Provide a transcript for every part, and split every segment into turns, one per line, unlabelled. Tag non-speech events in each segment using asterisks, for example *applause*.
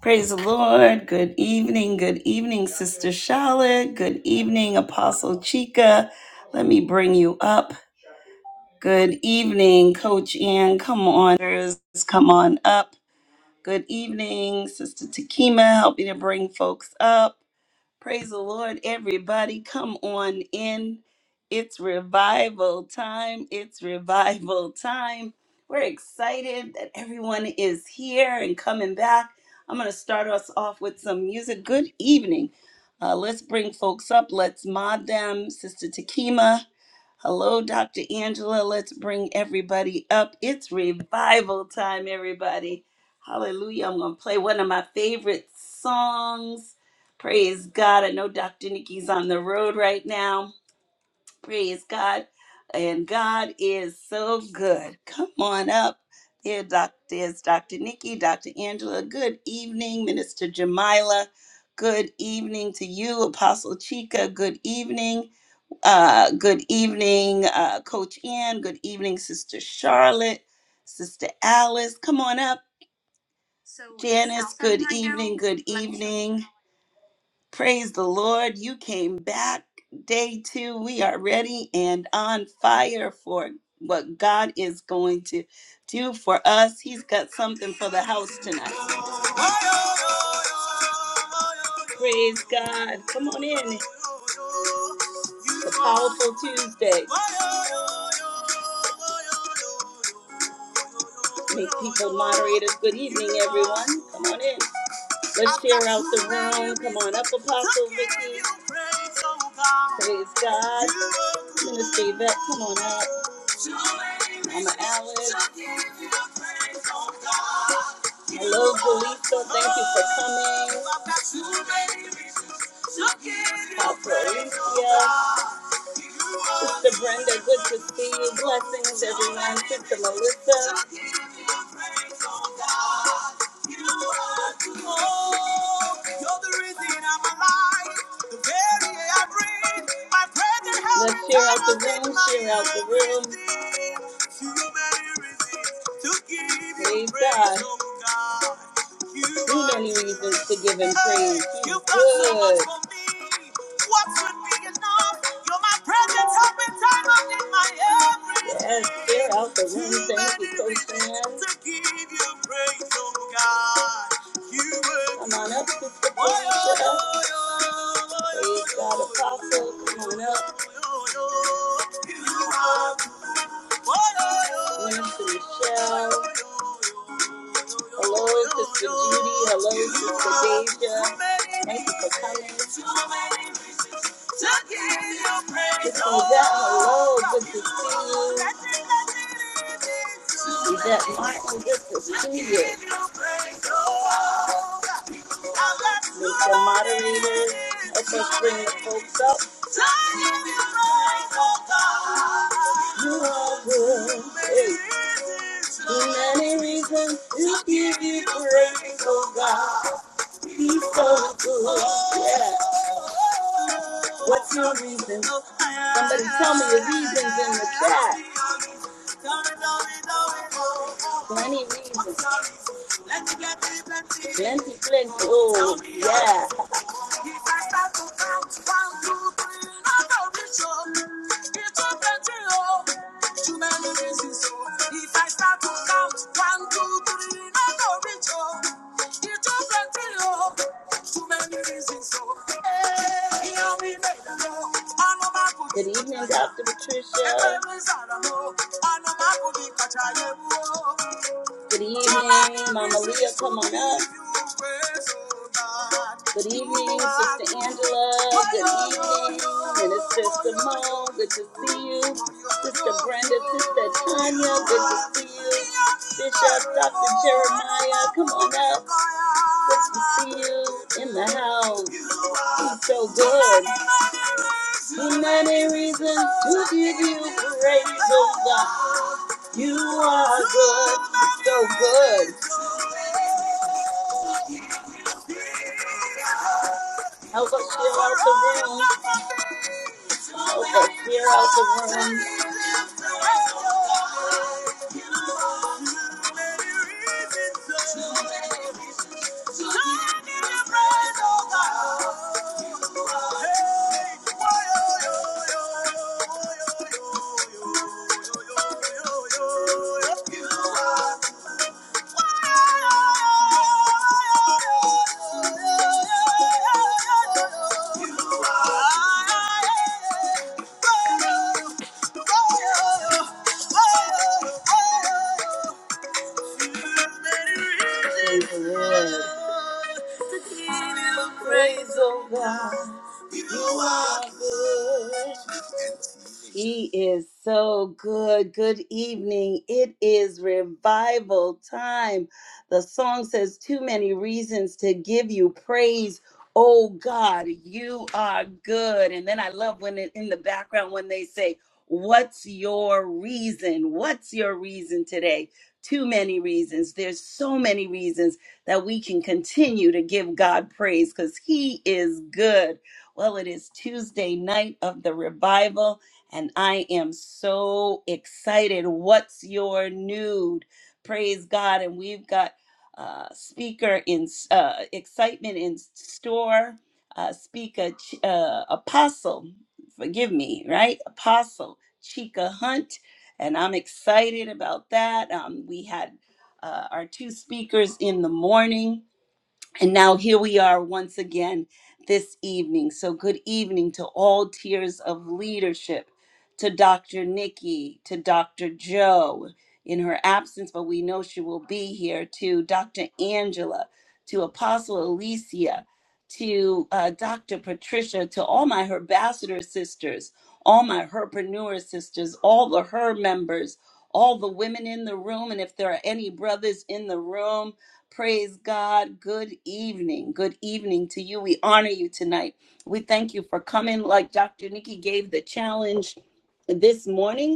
Praise the Lord. Good evening. Good evening, Sister Charlotte. Good evening, Apostle Chica. Let me bring you up. Good evening, Coach Ann. Come on, sirs. come on up. Good evening, Sister Takima. Help me to bring folks up. Praise the Lord, everybody. Come on in. It's revival time. It's revival time. We're excited that everyone is here and coming back. I'm going to start us off with some music. Good evening. Uh, let's bring folks up. Let's mod them. Sister Takima. Hello, Dr. Angela. Let's bring everybody up. It's revival time, everybody. Hallelujah. I'm going to play one of my favorite songs. Praise God. I know Dr. Nikki's on the road right now. Praise God. And God is so good. Come on up. There, doc, there's Dr. Nikki, Dr. Angela. Good evening, Minister Jamila. Good evening to you, Apostle Chica. Good evening. Uh, good evening, uh, Coach Ann. Good evening, Sister Charlotte, Sister Alice. Come on up. So it's Janice, good outside right now. evening, good Let me show you. evening. Praise the Lord. You came back day two. We are ready and on fire for what God is going to do for us. He's got something for the house tonight. Praise God. Come on in. It's a powerful Tuesday. Make people moderators. Good evening, everyone. Come on in. Let's share out the room. Come on up, Apostle Vicky. Praise God. Minister Yvette, come on up. Mama Alice. Hello, Belisa. Thank you for coming. Apostle Alicia. Sister Brenda, good to see you. Blessings, everyone. Sister Melissa. Let's share out the room, share out the room. Praise God. Too many reasons to give him praise. He's good. What would be enough? You're my presence, help in time of need, my everything. Yes, clear out the room. Thank you, many Coach Ann. To give you praise, oh God. You were Come on up, Sister Oh, Felicia. oh, oh, oh, Praise God, oh, Apostle. Come on up. oh, oh, oh, Oh, oh, oh, Minister Michelle. Hello, Sister Judy. Hello, Sister Deja. Thank you for coming. So that hello, good to see you. Is that Michael, good to see you. Mr. Moderator, help us bring the folks up. You are good. Hey. Too many reasons to give you praise, oh God. He's so good. Yeah. What's your reason? Somebody tell me your reasons in the chat. Plenty reasons. Plenty, plenty. Oh, yeah. Good evening, Dr. Patricia. Good evening, Mama Leah. Come on up. Good evening, Sister Angela. Good evening, Minister Simone. Good to see you. Sister Brenda, Sister Tanya. Good to see you. Bishop, Dr. Jeremiah. Come on up. Good to see you in the house. He's so good. Too many reasons to give you praise, oh God. You are good, so good. Help us clear out the room. Help us clear out the room. Praise the Lord. To give you praise, oh God. You are good. He is so good. Good evening. It is revival time. The song says, Too many reasons to give you praise. Oh God, you are good. And then I love when it, in the background when they say, What's your reason? What's your reason today? too many reasons. There's so many reasons that we can continue to give God praise because He is good. Well, it is Tuesday night of the revival, and I am so excited. What's your nude? Praise God. And we've got uh, speaker in uh, excitement in store, uh, speaker, Ch- uh, apostle, forgive me, right? Apostle Chica Hunt and I'm excited about that. Um, we had uh, our two speakers in the morning and now here we are once again this evening. So, good evening to all tiers of leadership, to Dr. Nikki, to Dr. Joe in her absence, but we know she will be here, to Dr. Angela, to Apostle Alicia, to uh, Dr. Patricia, to all my Herbassador sisters, all my Herpreneur sisters, all the Her members, all the women in the room. And if there are any brothers in the room, Praise God. Good evening. Good evening to you. We honor you tonight. We thank you for coming. Like Dr. Nikki gave the challenge this morning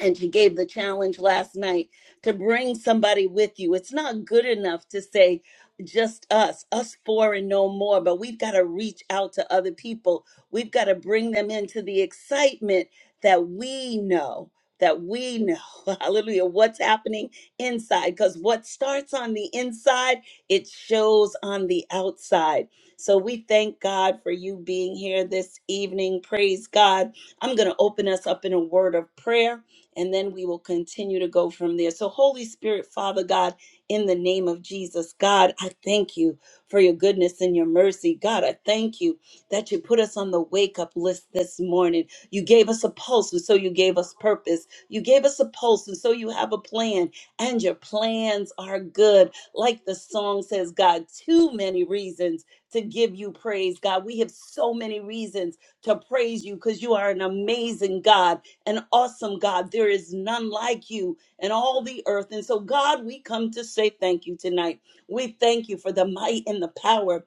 and she gave the challenge last night to bring somebody with you. It's not good enough to say just us, us four and no more, but we've got to reach out to other people. We've got to bring them into the excitement that we know, that we know, *laughs* hallelujah, what's happening inside. Because what starts on the inside, it shows on the outside. So we thank God for you being here this evening. Praise God. I'm going to open us up in a word of prayer and then we will continue to go from there. So, Holy Spirit, Father God, in the name of Jesus, God, I thank you for your goodness and your mercy. God, I thank you that you put us on the wake up list this morning. You gave us a pulse, and so you gave us purpose. You gave us a pulse, and so you have a plan, and your plans are good. Like the song says, God, too many reasons to give you praise. God, we have so many reasons to praise you because you are an amazing God and awesome God. There is none like you in all the earth. And so, God, we come to say thank you tonight. We thank you for the might and the power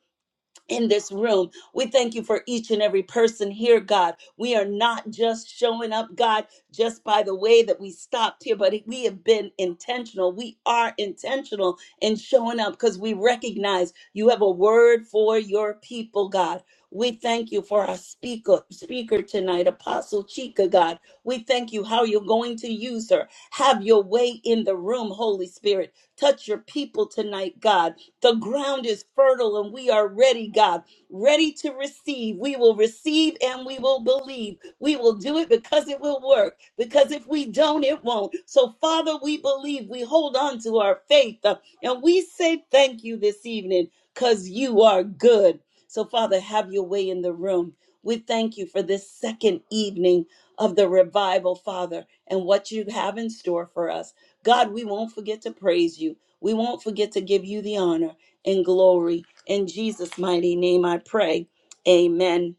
in this room. We thank you for each and every person here, God. We are not just showing up, God, just by the way that we stopped here, but we have been intentional. We are intentional in showing up because we recognize you have a word for your people, God. We thank you for our speaker, speaker tonight, Apostle Chika, God. We thank you how you're going to use her. Have your way in the room, Holy Spirit. Touch your people tonight, God the ground is fertile and we are ready, God, ready to receive. We will receive and we will believe. We will do it because it will work, because if we don't, it won't. So, Father, we believe. We hold on to our faith uh, and we say thank you this evening because you are good. So, Father, have your way in the room. We thank you for this second evening of the revival, Father, and what you have in store for us. God, we won't forget to praise you. We won't forget to give you the honor and glory. In Jesus' mighty name, I pray. Amen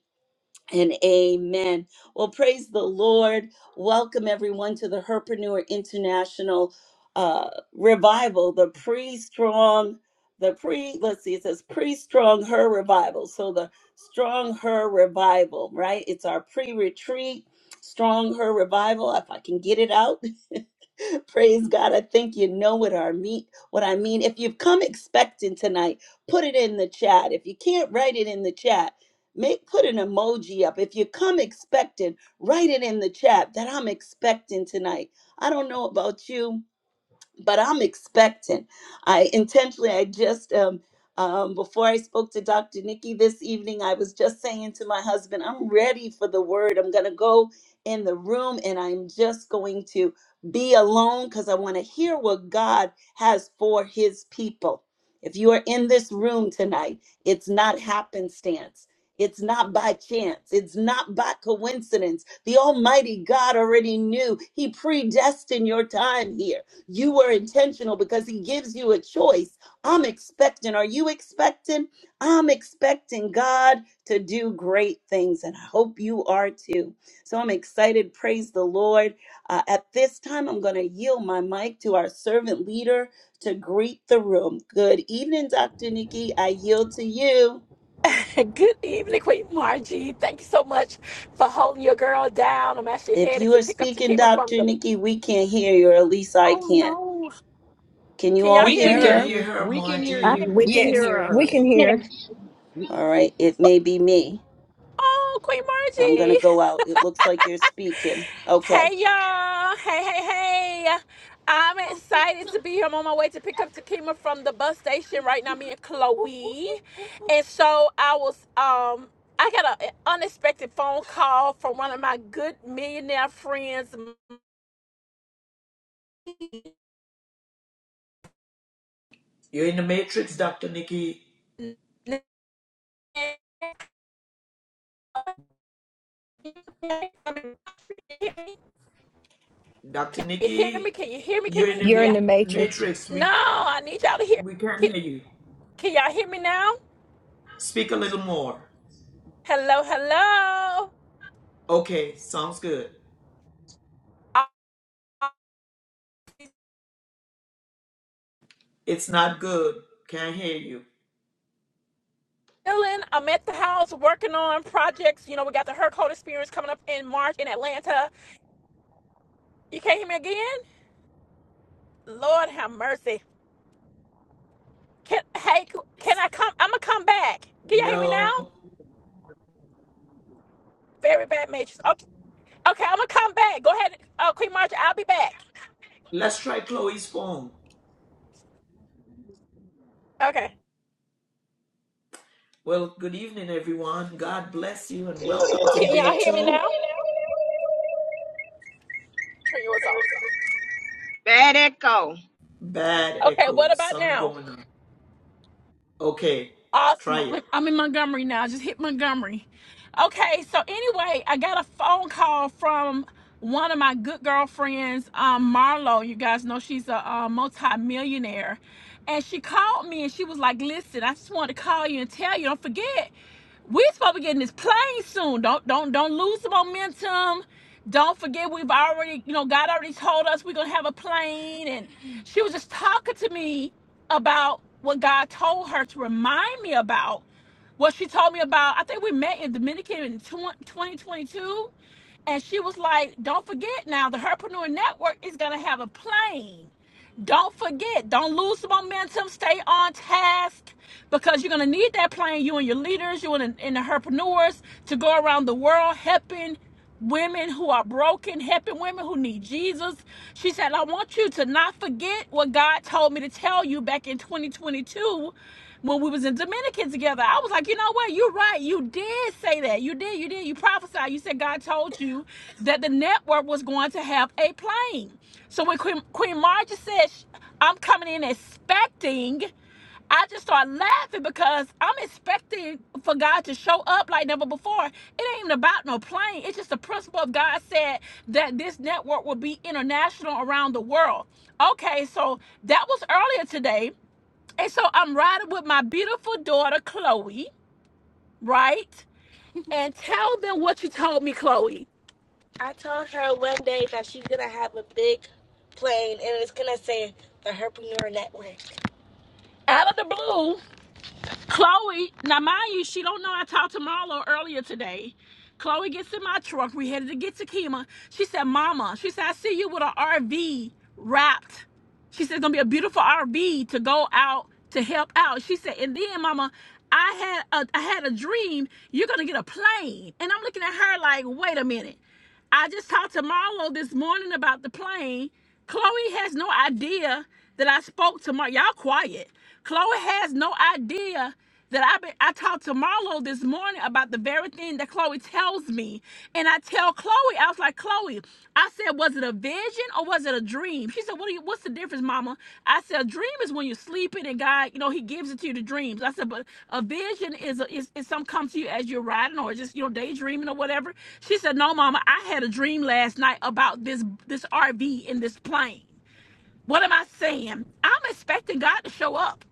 and amen. Well, praise the Lord. Welcome everyone to the Herpreneur International uh, Revival, the pre-strong, the pre, let's see, it says pre-strong her revival. So the strong her revival, right? It's our pre-retreat, strong her revival. If I can get it out. *laughs* Praise God. I think you know what I mean. What I mean. If you've come expecting tonight, put it in the chat. If you can't write it in the chat, make put an emoji up. If you come expecting, write it in the chat that I'm expecting tonight. I don't know about you, but I'm expectant. I intentionally, I just um, um, before I spoke to Dr. Nikki this evening, I was just saying to my husband, I'm ready for the word. I'm gonna go in the room and I'm just going to be alone because I want to hear what God has for His people. If you are in this room tonight, it's not happenstance. It's not by chance. It's not by coincidence. The Almighty God already knew. He predestined your time here. You were intentional because he gives you a choice. I'm expecting. Are you expecting? I'm expecting God to do great things, and I hope you are too. So I'm excited. Praise the Lord. Uh, at this time, I'm going to yield my mic to our servant leader to greet the room. Good evening, Dr. Nikki. I yield to you.
Hey, Good evening, Queen Margie. Thank you so much for holding your girl down. I'm actually
If
headed
you
to
are
pick up
speaking,
Takima from
Dr.
the.
Nikki, we can't hear you, or at least I
Oh
can't.
no!
Can you
Can
all
y'all
We
hear
can
hear
We
me?
hear
can
her?
hear
you.
her,
We can hear
I-
Margie.
you.
We
We
can
can
Yes.
hear
hear
her.
her.
Hallelujah.
We-
All right, it may be me.
Oh, Queen
I'm going to
Margie. *laughs*
go out. It looks like you're speaking. Okay.
Hey y'all. Hey, hey, hey. I'm excited to be here. I'm on my way to pick up Takima from the bus station right now. Me and Chloe. And so I was um. I got a- an unexpected phone call from one of my good millionaire friends,
You're in the matrix, Dr. Nikki. Dr.
Can you hear
Nikki,
me? Can you hear me? Can
you're in
you,
the
You're
can
in
y'all?
the
ma-
matrix.
matrix.
No,
We
I need y'all to hear.
we
Can,
can't hear you.
can y'all hear me now?
Speak a little more.
Hello, hello.
Okay, sounds good.
I'm
It's not good. Can't hear you.
chilling. I'm at the house working on projects. You know, we got the Her Code Experience coming up in March in Atlanta. You can't hear me again? Lord have mercy. Can hey, can I come? I'm gonna come back. Can y'all hear me now?
No.
Very bad matrix. Okay, okay, I'm gonna come back. Go ahead. Oh, Queen March, I'll be back.
Let's try Chloe's phone.
Okay.
Well, good evening, everyone. God bless you and welcome to
Can
day
y'all hear me now?
two.
Turn yours off.
Let it go.
Bad
Okay,
echo.
what about
Something
now?
going on. Okay,
Awesome.
try it.
I'm in Montgomery now. Just hit Montgomery. Okay, so anyway, I got a phone call from one of my good girlfriends, um, Marlo. You guys know she's a, uh multi-millionaire. And she called me and she was like, listen, I just wanted to call you and tell you, don't forget, we supposed to be getting this plane soon. Don't don't don't lose the momentum. Don't forget we've already, you know, God already told us we're gonna have a plane. And she was just talking to me about what God told her to remind me about. What she told me about, I think we met in Dominican in 2022, and she was like, "Don't forget now, the Herpreneur Network is gonna have a plane." Don't forget, don't lose the momentum. Stay on task because you're going to need that plan. You and your leaders, you and, and the entrepreneurs to go around the world helping women who are broken, helping women who need Jesus. She said, I want you to not forget what God told me to tell you back in 2022 when we was in Dominican together. I was like, you know what? You're right. You did say that. You did. You did. You prophesied. You said God told you that the network was going to have a plane. So when Queen, Queen Margie said, sh- I'm coming in expecting, I just started laughing because I'm expecting for God to show up like never before. It ain't even about no plane. It's just the principle of God said that this network will be international around the world. Okay, so that was earlier today. And so I'm riding with my beautiful daughter, Chloe, right? And tell them what you told me, Chloe. I told her one day that she's gonna have a big plane and it's gonna say the Herpreneur Network. Out of the blue, Chloe, now mind you, she don't know I talked to Marlo earlier today. Chloe gets in my truck. We headed to get to Kima. She said, Mama, she said, I see you with an RV wrapped. She said, it's gonna be a beautiful RV to go out to help out. She said, and then Mama, I had a I had a dream. You're gonna get a plane. And I'm looking at her like, wait a minute. I just talked to Marlo this morning about the plane. Chloe has no idea that I spoke to Marlo. Y'all quiet. Chloe has no idea that I been, I talked to Marlo this morning about the very thing that Chloe tells me. And I tell Chloe, I was like, Chloe, I said, was it a vision or was it a dream? She said, what do you, what's the difference, mama? I said, a dream is when you're sleeping and God, you know, he gives it to you the dreams. I said, but a vision is, a, is, is some comes to you as you're riding or just, you know, daydreaming or whatever. She said, no, mama, I had a dream last night about this, this RV in this plane. What am I saying? I'm expecting God to show up.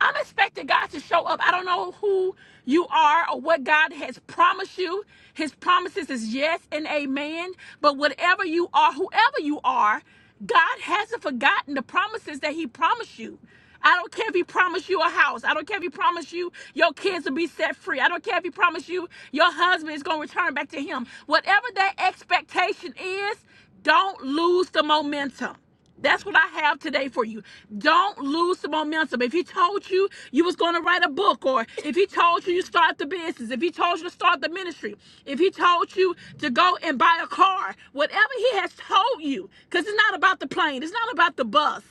I'm expecting God to show up. I don't know who you are or what God has promised you. His promises is yes and amen. But whatever you are, whoever you are, God hasn't forgotten the promises that He promised you. I don't care if he promised you a house. I don't care if he promised you your kids will be set free. I don't care if he promised you your husband is going to return back to him. Whatever that expectation is, don't lose the momentum. That's what I have today for you. Don't lose the momentum. If he told you you was going to write a book, or if he told you you start the business, if he told you to start the ministry, if he told you to go and buy a car, whatever he has told you, because it's not about the plane, it's not about the bus.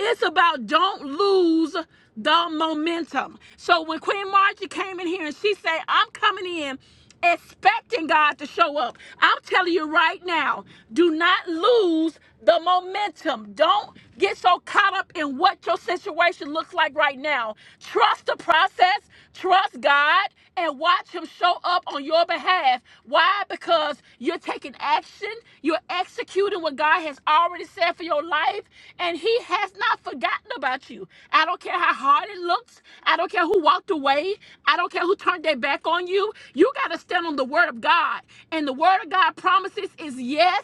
It's about don't lose the momentum. So when Queen Margie came in here and she said, I'm coming in expecting God to show up, I'm telling you right now, do not lose the momentum. Don't get so caught up in what your situation looks like right now. Trust the process, trust God, and watch Him show up on your behalf. Why? Because you're taking action. You're executing what God has already said for your life. And He has not forgotten about you. I don't care how hard it looks. I don't care who walked away. I don't care who turned their back on you. You got to stand on the Word of God. And the Word of God promises is yes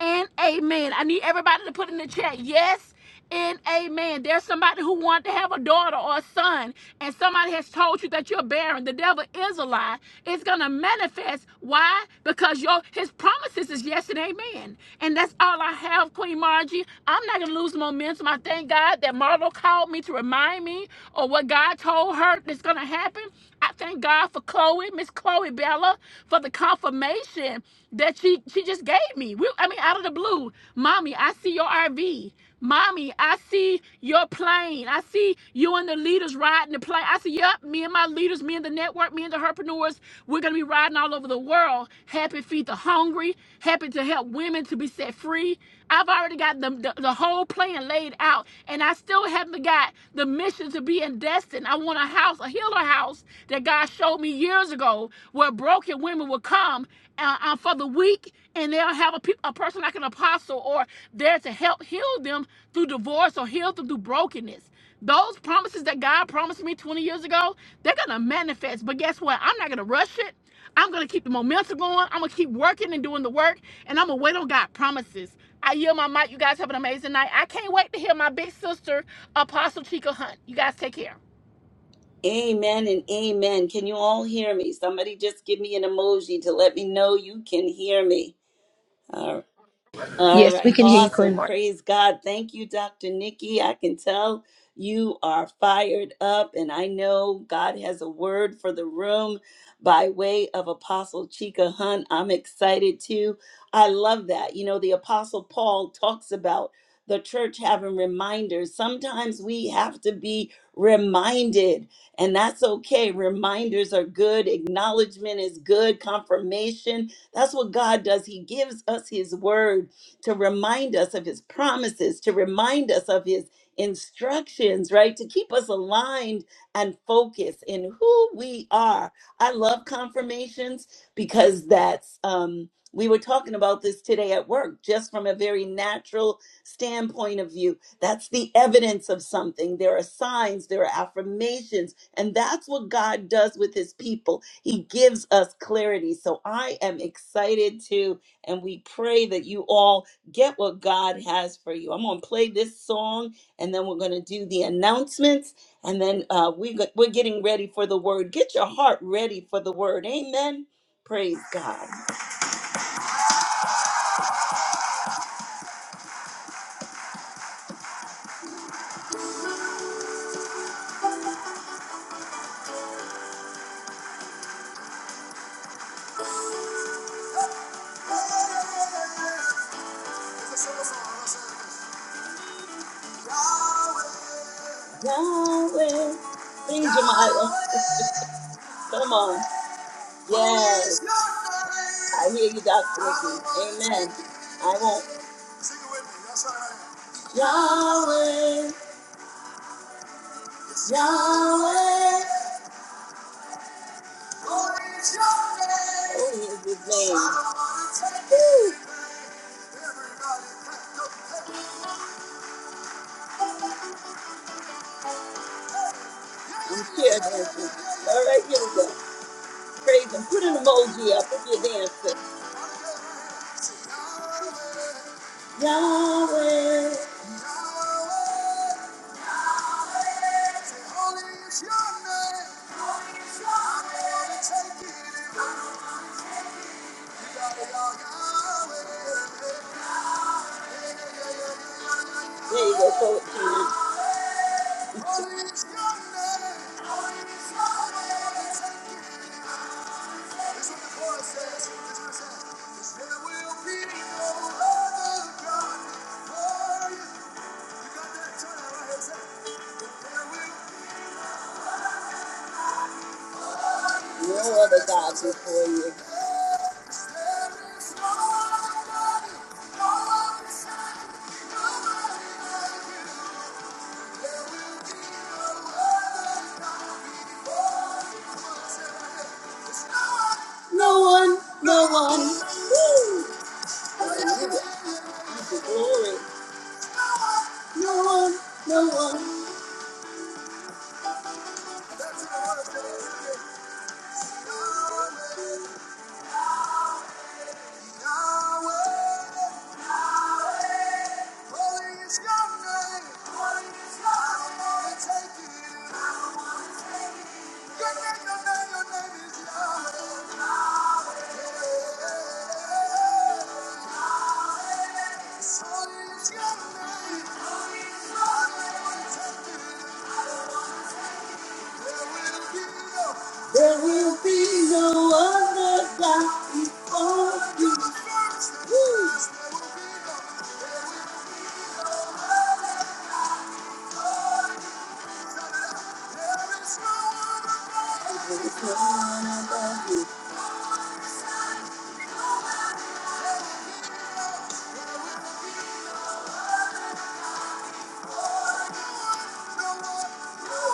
and amen. I need everybody to put in the chat yes and amen. There's somebody who wanted to have a daughter or a son, and somebody has told you that you're barren. The devil is a lie. It's gonna manifest. Why? Because your his promises is yes and amen. And that's all I have, Queen Margie. I'm not gonna lose momentum. I thank God that Marlo called me to remind me of what God told her that's gonna happen. I thank God for Chloe, Miss Chloe Bella, for the confirmation that she she just gave me. We, I mean, out of the blue, mommy, I see your RV. Mommy, I see your plane. I see you and the leaders riding the plane. I see, yep, me and my leaders, me and the network, me and the herpreneurs, we're going to be riding all over the world. Happy to feed the hungry, happy to help women to be set free. I've already got the, the, the whole plan laid out, and I still haven't got the mission to be in Destin. I want a house, a healer house that God showed me years ago where broken women would come uh, uh, for the weak, and they'll have a, peop a person like an apostle or there to help heal them through divorce or heal them through brokenness. Those promises that God promised me 20 years ago, they're going to manifest. But guess what? I'm not going to rush it. I'm going to keep the momentum going. I'm going to keep working and doing the work, and I'm going to wait on God promises. I yield my mic. You guys have an amazing night. I can't wait to hear my big sister, Apostle Chica Hunt. You guys take care.
Amen and amen. Can you all hear me? Somebody just give me an emoji to let me know you can hear me. All right. All
Yes, we
right,
can hear you, Queen
awesome.
Mark.
Praise God. Thank you, Dr. Nikki. I can tell you are fired up, and I know God has a word for the room by way of Apostle Chika Hunt. I'm excited too. I love that. You know, the Apostle Paul talks about the church having reminders. Sometimes we have to be reminded, and that's okay. Reminders are good, acknowledgement is good, confirmation. That's what God does. He gives us His word to remind us of his promises, to remind us of his instructions, right? To keep us aligned and focused in who we are. I love confirmations because that's um we were talking about this today at work just from a very natural standpoint of view. That's the evidence of something. There are signs, there are affirmations, and that's what God does with his people. He gives us clarity. So I am excited to and we pray that you all get what God has for you. I'm going to play this song and then we're going to do the announcements and then uh, we go- we're getting ready for the word. Get your heart ready for the word. Amen. Praise God. Yahweh. Sing Jemiah. *laughs* Come on. Yes. I hear you, Dr. Ricky. Amen. I won't. Sing it with me. That's all right. Yahweh, Yahweh. Oh, it's your name. Oh, it's his name. Woo. I'm sure that's All right, here we go. Praise him. Put an emoji up if you're dancing. Yahweh. There you go, throw it to me. *laughs* No other God before you. No one. Woo! Hallelujah. Give the glory. No one. No one. Sorry, it's your name. Holy is your name, is I don't want to take it. There will be no other God before you. Woo. There is no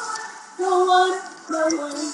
other God. No one, no one.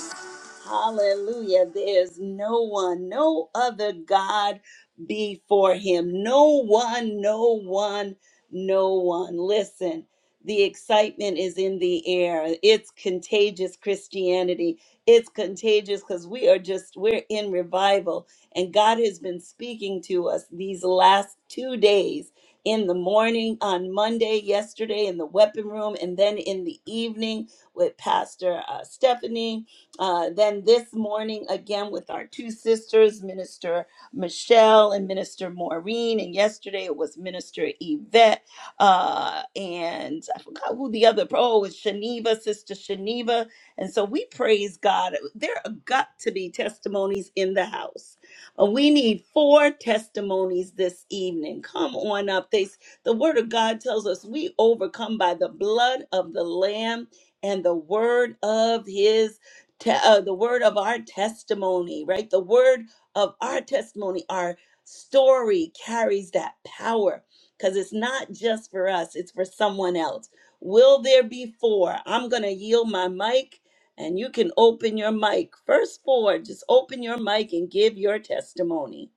Hallelujah. There's no one, no other God before him. No one, no one, no one. Listen, the excitement is in the air. It's contagious Christianity. It's contagious because we are just, we're in revival. And God has been speaking to us these last two days in the morning on Monday, yesterday in the weapon room, and then in the evening with Pastor uh, Stephanie. Uh, then this morning, again, with our two sisters, Minister Michelle and Minister Maureen. And yesterday it was Minister Yvette. Uh, and I forgot who the other, oh, it was Shaniva, Sister Shaniva. And so we praise God. There are got to be testimonies in the house. Uh, We need four testimonies this evening. Come on up. They, the word of God tells us we overcome by the blood of the Lamb and the word of his te- uh, the word of our testimony right the word of our testimony our story carries that power because it's not just for us it's for someone else will there be four i'm gonna yield my mic and you can open your mic first four just open your mic and give your testimony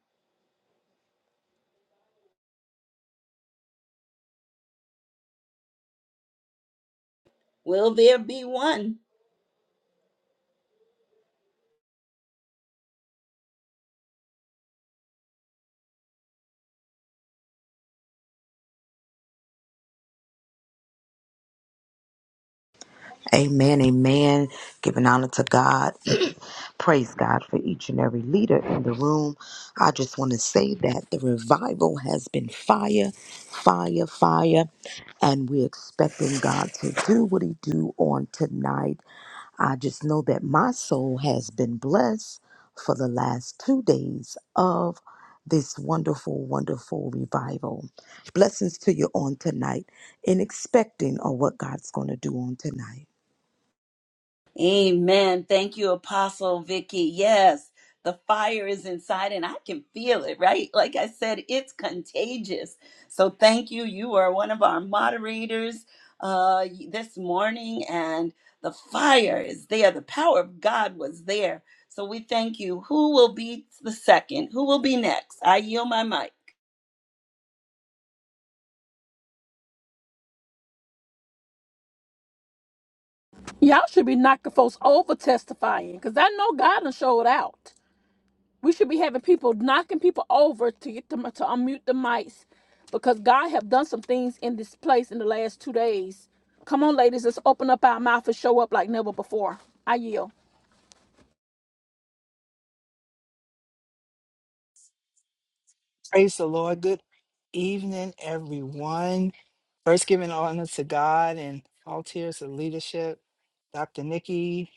will there be one
Amen, amen. Giving honor to God. *clears throat* Praise God for each and every leader in the room. I just want to say that the revival has been fire, fire, fire, and we're expecting God to do what He do on tonight. I just know that my soul has been blessed for the last two days of this wonderful, wonderful revival. Blessings to you on tonight and expecting on what God's going to do on tonight.
Amen. Thank you, Apostle Vicky. Yes, the fire is inside and I can feel it, right? Like I said, it's contagious. So thank you. You are one of our moderators uh, this morning, and the fire is there. The power of God was there. So we thank you. Who will be the second? Who will be next? I yield my mic.
Y'all should be knocking folks over testifying because I know God done showed out. We should be having people knocking people over to get them to unmute the mics because God have done some things in this place in the last two days. Come on, ladies, let's open up our mouth and show up like never before. I yield.
Praise the Lord. Good evening, everyone. First, giving honor to God and all tiers of leadership. Dr. Nikki,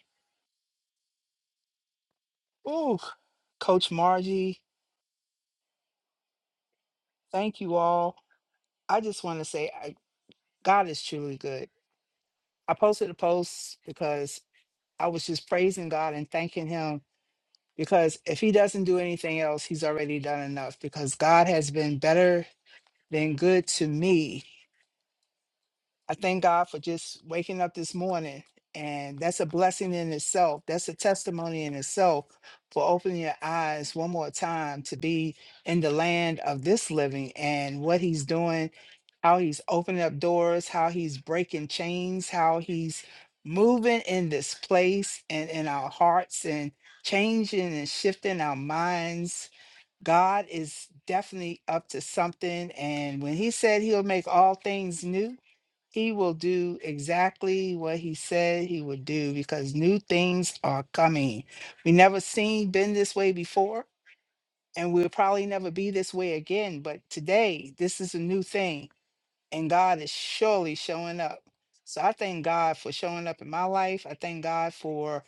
ooh, Coach Margie, thank you all. I just want to say I, God is truly good. I posted a post because I was just praising God and thanking Him because if He doesn't do anything else, He's already done enough because God has been better than good to me I thank God for just waking up this morning. And that's a blessing in itself. That's a testimony in itself for opening your eyes one more time to be in the land of this living and what he's doing, how he's opening up doors, how he's breaking chains, how he's moving in this place and in our hearts and changing and shifting our minds. God is definitely up to something. And when he said he'll make all things new, he will do exactly what he said he would do because new things are coming. We never seen been this way before, and we'll probably never be this way again. But today, this is a new thing, and God is surely showing up. So I thank God for showing up in my life. I thank God for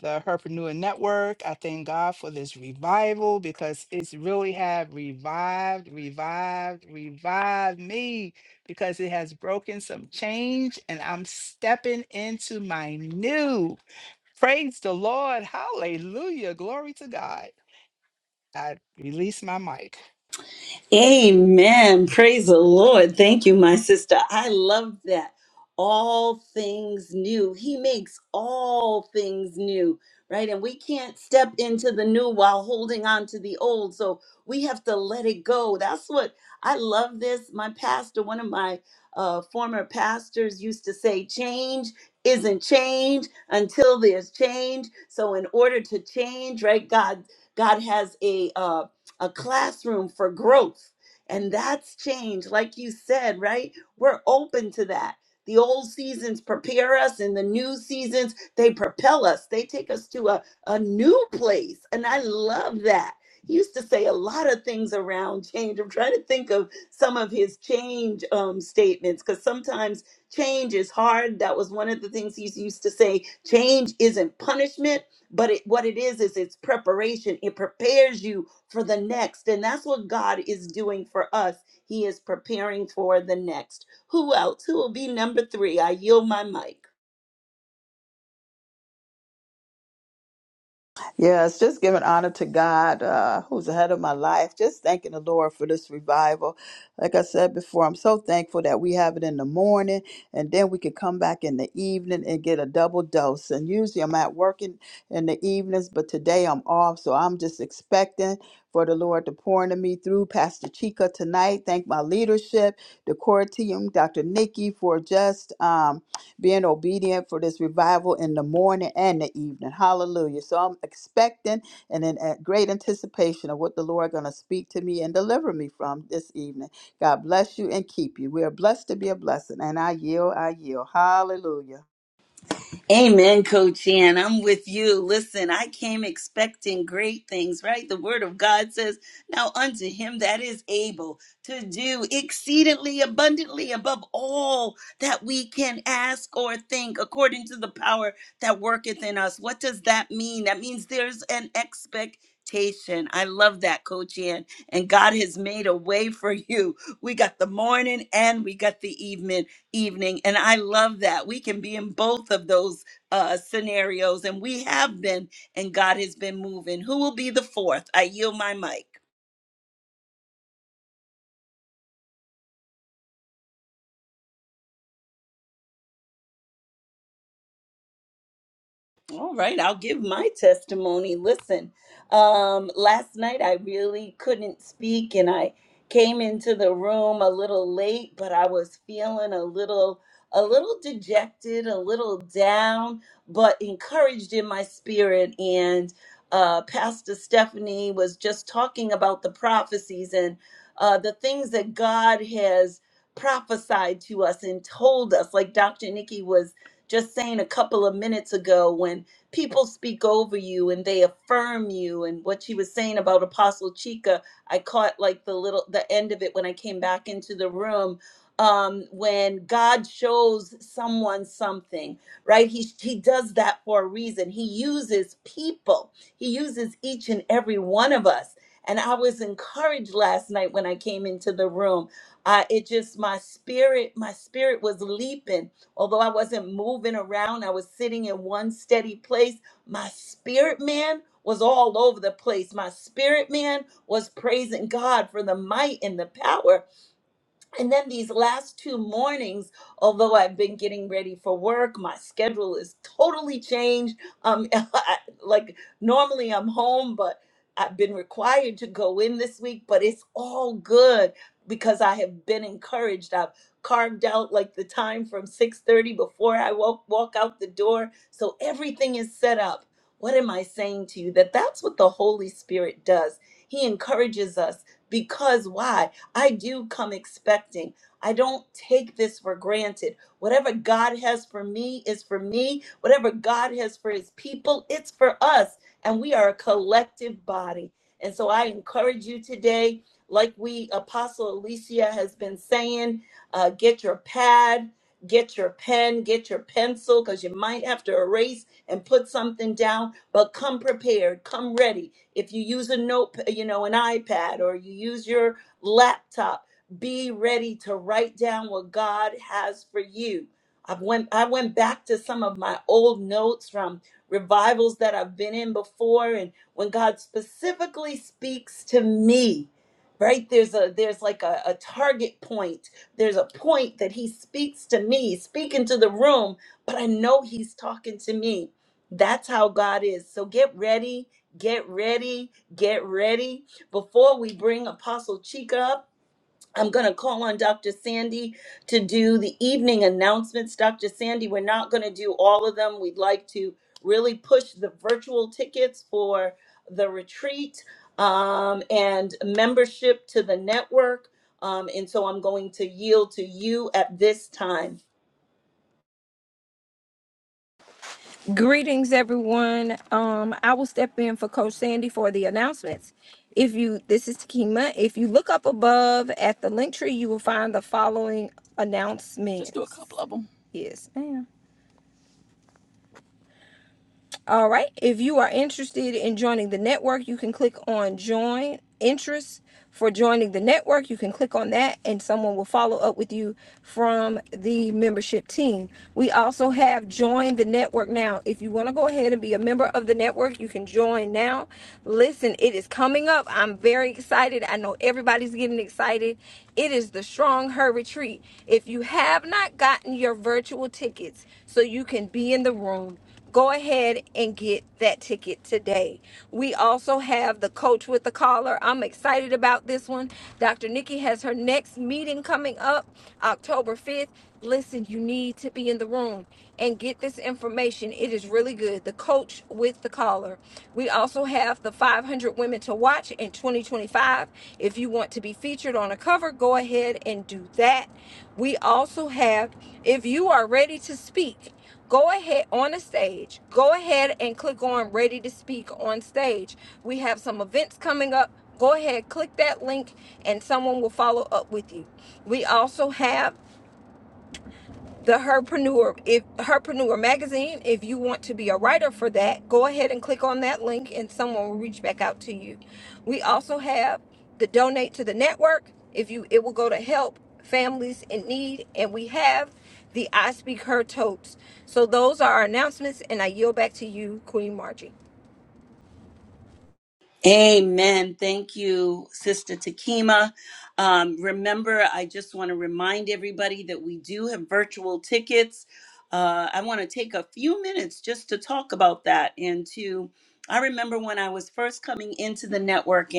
the Herpreneur Network. I thank God for this revival because it's really have revived, revived, revived me because it has broken some change and I'm stepping into my new. Praise the Lord. Hallelujah. Glory to God. I release my mic.
Amen. Praise the Lord. Thank you, my sister. I love that. All things new. He makes all things new, right? And we can't step into the new while holding on to the old. So we have to let it go. That's what I love this. My pastor, one of my uh, former pastors, used to say, change isn't change until there's change. So in order to change, right, God God has a uh, a classroom for growth. And that's change, like you said, right? We're open to that. The old seasons prepare us, and the new seasons, they propel us. They take us to a, a new place. And I love that. He used to say a lot of things around change. I'm trying to think of some of his change um, statements because sometimes change is hard. That was one of the things he used to say change isn't punishment, but it, what it is, is it's preparation. It prepares you for the next. And that's what God is doing for us. He is preparing for the next. Who else? Who will be number three? I yield my mic.
Yes, just giving honor to God, uh, who's ahead of my life. Just thanking the Lord for this revival. Like I said before, I'm so thankful that we have it in the morning, and then we can come back in the evening and get a double dose. And usually I'm at work in, in the evenings, but today I'm off, so I'm just expecting for the Lord to pour into me through Pastor Chica tonight. Thank my leadership, the core team, Dr. Nikki, for just um, being obedient for this revival in the morning and the evening. Hallelujah. So I'm expecting and in a great anticipation of what the Lord going to speak to me and deliver me from this evening. God bless you and keep you. We are blessed to be a blessing. And I yield, I yield. Hallelujah.
Amen, Coach Ann. I'm with you. Listen, I came expecting great things, right? The word of God says, Now unto him that is able to do exceedingly abundantly above all that we can ask or think, according to the power that worketh in us. What does that mean? That means there's an expectation. I love that, Coach Ann. And God has made a way for you. We got the morning and we got the evening evening. And I love that. We can be in both of those uh, scenarios, and we have been, and God has been moving. Who will be the fourth? I yield my mic. All right, I'll give my testimony. Listen, um, last night I really couldn't speak and I came into the room a little late, but I was feeling a little a little dejected, a little down, but encouraged in my spirit and uh, Pastor Stephanie was just talking about the prophecies and uh, the things that God has prophesied to us and told us, like Dr. Nikki was just saying a couple of minutes ago when people speak over you and they affirm you and what she was saying about apostle Chika, i caught like the little the end of it when i came back into the room um when god shows someone something right he he does that for a reason he uses people he uses each and every one of us and i was encouraged last night when i came into the room uh, it just my spirit my spirit was leaping Although I wasn't moving around, I was sitting in one steady place. My spirit man was all over the place. My spirit man was praising God for the might and the power and then these last two mornings, although I've been getting ready for work, my schedule is totally changed. Um, *laughs* I- like normally I'm home, but I've been required to go in this week, but it's all good because I have been encouraged. I've carved out like the time from 6:30 before I walk walk out the door, so everything is set up. What am I saying to you that that's what the Holy Spirit does? He encourages us because why? I do come expecting. I don't take this for granted. Whatever God has for me is for me. Whatever God has for his people, it's for us. And we are a collective body. And so I encourage you today, like we, Apostle Alicia has been saying, uh, get your pad, get your pen, get your pencil, because you might have to erase and put something down. But come prepared, come ready. If you use a note, you know, an iPad, or you use your laptop. Be ready to write down what God has for you. I went I went back to some of my old notes from revivals that I've been in before and when God specifically speaks to me, right? There's a there's like a, a target point. There's a point that he speaks to me, speaking to the room, but I know he's talking to me. That's how God is. So get ready, get ready, get ready before we bring Apostle Chika up, I'm going to call on Dr. Sandy to do the evening announcements. Dr. Sandy, we're not going to do all of them. We'd like to really push the virtual tickets for the retreat um, and membership to the network. Um, and so I'm going to yield to you at this time.
Greetings, everyone. Um, I will step in for Coach Sandy for the announcements. If you, this is Takima. If you look up above at the link tree, you will find the following announcements. Just do a couple of them. Yes, ma'am. All right. If you are interested in joining the network, you can click on join interest for joining the network. You can click on that and someone will follow up with you from the membership team. We also have join the network now. If you want to go ahead and be a member of the network, you can join now. Listen, it is coming up. I'm very excited. I know everybody's getting excited. It is the Strong Her Retreat. If you have not gotten your virtual tickets so you can be in the room, Go ahead and get that ticket today. We also have the coach with the collar. I'm excited about this one. Dr. Nikki has her next meeting coming up October 5th. Listen, you need to be in the room and get this information. It is really good. The coach with the collar. We also have the 500 women to watch in 2025. If you want to be featured on a cover, go ahead and do that. We also have if you are ready to speak. Go ahead on the stage. Go ahead and click on Ready to Speak on stage. We have some events coming up. Go ahead, click that link, and someone will follow up with you. We also have the herpreneur if herpreneur magazine if you want to be a writer for that go ahead and click on that link and someone will reach back out to you we also have the donate to the network if you it will go to help families in need and we have the i speak her totes so those are our announcements and i yield back to you queen margie
Amen. Thank you, Sister Takima. Um, remember, I just want to remind everybody that we do have virtual tickets. Uh, I want to take a few minutes just to talk about that and to. I remember when I was first coming into the network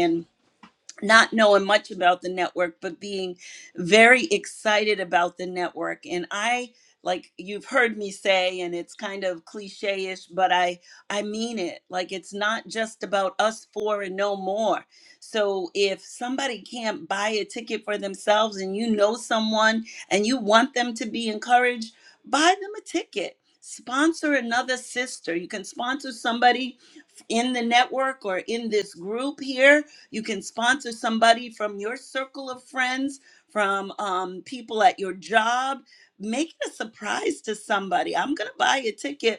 not knowing much about the network, but being very excited about the network. And I, like you've heard me say, and it's kind of cliche-ish, but I I mean it. Like it's not just about us four and no more. So if somebody can't buy a ticket for themselves and you know someone and you want them to be encouraged, buy them a ticket. Sponsor another sister. You can sponsor somebody in the network or in this group here. You can sponsor somebody from your circle of friends, from um, people at your job. Make it a surprise to somebody. I'm going to buy a ticket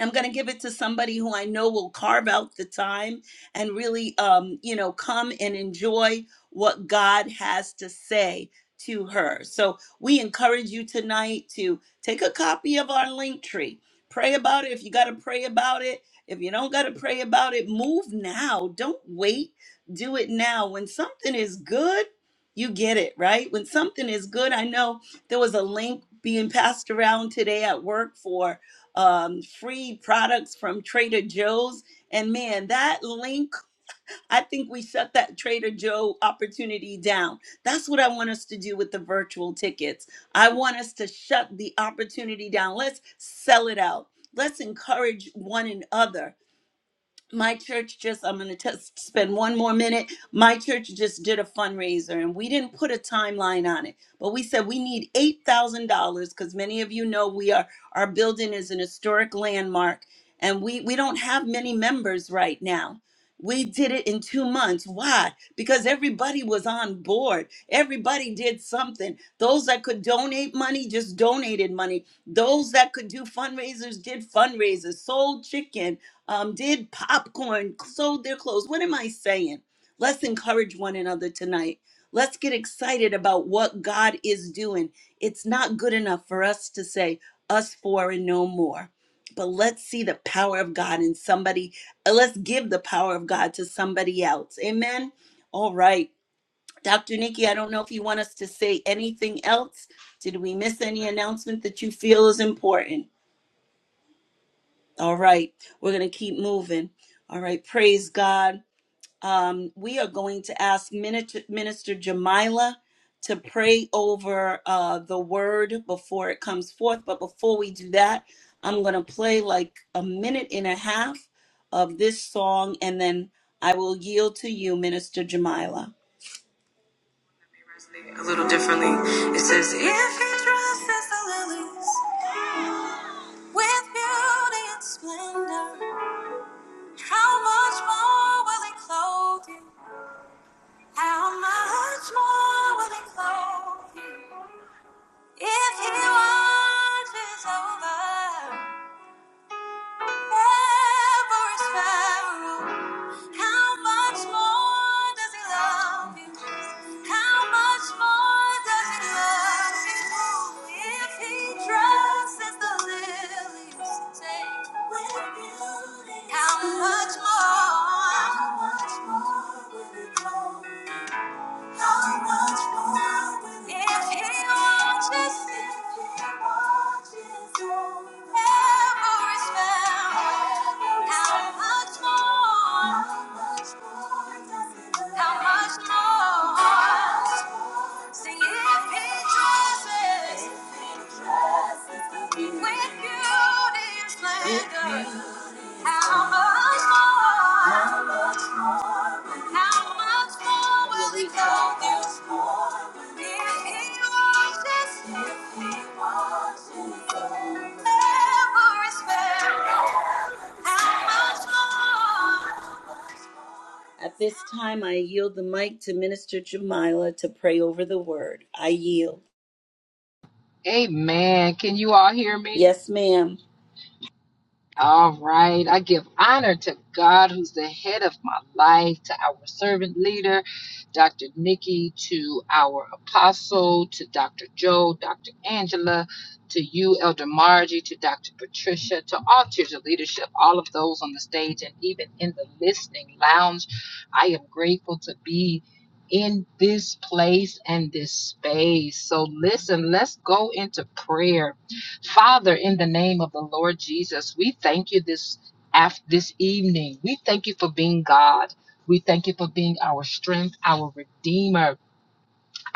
I'm going to give it to somebody who I know will carve out the time and really, um, you know, come and enjoy what God has to say to her. So we encourage you tonight to take a copy of our link tree. Pray about it. If you got to pray about it, if you don't got to pray about it, move now. Don't wait. Do it now. When something is good, you get it, right? When something is good, I know there was a link being passed around today at work for um, free products from Trader Joe's. And man, that link, I think we shut that Trader Joe opportunity down. That's what I want us to do with the virtual tickets. I want us to shut the opportunity down. Let's sell it out. Let's encourage one another my church just i'm going to just spend one more minute my church just did a fundraiser and we didn't put a timeline on it but we said we need $8000 because many of you know we are our building is an historic landmark and we we don't have many members right now we did it in two months why because everybody was on board everybody did something those that could donate money just donated money those that could do fundraisers did fundraisers sold chicken um, did popcorn, sold their clothes. What am I saying? Let's encourage one another tonight. Let's get excited about what God is doing. It's not good enough for us to say, us four and no more. But let's see the power of God in somebody. uh, Let's give the power of God to somebody else. Amen. All right. Dr. Nikki, I don't know if you want us to say anything else. Did we miss any announcement that you feel is important? All right, we're going to keep moving. All right, praise God. Um, we are going to ask Minister, Minister Jamila to pray over uh, the word before it comes forth. But before we do that, I'm going to play like a minute and a half of this song, and then I will yield to you, Minister Jamila. A little differently, it says, If he dresses the lilies with beauty and splendor. How much more will he clothe you? How much more will he clothe you? If he watches over every sparrow, How much more does he love you? How much more does he love you? If he dresses the lilies, say, with beauty, how much more? How much more will he clothe? Sing if he dresses with beauty and splendor. How much more? How much more? How much more will he go this for? If he wants us, if he wants us, never is better. How much more? At this time, I yield the mic to Minister Jamila to pray over the word. I yield.
Amen. Can you all hear me?
Yes, ma'am.
All right. I give honor to God, who's the head of my life, to our servant leader, Dr. Nikki, to our apostle, to Dr. Joe, Dr. Angela, to you, Elder Margie, to Dr. Patricia, to all tiers of leadership, all of those on the stage and even in the listening lounge. I am grateful to be in this place and this space. So, listen, let's go into prayer Father, in the name of the Lord Jesus, we thank you this af- this evening. We thank you for being God. We thank you for being our strength, our redeemer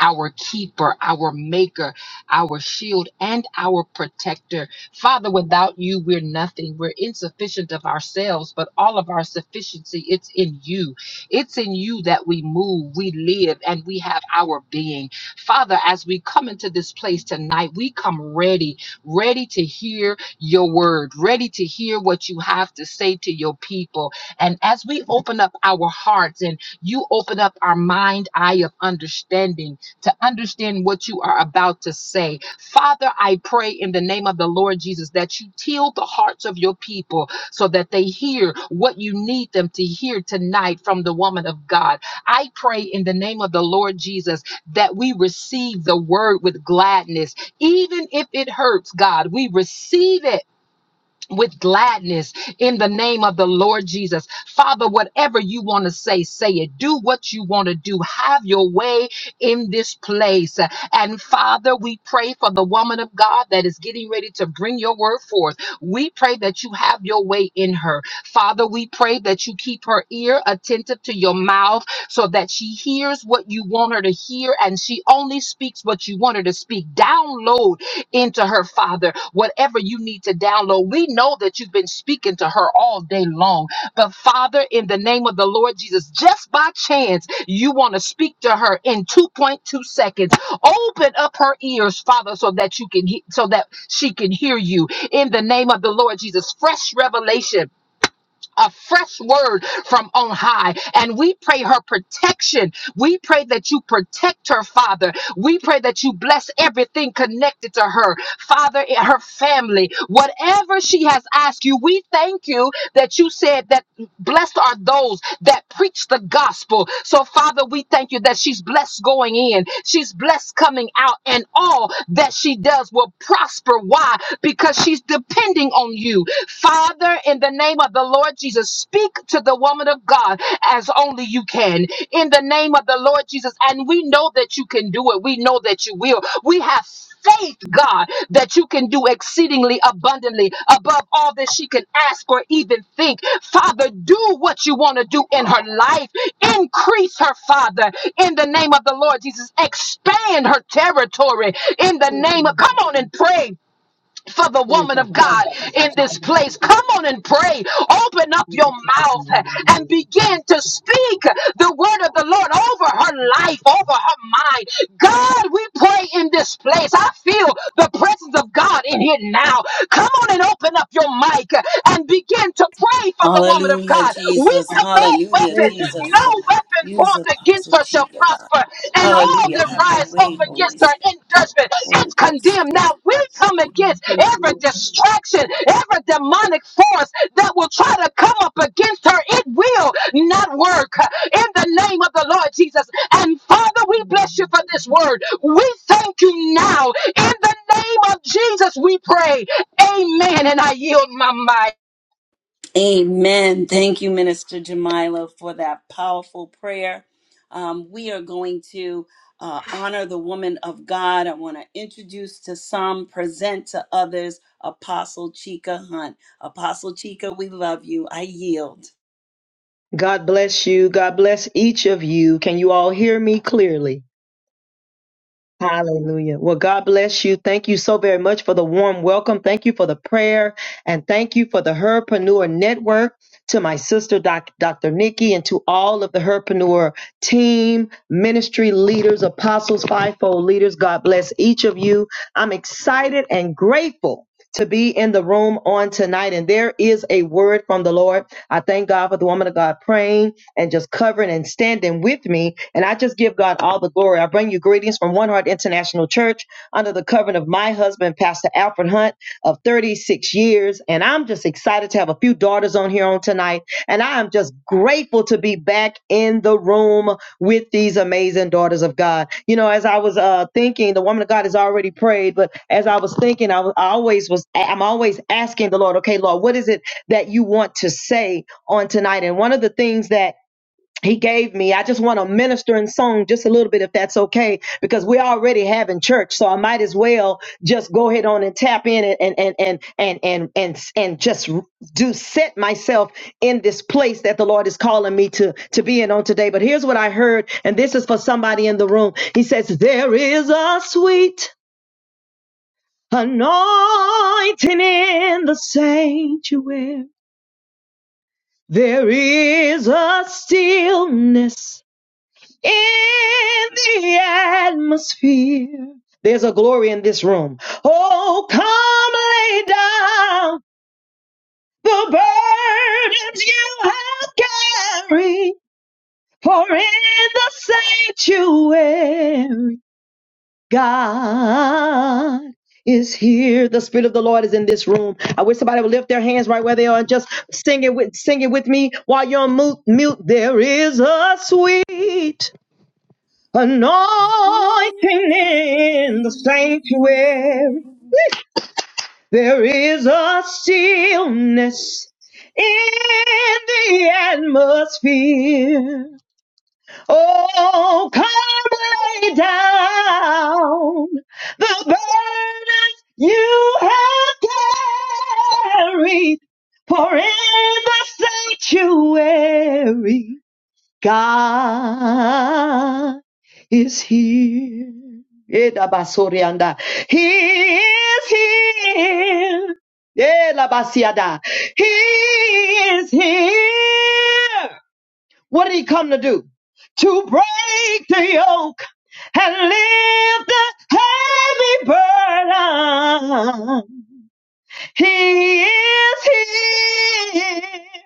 our keeper, our maker, our shield, and our protector. Father, without you, we're nothing. We're insufficient of ourselves, but all of our sufficiency, it's in you. It's in you that we move, we live, and we have our being. Father, as we come into this place tonight, we come ready, ready to hear your word, ready to hear what you have to say to your people. And as we open up our hearts and you open up our mind, eye of understanding, to understand what you are about to say. Father, I pray in the name of the Lord Jesus that you heal the hearts of your people so that they hear what you need them to hear tonight from the woman of God. I pray in the name of the Lord Jesus that we receive the word with gladness, even if it hurts, God. We receive it with gladness in the name of the Lord Jesus. Father, whatever you want to say, say it. Do what you want to do. Have your way in this place. And Father, we pray for the woman of God that is getting ready to bring your word forth. We pray that you have your way in her. Father, we pray that you keep her ear attentive to your mouth so that she hears what you want her to hear and she only speaks what you want her to speak. Download into her, Father, whatever you need to download. We know that you've been speaking to her all day long. But Father, in the name of the Lord Jesus, just by chance, you want to speak to her in 2.2 seconds. Open up her ears, Father, so that you can he- so that she can hear you. In the name of the Lord Jesus, fresh revelation a fresh word from on high. And we pray her protection. We pray that you protect her, Father. We pray that you bless everything connected to her, Father, and her family. Whatever she has asked you, we thank you that you said that blessed are those that preach the gospel. So, Father, we thank you that she's blessed going in, she's blessed coming out, and all that she does will prosper. Why? Because she's depending on you you. Father, in the name of the Lord Jesus, speak to the woman of God as only you can. In the name of the Lord Jesus, and we know that you can do it. We know that you will. We have faith, God, that you can do exceedingly abundantly above all that she can ask or even think. Father, do what you want to do in her life. Increase her, Father, in the name of the Lord Jesus. Expand her territory in the
Thank
name of,
you.
come on and pray for the woman of God in this place. Come on and pray. Open up your mouth and begin to speak the word of the Lord over her life, over her mind. God, we pray in this place. I feel the presence of God in here now. Come on and open up your mic and begin to to pray for the woman of
Hallelujah,
God. We
Jesus.
have no
Hallelujah,
weapon,
Lord.
no
Jesus.
weapon
Use
formed
Apostle
against her shall
Chica, God.
prosper, and all
Hallelujah.
that
Have your
rise up
way, Holy
against her
Spirit.
in judgment
Holy
it's
Ghost.
condemned.
Take-
Now we come against
Thank you,
every
Lord.
distraction, every demonic force that will try to come up against her. It will not work in the name of the Lord Jesus. And Father, we bless you for this word. We thank you now in the name of Jesus. We pray. Amen. And I yield my mind.
Amen. Thank you, Minister Jamila, for that powerful prayer. Um, we are going to uh, honor the woman of God. I want to introduce to some, present to others, Apostle Chica Hunt. Apostle Chica, we love you. I yield.
God bless you. God bless each of you. Can you all hear me clearly? Hallelujah. Well, God bless you. Thank you so very much for the warm welcome. Thank you for the prayer. And thank you for the Herpreneur Network to my sister, Doc, Dr. Nikki, and to all of the Herpreneur team, ministry leaders, apostles, fivefold leaders. God bless each of you. I'm excited and grateful to be in the room on tonight. And there is a word from the Lord. I thank God for the woman of God praying and just covering and standing with me. And I just give God all the glory. I bring you greetings from One Heart International Church under the covering of my husband, Pastor Alfred Hunt, of 36 years. And I'm just excited to have a few daughters on here on tonight. And I am just grateful to be back in the room with these amazing daughters of God. You know, as I was uh, thinking, the woman of God has already prayed, but as I was thinking, I, was, I always was, I'm always asking the Lord, okay, Lord, what is it that you want to say on tonight? And one of the things that he gave me. I just want to minister in song just a little bit, if that's okay, because we're already having church. So I might as well just go ahead on and tap in and and and and and and and, and just do set myself in this place that the Lord is calling me to to be in on today. But here's what I heard, and this is for somebody in the room. He says, "There is a sweet anointing in the sanctuary. There is a stillness." in the atmosphere. There's a glory in this room. Oh, come lay down the burdens you have carried, for in the sanctuary, God is here. The Spirit of the Lord is in this room. I wish somebody would lift their hands right where they are and just sing it with, sing it with me while you're on mute. mute. There is a sweet Anointing in the sanctuary, there is a stillness in the atmosphere. Oh, come lay down the burdens you have carried, for in the sanctuary. God is here. Edabasorianda. He is here. Elabasiada. He is here. What did he come to do? To break the yoke and lift the heavy burden. He is here.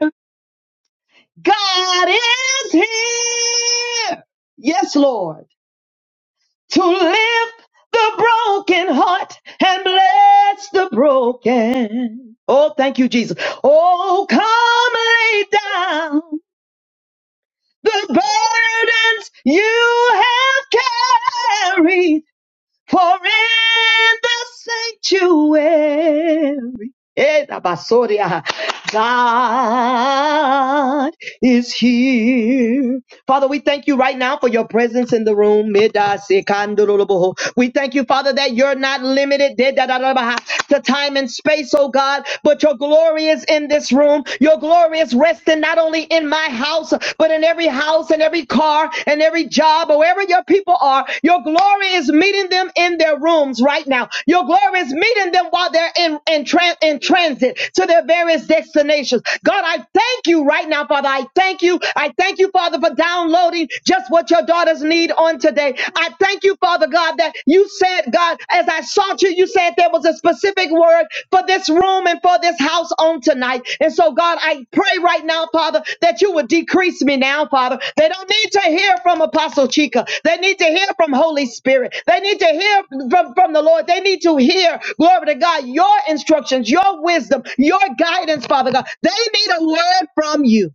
God is here. Yes, Lord, to lift the broken heart and bless the broken. Oh, thank you, Jesus. Oh, come lay down the burdens you have carried for in the sanctuary. Eh, Abasoria, God is here Father, we thank you right now for your presence in the room. We thank you, Father, that you're not limited to time and space, oh God, but your glory is in this room. Your glory is resting not only in my house, but in every house and every car and every job, or wherever your people are. Your glory is meeting them in their rooms right now. Your glory is meeting them while they're in, in, tran- in transit to their various destinations. God, I thank you right now, Father. I thank you. I thank you, Father, for downloading just what your daughters need on today. I thank you, Father God, that you said, God, as I sought you, you said there was a specific word for this room and for this house on tonight. And so, God, I pray right now, Father, that you would decrease me now, Father. They don't need to hear from Apostle Chica. They need to hear from Holy Spirit. They need to hear from, from the Lord. They need to hear, glory to God, your instructions, your wisdom, your guidance, Father God. They need a word from you.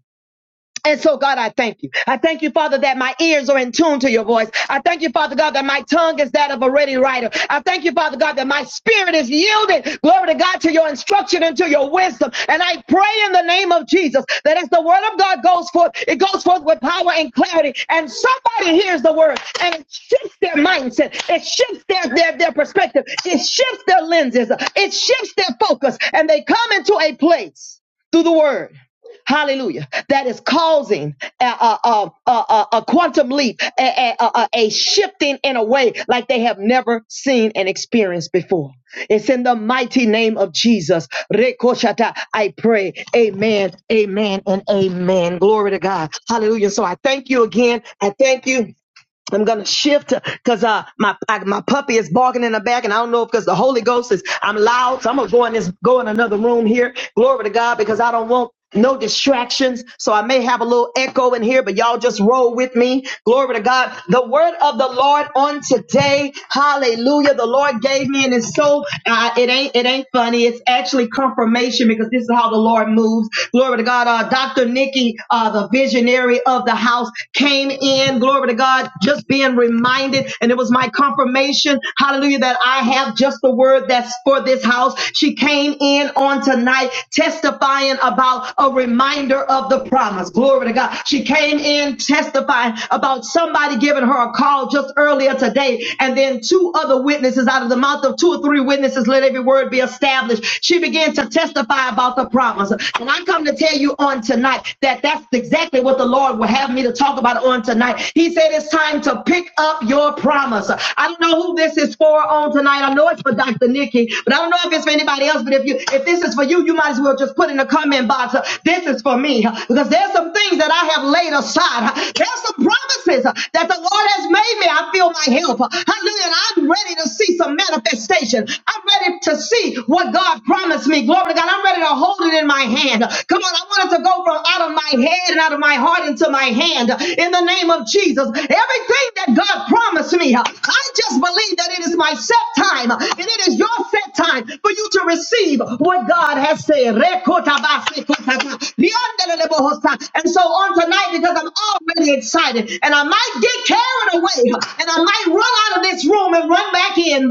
And so, God, I thank you. I thank you, Father, that my ears are in tune to your voice. I thank you, Father God, that my tongue is that of a ready writer. I thank you, Father God, that my spirit is yielded, glory to God, to your instruction and to your wisdom. And I pray in the name of Jesus that as the word of God goes forth, it goes forth with power and clarity. And somebody hears the word and it shifts their mindset. It shifts their, their, their perspective. It shifts their lenses. It shifts their focus. And they come into a place through the word Hallelujah. That is causing a, a, a, a, a- quantum leap, a, a, a, a a shifting in a way like they have never seen and experienced before. It's in the mighty name of Jesus. Rekoshata, I pray. Amen, amen, and amen. Glory to God. Hallelujah. So I thank you again. I thank you. I'm gonna shift because uh my I, my puppy is barking in the back, and I don't know if because the Holy Ghost is I'm loud, so I'm gonna go in this go in another room here. Glory to God, because I don't want no distractions. So I may have a little echo in here, but y'all just roll with me. Glory to God. The word of the Lord on today. Hallelujah. The Lord gave me, and it's so uh, it ain't it ain't funny. It's actually confirmation because this is how the Lord moves. Glory to God. Uh, Dr. Nikki, uh, the visionary of the house, came in. Glory to God by just being reminded. And it was my confirmation, hallelujah, that I have just the word that's for this house. She came in on tonight testifying about a reminder of the promise. Glory to God. She came in testifying about somebody giving her a call just earlier today. And then two other witnesses out of the mouth of two or three witnesses, let every word be established. She began to testify about the promise. And I come to tell you on tonight that that's exactly what the Lord will have me to talk about on tonight. He said, it is time to pick up your promise. I don't know who this is for on tonight. I know it's for Dr. Nikki, but I don't know if it's for anybody else. But if you, if this is for you, you might as well just put in the comment box, uh, this is for me. uh, Because there's some things that I have laid aside. uh, There's some promises uh, that the Lord has made me. I feel my help. uh, Hallelujah. And I'm ready to see some manifestation. I'm ready to see what God promised me. Glory to God. I'm ready to hold it in my hand. Come on. I want it to go from out of my head and out of my heart into my hand. In the name of Jesus. Jesus. Everything that God promised me, uh, I just believe that it is my set time and it is your set time for you to receive what God has said. And so on tonight, because I'm already excited and I might get carried away and I might run out of this room and run back in,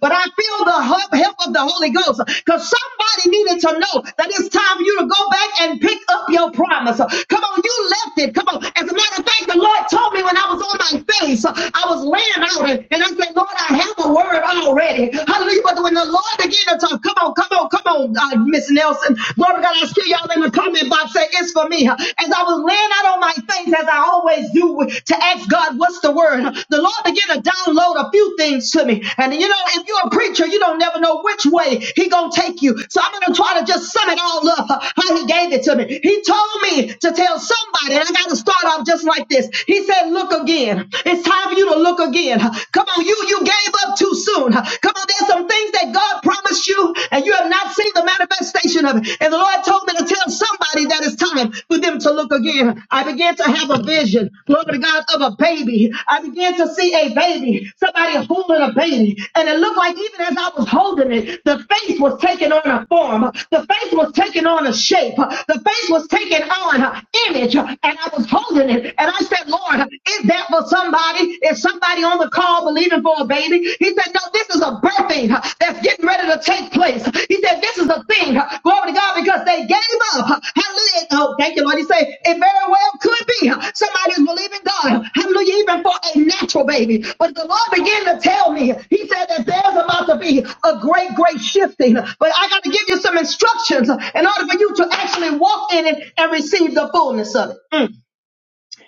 but I feel the help of the Holy Ghost because somebody needed to know that it's time for you to go back and pick up your promise. Come on, you left it. Come on. As a matter I think the Lord told me when I was on my face, I was laying out and, and I said, Lord, I have a word already. Hallelujah. But when the Lord began to talk, come on, come on, come on, uh, Miss Nelson. Glory to God, I see y'all in the comment box say it's for me. As I was laying out on my face, as I always do, to ask God, what's the word? The Lord began to download a few things to me. And you know, if you're a preacher, you don't never know which way he gonna take you. So I'm gonna try to just sum it all up, how he gave it to me. He told me to tell somebody, and I gotta start off off just like this. He said, Look again. It's time for you to look again. Come on, you you gave up too soon. Come on, there's some things that God promised you, and you have not seen the manifestation of it. And the Lord told me to tell somebody that it's time for them to look again. I began to have a vision, glory to God, of a baby. I began to see a baby, somebody holding a baby. And it looked like even as I was holding it, the face was taking on a form, the face was taking on a shape, the face was taking on an image. And I was holding was holding it. And I said, Lord, is that for somebody? Is somebody on the call believing for a baby? He said, No, this is a birthing that's getting ready to take place. He said, This is a thing. Glory to God, because they gave up. Hallelujah. Oh, thank you, Lord. He said, It very well could be. Somebody is believing God. Hallelujah, even for a natural baby. But the Lord began to tell me, He said that there's about to be a great, great shifting. But I got to give you some instructions in order for you to actually walk in it and receive the fullness of it. Mm.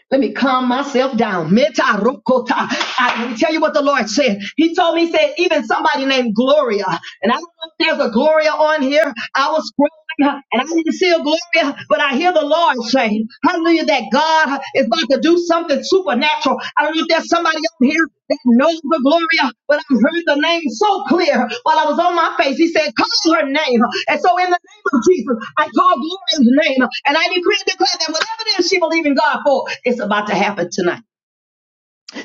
Let me calm myself down. Meta rokota. I, let me tell you what the Lord said. He told me, he said, even somebody named Gloria. And I don't know if there's a Gloria on here. I was scrolling and I didn't see a Gloria, but I hear the Lord say, hallelujah, that God is about to do something something supernatural. I don't know if there's somebody up here that knows the Gloria, but i heard the name so clear while I was on my face. He said, Call her name. And so, in the name of Jesus, I call Gloria's name. And I decree and declare that whatever it is she believes in God for, it's about to happen tonight.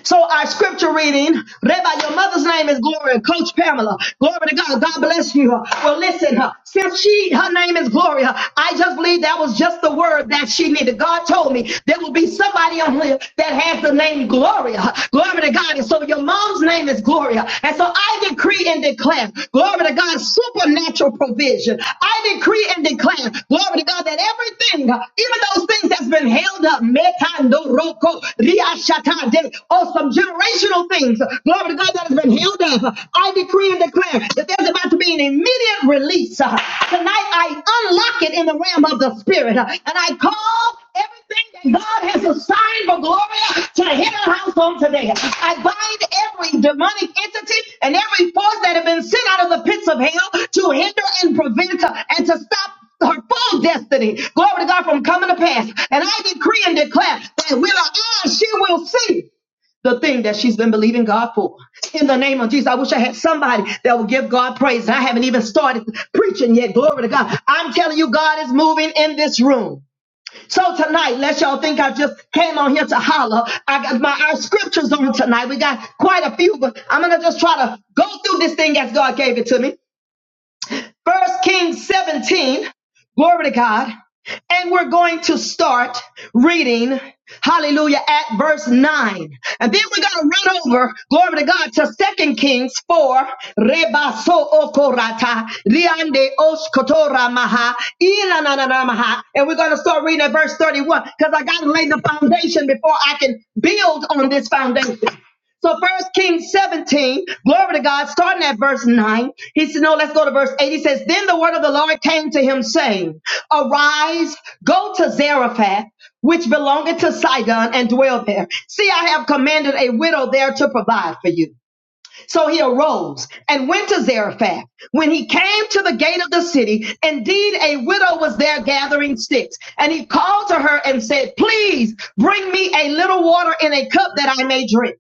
So our scripture reading, Rabbi, your mother's name is Gloria, Coach Pamela. Glory to God. God bless you. Well, listen, huh, since she, her name is Gloria, I just believe that was just the word that she needed. God told me there will be somebody on here that has the name Gloria. Glory to God. And so your mom's name is Gloria. And so I decree and declare, glory to God, supernatural provision. I decree and declare, glory to God, that everything, huh, even those things that's been held up, metandoroko, riashata, or some generational things, glory to God, that has been held up, I decree and declare that there's about to be an immediate release. Tonight, I unlock it in the realm of the Spirit, and I call everything that God has assigned for glory to the head of the house today. I bind every demonic entity and every force that have been sent out of the pits of hell to hinder and prevent and to stop her full destiny. Glory to God from coming to pass. And I decree and declare that with her eyes she will see the thing that she's been believing God for. In the name of Jesus, I wish I had somebody that would give God praise. I haven't even started preaching yet. Glory to God. I'm telling you, God is moving in this room. So tonight, let y'all think I just came on here to holler. I got my our scriptures on tonight. We got quite a few, but I'm gonna just try to go through this thing as God gave it to me. First Kings 17. Glory to God. And we're going to start reading, hallelujah, at verse 9. And then we're going to run over, glory to God, to 2 Kings 4. Rebaso okorata, liande oshkotora maha, ilananana And we're going to start reading at verse 31 because I got to lay the foundation before I can build on this foundation. So first Kings 17, glory to God, starting at verse 9. He said, no, let's go to verse 8. He says, Then the word of the Lord came to him, saying, Arise, go to Zarephath, which belongeth to Sidon, and dwell there. See, I have commanded a widow there to provide for you. So he arose and went to Zarephath. When he came to the gate of the city, indeed a widow was there gathering sticks. And he called to her and said, Please bring me a little water in a cup that I may drink.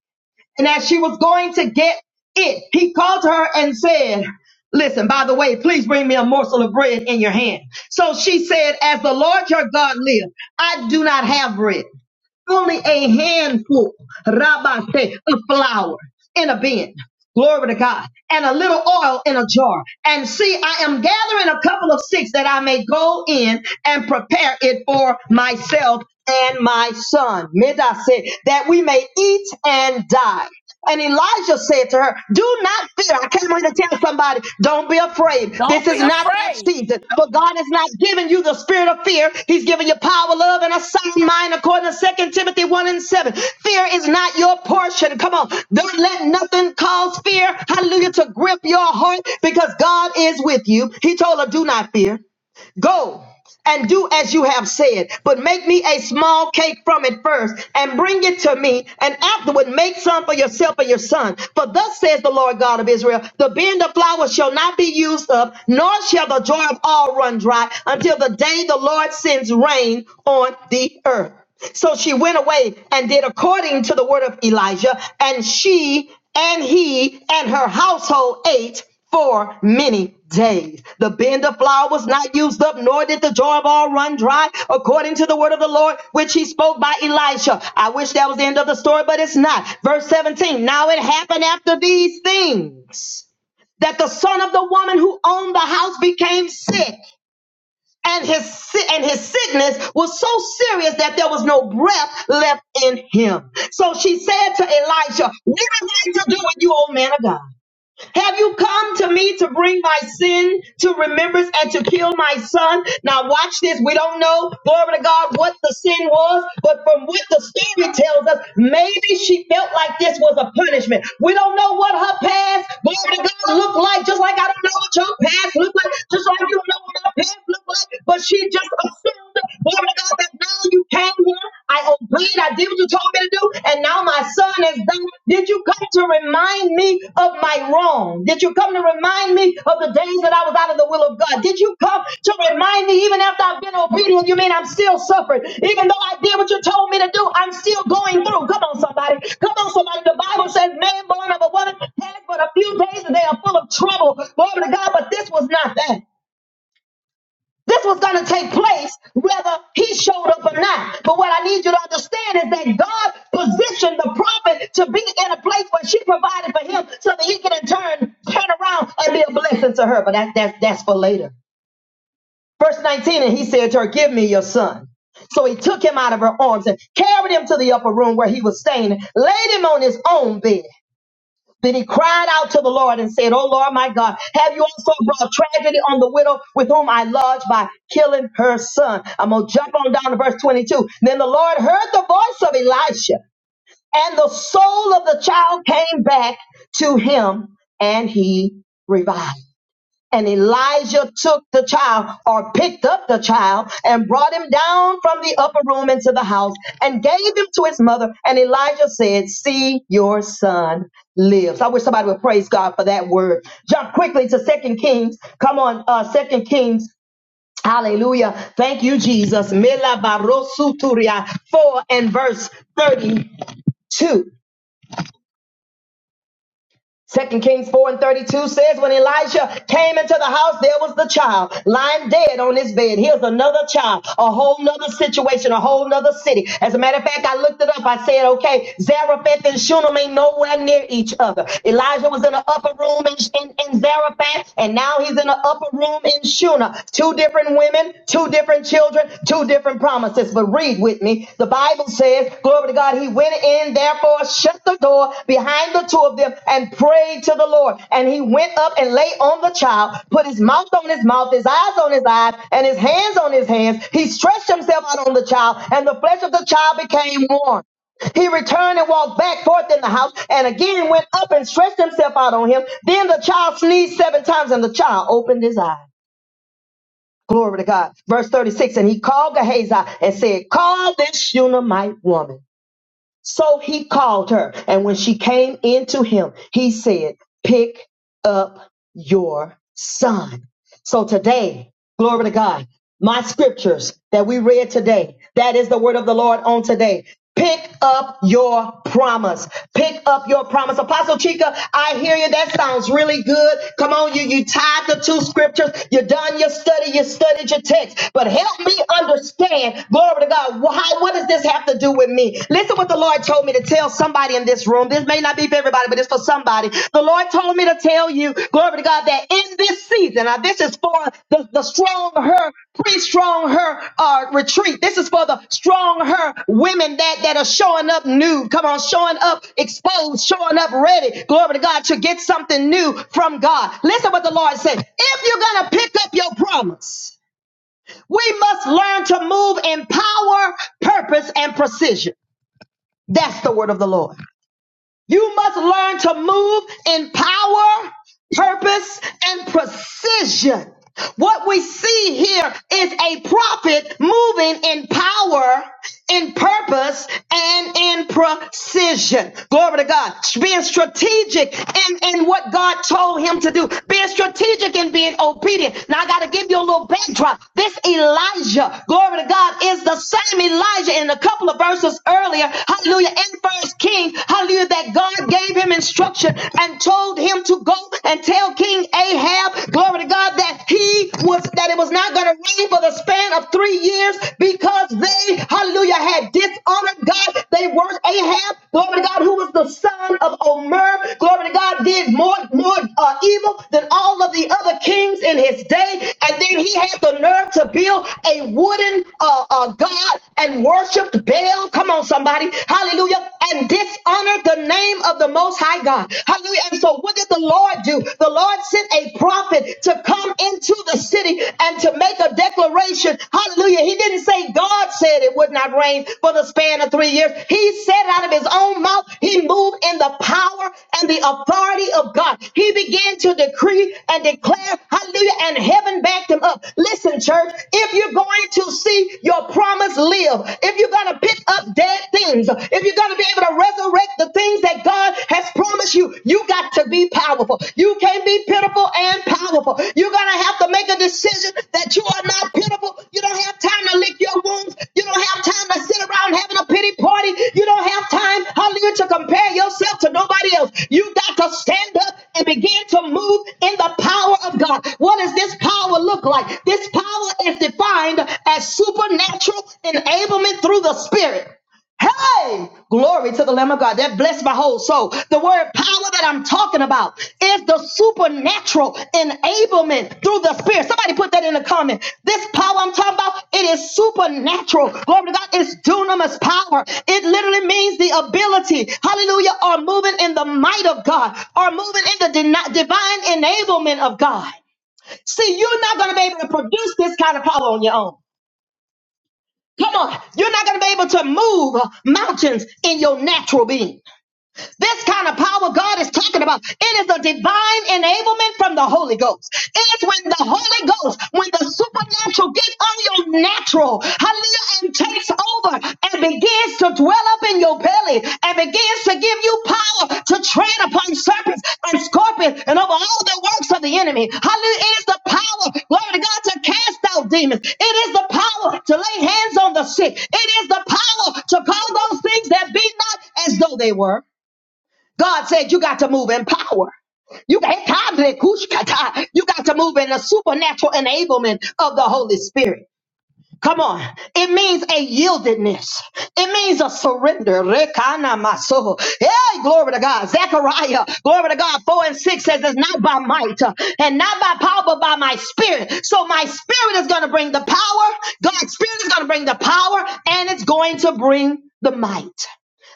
And as she was going to get it, he called her and said, Listen, by the way, please bring me a morsel of bread in your hand. So she said, As the Lord your God lives, I do not have bread, only a handful, Rabbi said, of flour in a bin. Glory to God. And a little oil in a jar. And see, I am gathering a couple of sticks that I may go in and prepare it for myself and my son. Midah said, that we may eat and die. And Elijah said to her, Do not fear. I came here to tell somebody, don't be afraid. This
Don't be
is not that
afraid.
season. But God has not given you the spirit of fear. He's given you power, love, and a sound mind, according to Second Timothy 1 and 7. Fear is not your portion. Come on. Don't let nothing cause fear, hallelujah, to grip your heart because God is with you. He told her, Do not fear. Go and do as you have said, but make me a small cake from it first and bring it to me, and afterward make some for yourself and your son. For thus says the Lord God of Israel the bin of flour shall not be used up, nor shall the jar of oil run dry until the day the Lord sends rain on the earth. So she went away and did according to the word of Elijah, and she and he and her household ate for many days. The bin of flour was not used up, nor did the jar of oil run dry, according to the word of the Lord, which he spoke by Elisha. I wish that was the end of the story, but it's not. Verse 17 Now it happened after these things that the son of the woman who owned the house became sick. And his si- and his sickness was so serious that there was no breath left in him. So she said to Elisha, "What am I to do with you, O man of God?" Have you come to me to bring my sin to remembrance and to kill my son? Now watch this. We don't know, glory to God, what the sin was, but from what the story tells us, maybe she felt like this was a punishment. We don't know what her past, glory to God, looked like, just like I don't know what your past looked like, just like you don't know what her past looked like, but she just assumed, glory to God, that now you came here. I obey Bleed. I did what you told me to do, and now my son has done. Did you come to remind me of my wrong? Did you come to remind me of the days that I was out of the will of God? Did you come to remind me, even after I've been obedient, you mean I'm still suffering? Even though I did what you told me to do, I'm still going through. Come on, somebody. Come on, somebody. The Bible says, man born of a woman had but a few days, and they are full of trouble. Glory to God, but this was not that. This was going to take place whether he showed up or not. But what I need you to understand is that God positioned the prophet to be in a place where she provided for him so that he can in turn turn around and be a blessing to her. But that, that, that's for later. Verse 19, and he said to her, Give me your son. So he took him out of her arms and carried him to the upper room where he was staying, laid him on his own bed. Then he cried out to the Lord and said, "O Lord, my God, have you also brought tragedy on the widow with whom I lodged by killing her son? I'm going to jump on down to verse 22. Then the Lord heard the voice of Elisha, and the soul of the child came back to him, and he revived. And Elijah took the child or picked up the child and brought him down from the upper room into the house and gave him to his mother. And Elijah said, See, your son lives. I wish somebody would praise God for that word. Jump quickly to Second Kings. Come on, uh, 2 Kings Hallelujah. Thank you, Jesus. Mela barosuturia 4 and verse 32. Second Kings 4 and 32 says, when Elijah came into the house, there was the child lying dead on his bed. Here's another child, a whole nother situation, a whole nother city. As a matter of fact, I looked it up. I said, okay, Zarephath and Shunem ain't nowhere near each other. Elijah was in the upper room in, in, in Zarephath, and now he's in the upper room in Shunem. Two different women, two different children, two different promises. But read with me. The Bible says, glory to God, he went in, therefore shut the door behind the two of them and prayed to the Lord. And he went up and lay on the child, put his mouth on his mouth, his eyes on his eyes, and his hands on his hands. He stretched himself out on the child, and the flesh of the child became warm. He returned and walked back forth in the house, and again went up and stretched himself out on him. Then the child sneezed seven times, and the child opened his eyes. Glory to God. Verse 36 And he called Gehazi and said, Call this Shunammite woman. So he called her, and when she came into him, he said, Pick up your son. So today, glory to God, my scriptures that we read today, that is the word of the Lord on today. Pick up your promise. Pick up your promise. Apostle Chica, I hear you. That sounds really good. Come on, you you tied the two scriptures. You done your study. You studied your text. But help me understand, glory to God, why what does this have to do with me? Listen what the Lord told me to tell somebody in this room. This may not be for everybody, but it's for somebody. The Lord told me to tell you, glory to God, that in this season, now this is for the, the strong her, pre-strong her uh, retreat. This is for the strong her women that, that are showing up nude. Come on, showing up exposed, showing up ready. Glory to God to get something new from God. Listen what the Lord said. If you're gonna pick up your promise, we must learn to move in power, purpose, and precision. That's the word of the Lord. You must learn to move in power, purpose, and precision. What we see here is a prophet moving in power, in purpose, and in precision. Glory to God. Being strategic in, in what God told him to do. Being strategic and being obedient. Now I gotta give you a little backdrop. This Elijah, glory to God, is the same Elijah in a couple of verses earlier. Hallelujah hallelujah, in First King, hallelujah, that God gave him instruction and told him to go and tell King Ahab, glory to God, that he was that it was not going to rain for the span of three years because they, hallelujah, had dishonored God. They weren't Ahab, glory to God, who was the son of Omer, glory to God, did more more uh, evil than all of the other kings in his day, and then he had the nerve to build a wooden uh, uh, god and worship worshiped Baal. Come on, somebody. Hallelujah. And dishonored the name of the Most High God. Hallelujah. And so what did the Lord do? The Lord sent a prophet to come into the city and to make a declaration. Hallelujah. He didn't say God said it would not rain for the span of three years. He said it out of his own mouth. He moved in the power and the authority of God. He began to decree and declare, hallelujah, and heaven backed him up. Listen, church, if you're going to see your promise live, if you're going to pick up dead things, if you're going to be able to resurrect the things that God has promised you, you got to be powerful. You can't be pitiful and powerful. You're going to have to make a decision that you are not pitiful. You don't have time to lick your wounds. You don't have have time to sit around having a pity party. You don't have time, hallelujah, to compare yourself to nobody else. You got to stand up and begin to move in the power of God. What does this power look like? This power is defined as supernatural enablement through the Spirit. Hey, glory to the Lamb of God. That blessed my whole soul. The word power that I'm talking about is the supernatural enablement through the Spirit. Somebody put that in the comment. This power I'm talking about, it is supernatural. Glory to God. It's dunamis power. It literally means the ability, hallelujah, or moving in the might of God, or moving in the deni- divine enablement of God. See, you're not going to be able to produce this kind of power on your own. Come on. You're not going to be able to move mountains in your natural being. This kind of power God is talking about, it is a divine enablement from the Holy Ghost. It is when the Holy Ghost, when the supernatural gets on your natural, hallelujah, and takes over and begins to dwell up in your belly and begins to give you power to tread upon serpents and scorpions and over all the works of the enemy. Hallelujah. It is the power, glory to God, to cast out demons. It is the power to lay hands on the sick. It is the power to call those things that be not as though they were. God said you got to move in power. You got you got to move in the supernatural enablement of the Holy Spirit. Come on. It means a yieldedness. It means a surrender. Rekana maso. Hey, glory to God. Zechariah, glory to God. 4 and 6 says it's not by might uh, and not by power, but by my spirit. So my spirit is going to bring the power. God's spirit is going to bring the power and it's going to bring the might.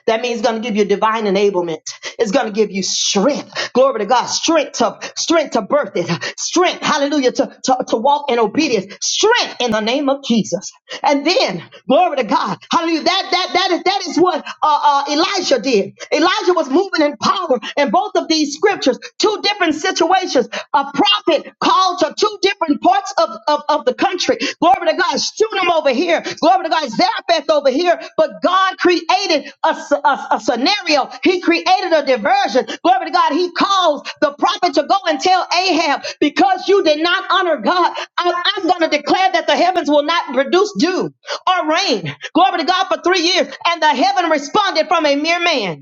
That means it's going to give you divine enablement. It's going to give you strength. Glory to God. Strength to, strength to birth it. Strength, hallelujah, to, to, to walk in obedience. Strength in the name of Jesus. And then, glory to God. Hallelujah. That, that, that is, that is what, uh, uh, Elijah did. Elijah was moving in power in both of these scriptures, two different situations. A prophet called to two different points parts of, of, of the country. Glory to God. Shunam over here. Glory to God. Zarephath over here. But God created a, s- a- a scenario. He created a diversion. Glory to God. He calls the prophet to go and tell Ahab, because you did not honor God, I- I'm going to declare that the heavens will not produce dew or rain. Glory to God for three years. And the heaven responded from a mere man.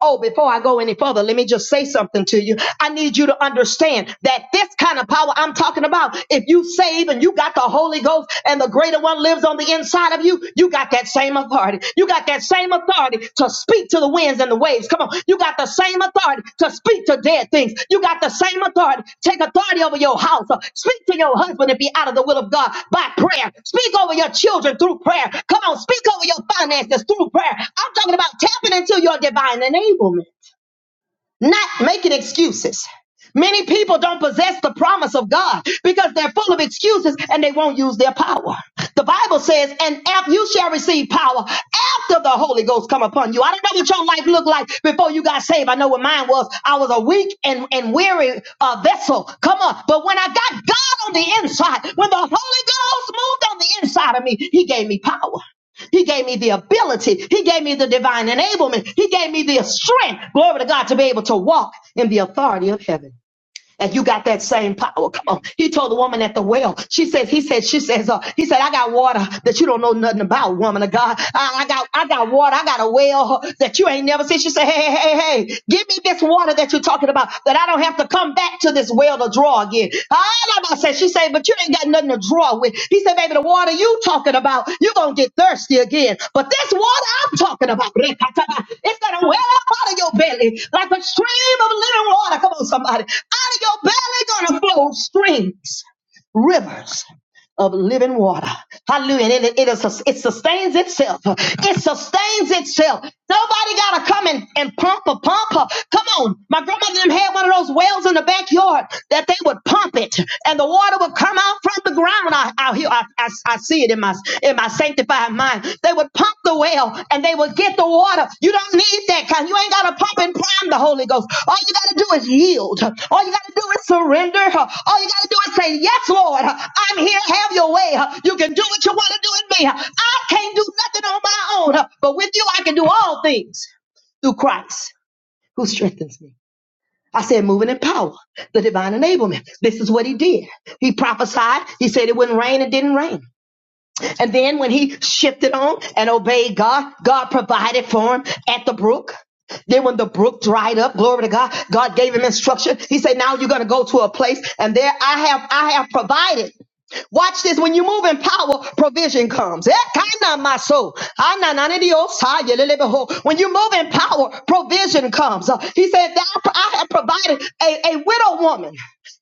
Oh, before I go any further, let me just say something to you. I need you to understand that this kind of power I'm talking about, if you save and you got the Holy Ghost and the greater one lives on the inside of you, you got that same authority. You got that same authority to speak to the winds and the waves. Come on. You got the same authority to speak to dead things. You got the same authority. Take authority over your house. Speak to your husband and be out of the will of God by prayer. Speak over your children through prayer. Come on, speak over your finances through prayer. I'm talking about tapping into your divine enablement, not making excuses. Many people don't possess the promise of God because they're full of excuses and they won't use their power. The Bible says, and after you shall receive power after the Holy Ghost come upon you. I don't know what your life looked like before you got saved. I know what mine was. I was a weak and, and weary uh, vessel. Come on. But when I got God on the inside, when the Holy Ghost moved on the inside of me, he gave me power. He gave me the ability. He gave me the divine enablement. He gave me the strength, glory to God, to be able to walk in the authority of heaven. And you got that same power. Come on. He told the woman at the well. She says, he said, she says, uh, he said, I got water that you don't know nothing about, woman of God. I, I got, I got water. I got a well that you ain't never seen. She said, hey, hey, hey, hey, give me this water that you're talking about that I don't have to come back to this well to draw again here. Alama said, she said, but you ain't got nothing to draw with. He said, baby, the water you talking about, you going to get thirsty again. But this water I'm talking about, *laughs* it's going to well up out of your belly like a stream of living water. Come on, somebody. Out of your belly going to flow streams, rivers of living water. Hallelujah. And It, it, is, it sustains itself. It sustains itself. Nobody got to come and, and pump a pump. Her. Come on. My grandmother them had one of those wells in the backyard that they would pump it and the water would come out from the ground. I, I, hear- I, I, I see it in my, in my sanctified mind. They would pump the well and they would get the water. You don't need that kind. You ain't got to pump and prime the Holy Ghost. All you got to do is yield. All you got to do is surrender. All you got to do is say, Yes, Lord, I'm here. Have your way. You can do what you want to do in me. I can't do nothing on my own, but with you, I can do all things through Christ who strengthens me. I said, moving in power, the divine enablement. This is what he did. He prophesied. He said it wouldn't rain. It didn't rain. And then when he shifted on and obeyed God, God provided for him at the brook. Then when the brook dried up, glory to God, God gave him instruction. He said, now you're going to go to a place and there I have, I have provided. Watch this. When you move in power, provision comes. Eh, kinda my soul. Ana na ni Dios, ha, yelele beho. When you move in power, provision comes. Uh, He said, "Thou- I I have provided a, a widow woman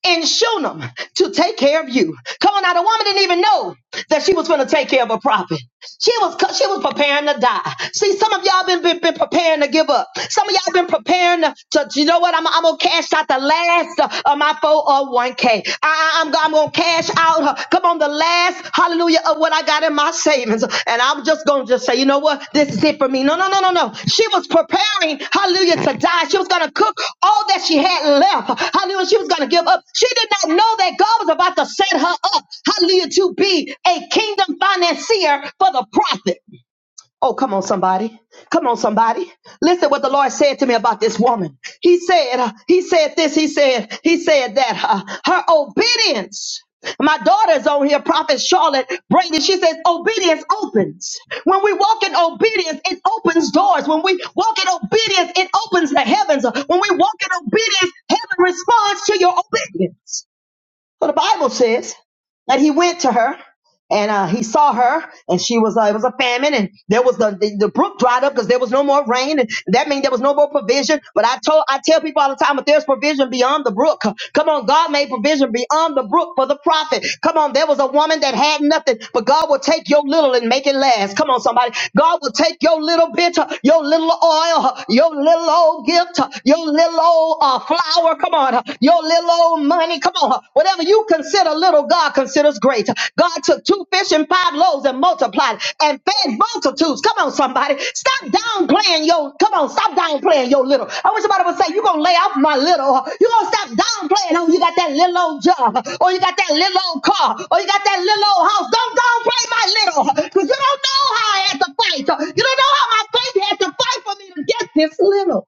in Shunem to take care of you. Come on now, the woman didn't even know that she was going to take care of a prophet. She was cu- she was preparing to die. See, some of y'all been, been, been preparing to give up. Some of y'all been preparing to, to, know what? I'm, I'm gonna cash out the last uh, of my 401k. I, am I'm I'm gonna cash out. uh, come on, the last hallelujah of what I got in my savings, and I'm just gonna just say, you know what? This is it for me. No, no, no, no, no. She was preparing, hallelujah, to die. She was gonna cook all that she had left. Hallelujah. She was gonna give up. She did not know that God was about to set her up. Hallelujah, to be a kingdom financier for the prophet. Oh, come on, somebody. Come on, somebody. Listen what the Lord said to me about this woman. He said, uh, He said this, He said, He said that uh, her obedience. My daughter's on here, Prophet Charlotte Brady. She says, Obedience opens. When we walk in obedience, it opens doors. When we walk in obedience, it opens the heavens. When we walk in obedience, heaven responds to your obedience. So the Bible says that he went to her and uh, he saw her, and she was uh, it was a famine, and there was the the, the brook dried up because there was no more rain, and that means there was no more provision. But I told I tell people all the time, if there's provision beyond the brook, come on, God made provision beyond the brook for the prophet. Come on, there was a woman that had nothing, but God will take your little and make it last. Come on, somebody, God will take your little bit, uh, your little oil, uh, your little old gift, uh, your little old uh, flour. Come on, uh, your little old money. Come on. Whatever you consider little, God considers great. God took two fish and five loaves and multiplied and fed multitudes. Come on, somebody. Stop downplaying your, come on, stop downplaying your little. I wish somebody would say, you're going to lay off my little. You're going to stop downplaying. Oh, you got that little old job. Or you got that little old car. Or you got that little old house. Don't downplay my little. Because you don't know how I had to fight. You don't know how my faith had to fight for me to get this little.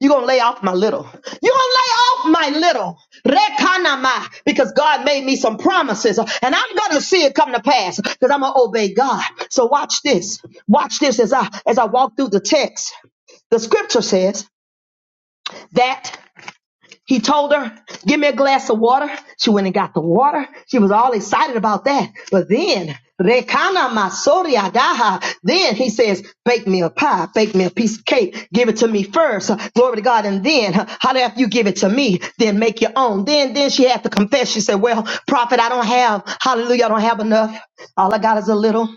You're going to lay off my little. You're going to lay off my little. Rekanama. Because God made me some promises. And I'm going to see it come to pass because I'm going to obey God. So watch this. Watch this as I, as I walk through the text. The scripture says that. He told her, give me a glass of water. She went and got the water. She was all excited about that. But then, Rekana Masori Adaha, then he says, bake me a pie, bake me a piece of cake, give it to me first. Uh, Glory to God. And then, uh, how after you give it to me, then make your own. Then, then she had to confess. She said, well, prophet, I don't have, hallelujah, I don't have enough. All I got is a little.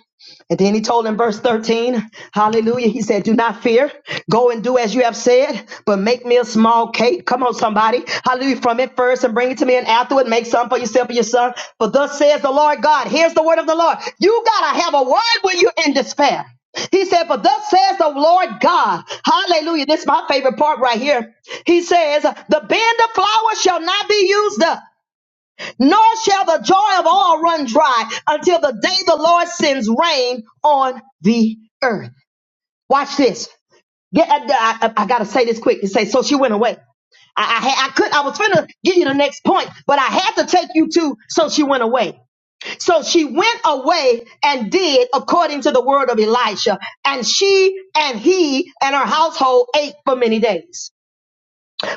And then he told in verse 13, hallelujah, he said, Do not fear. Go and do as you have said, but make me a small cake. Come on, somebody. Hallelujah. From it first and bring it to me, and afterward make some for yourself and your son. For thus says the Lord God. Here's the word of the Lord. You got to have a word when you're in despair. He said, For thus says the Lord God. Hallelujah. This is my favorite part right here. He says, The band of flour shall not be used up. Nor shall the joy of all run dry until the day the Lord sends rain on the earth. Watch this. Get, I, I, I gotta say this quick to say, so she went away. I, I, had- I could, I was finna give you the next point, but I had to take you to, so she went away. So she went away and did according to the word of Elisha, and she and he and her household ate for many days.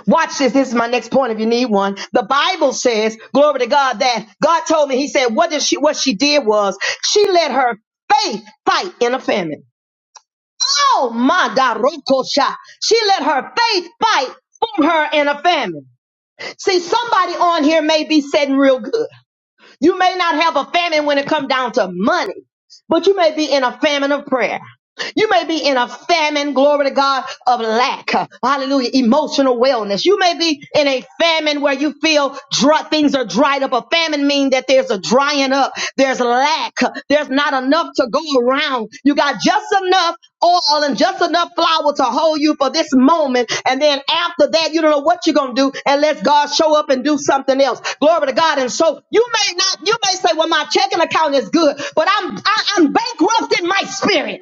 Watch this. This is my next point if you need one. The Bible says, glory to God, that God told me, he said, what did she, what she did was she let her faith fight in a famine. Oh my God, Rokosha. She let her faith fight for her in a famine. See, somebody on here may be sitting real good. You may not have a famine when it comes down to money but you may be in a famine of prayer. You may be in a famine, glory to God, of lack. Hallelujah. Emotional wellness. You may be in a famine where you feel dry, things are dried up. A famine means that there's a drying up. There's lack. There's not enough to go around. You got just enough oil and just enough flour to hold you for this moment. And then after that, you don't know what you're going to do unless God show up and do something else. Glory to God. And so you may not, you may say, well, my my checking account is good, but I'm I, I'm bankrupt in my spirit.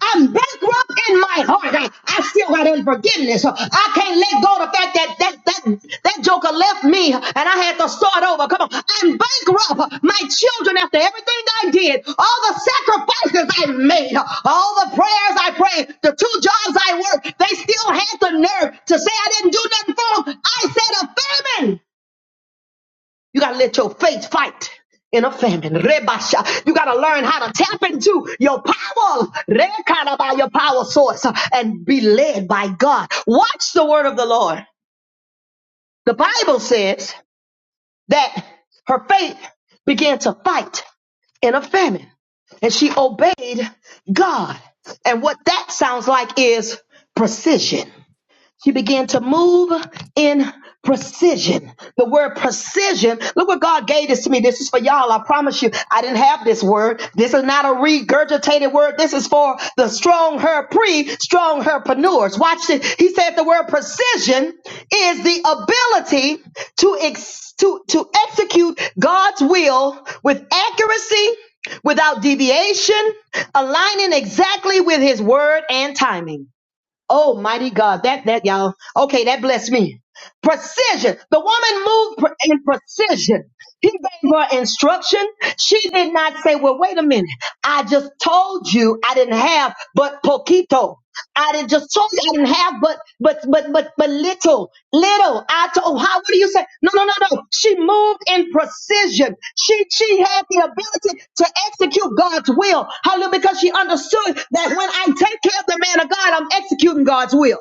I'm bankrupt in my heart. I, I still got unforgiveness. I can't let go of the fact that that that that joker left me and I had to start over. Come on, I'm bankrupt. My children, after everything I did, all the sacrifices I made, all the prayers I prayed, the two jobs I worked, they still had the nerve to say I didn't do nothing for them. I said a famine. You got to let your faith fight in a famine. Rebasha. You got to learn how to tap into your power. Rekana by your power source uh, and be led by God. Watch the word of the Lord. The Bible says that her faith began to fight in a famine and she obeyed God. And what that sounds like is precision. She began to move in precision. The word precision, look what God gave this to me. This is for y'all. I promise you, I didn't have this word. This is not a regurgitated word. This is for the strong her pre, strong herpreneurs. Watch it. He said the word precision is the ability to, ex- to, to execute God's will with accuracy, without deviation, aligning exactly with his word and timing. Oh, mighty God. That, that, y'all. Okay, that blessed me. Precision. The woman moved pre- in precision. He gave her instruction. She did not say, well, wait a minute. I just told you I didn't have but poquito. I didn't just told you can have but but but but but little, little. I told how what do you say? No, no, no, no. She moved in precision. She she had the ability to execute God's will. Hallelujah, because she understood that when I take care of the man of God, I'm executing God's will.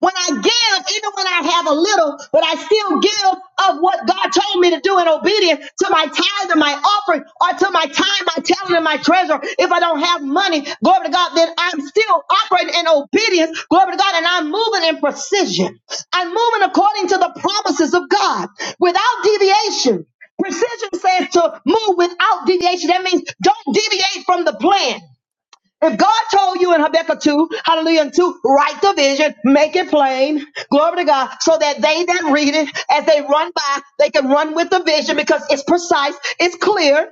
When I give, even when I have a little, but I still give of what God told me to do in obedience to my tithe and my offering or to my time, my talent, and my treasure. If I don't have money, glory to God, then I'm still operating in obedience, glory to God, and I'm moving in precision. I'm moving according to the promises of God without deviation. Precision says to move without deviation. That means don't deviate from the plan. If God told you in Habakkuk 2, hallelujah, and 2, write the vision, make it plain, glory to God, so that they that read it, as they run by, they can run with the vision because it's precise, it's clear.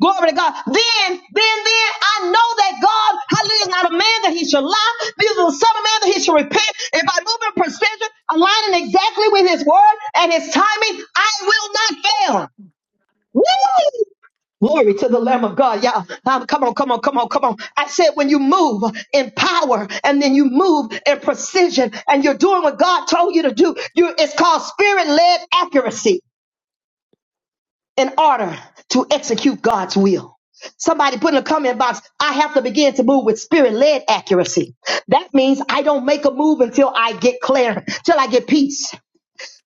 Glory to God. Then, then, then I know that God, hallelujah, is not a man that he should lie, neither the son of man that he should repent. If I move in precision, aligning exactly with his word and his timing, I will not fail. Woo! Glory to the Lamb of God. Y'all, um, come on, come on, come on, come on. I said when you move in power and then you move in precision and you're doing what God told you to do, you it's called spirit-led accuracy in order to execute God's will. Somebody put in the comment box, I have to begin to move with spirit-led accuracy. That means I don't make a move until I get clear, till I get peace.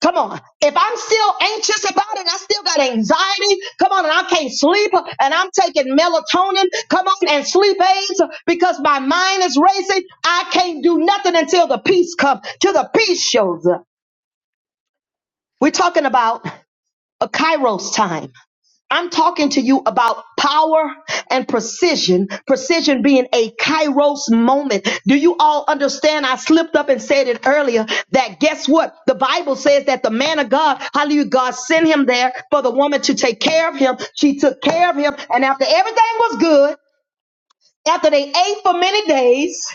Come on. If I'm still anxious about it, I still got anxiety. Come on, and I can't sleep, and I'm taking melatonin. Come on, and sleep aids because my mind is racing. I can't do nothing until the peace comes, till the peace shows up. We're talking about a Kairos time. I'm talking to you about power and precision, precision being a kairos moment. Do you all understand? I slipped up and said it earlier that guess what? The Bible says that the man of God, hallelujah, God sent him there for the woman to take care of him. She took care of him. And after everything was good, after they ate for many days,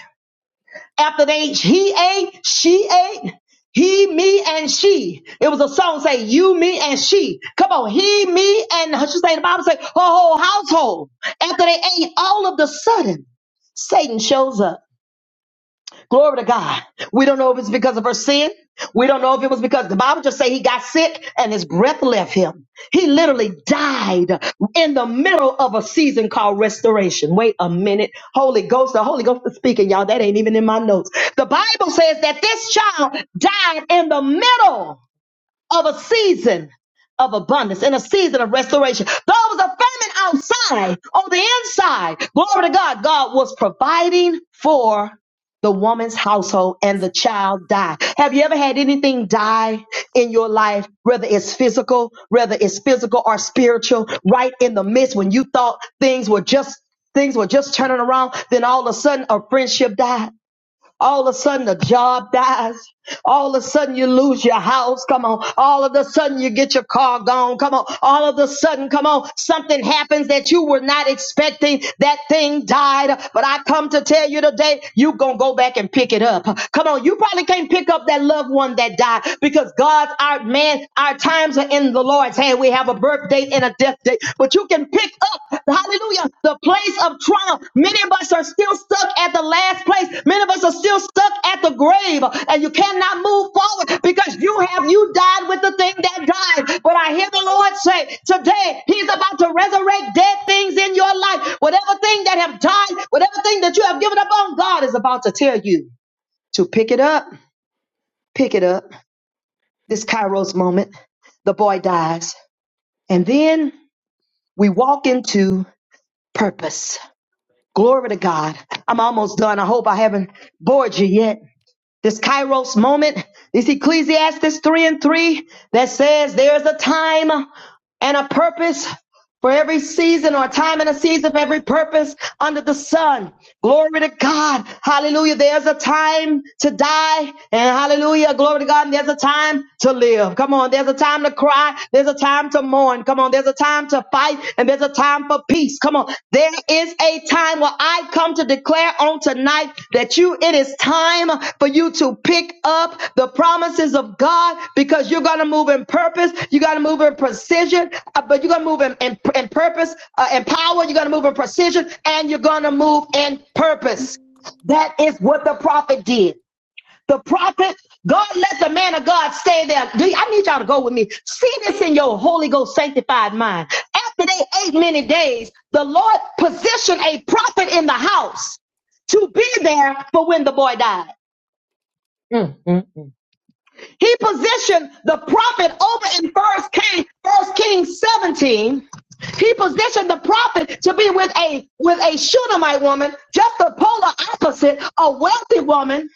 after they he ate, she ate, he, me, and she. It was a song say you, me, and she. Come on, he, me, and she say the Bible say her whole household. After they ate, all of the sudden, Satan shows up. Glory to God. We don't know if it's because of her sin. We don't know if it was because the Bible just say he got sick and his breath left him. He literally died in the middle of a season called restoration. Wait a minute. Holy Ghost, the Holy Ghost is speaking, y'all. That ain't even in my notes. The Bible says that this child died in the middle of a season of abundance and a season of restoration. Though it was a famine outside, on the inside, glory to God, God was providing for the woman's household and the child died. Have you ever had anything die in your life, whether it's physical, whether it's physical or spiritual, right in the midst when you thought things were just things were just turning around, then all of a sudden a friendship died? All of a sudden, the job dies. All of a sudden, you lose your house. Come on. All of a sudden, you get your car gone. Come on. All of a sudden, come on. Something happens that you were not expecting. That thing died. But I come to tell you today, you going to go back and pick it up. Come on. You probably can't pick up that loved one that died because God's our man. Our times are in the Lord's hand. We have a birthday in a death day, but you can pick up, hallelujah, the place of trauma. Many of us are still stuck at the last place. Many of us are still stuck at the grave, and you cannot move forward because you have you died with the thing that died. But I hear the Lord say today, He's about to resurrect dead things in your life. Whatever thing that have died, whatever thing that you have given up on, God is about to tell you to pick it up, pick it up. This Kairos moment, the boy dies. And then we walk into purpose. Glory to God. I'm almost done. I hope I haven't bored you yet. This Kairos moment, this Ecclesiastes 3 and 3 that says there's a time and a purpose for every season or a time and a season for every purpose under the sun. Glory to God. Hallelujah. There's a time to die and hallelujah. Glory to God. And there's a time to live. Come on. There's a time to cry. There's a time to mourn. Come on. There's a time to fight and there's a time for peace. Come on. There is is a time where I come to declare on tonight that you, it is time for you to pick up the promises of God because you're going to move in purpose. You're going to move in precision, uh, but you're going to move in, in, in purpose uh, in power. You're going to move in precision and you're going to move in purpose.
Good
That is what the prophet did the prophet. God let the man of God stay there. Do you- I need y'all to go with me. See this in your Holy Ghost sanctified mind. After they ate many days, the Lord positioned a prophet in the house to be there for when the boy died. He positioned the prophet over in First King, First Kings 17. He positioned the prophet to be with a with a Shunammite woman, just the polar opposite, a wealthy woman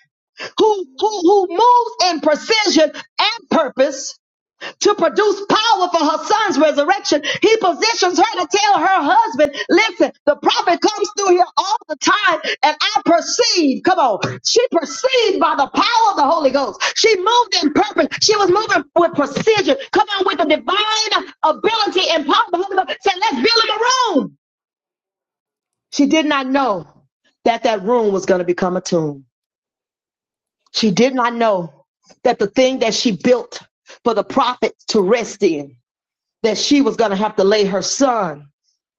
who, who, who moves in precision and purpose to produce power for her son's resurrection. He positions her to tell her husband, listen, the prophet comes through here all the time, and I perceive, come on, she perceived by the power of the Holy Ghost. She moved in purpose. She was moving with precision. Come on, with the divine ability and power. of The Holy Ghost said, let's build him a room. She did not know that that room was going to become a tomb. She did not know that the thing that she built for the prophet to rest in, that she was going to have to lay her son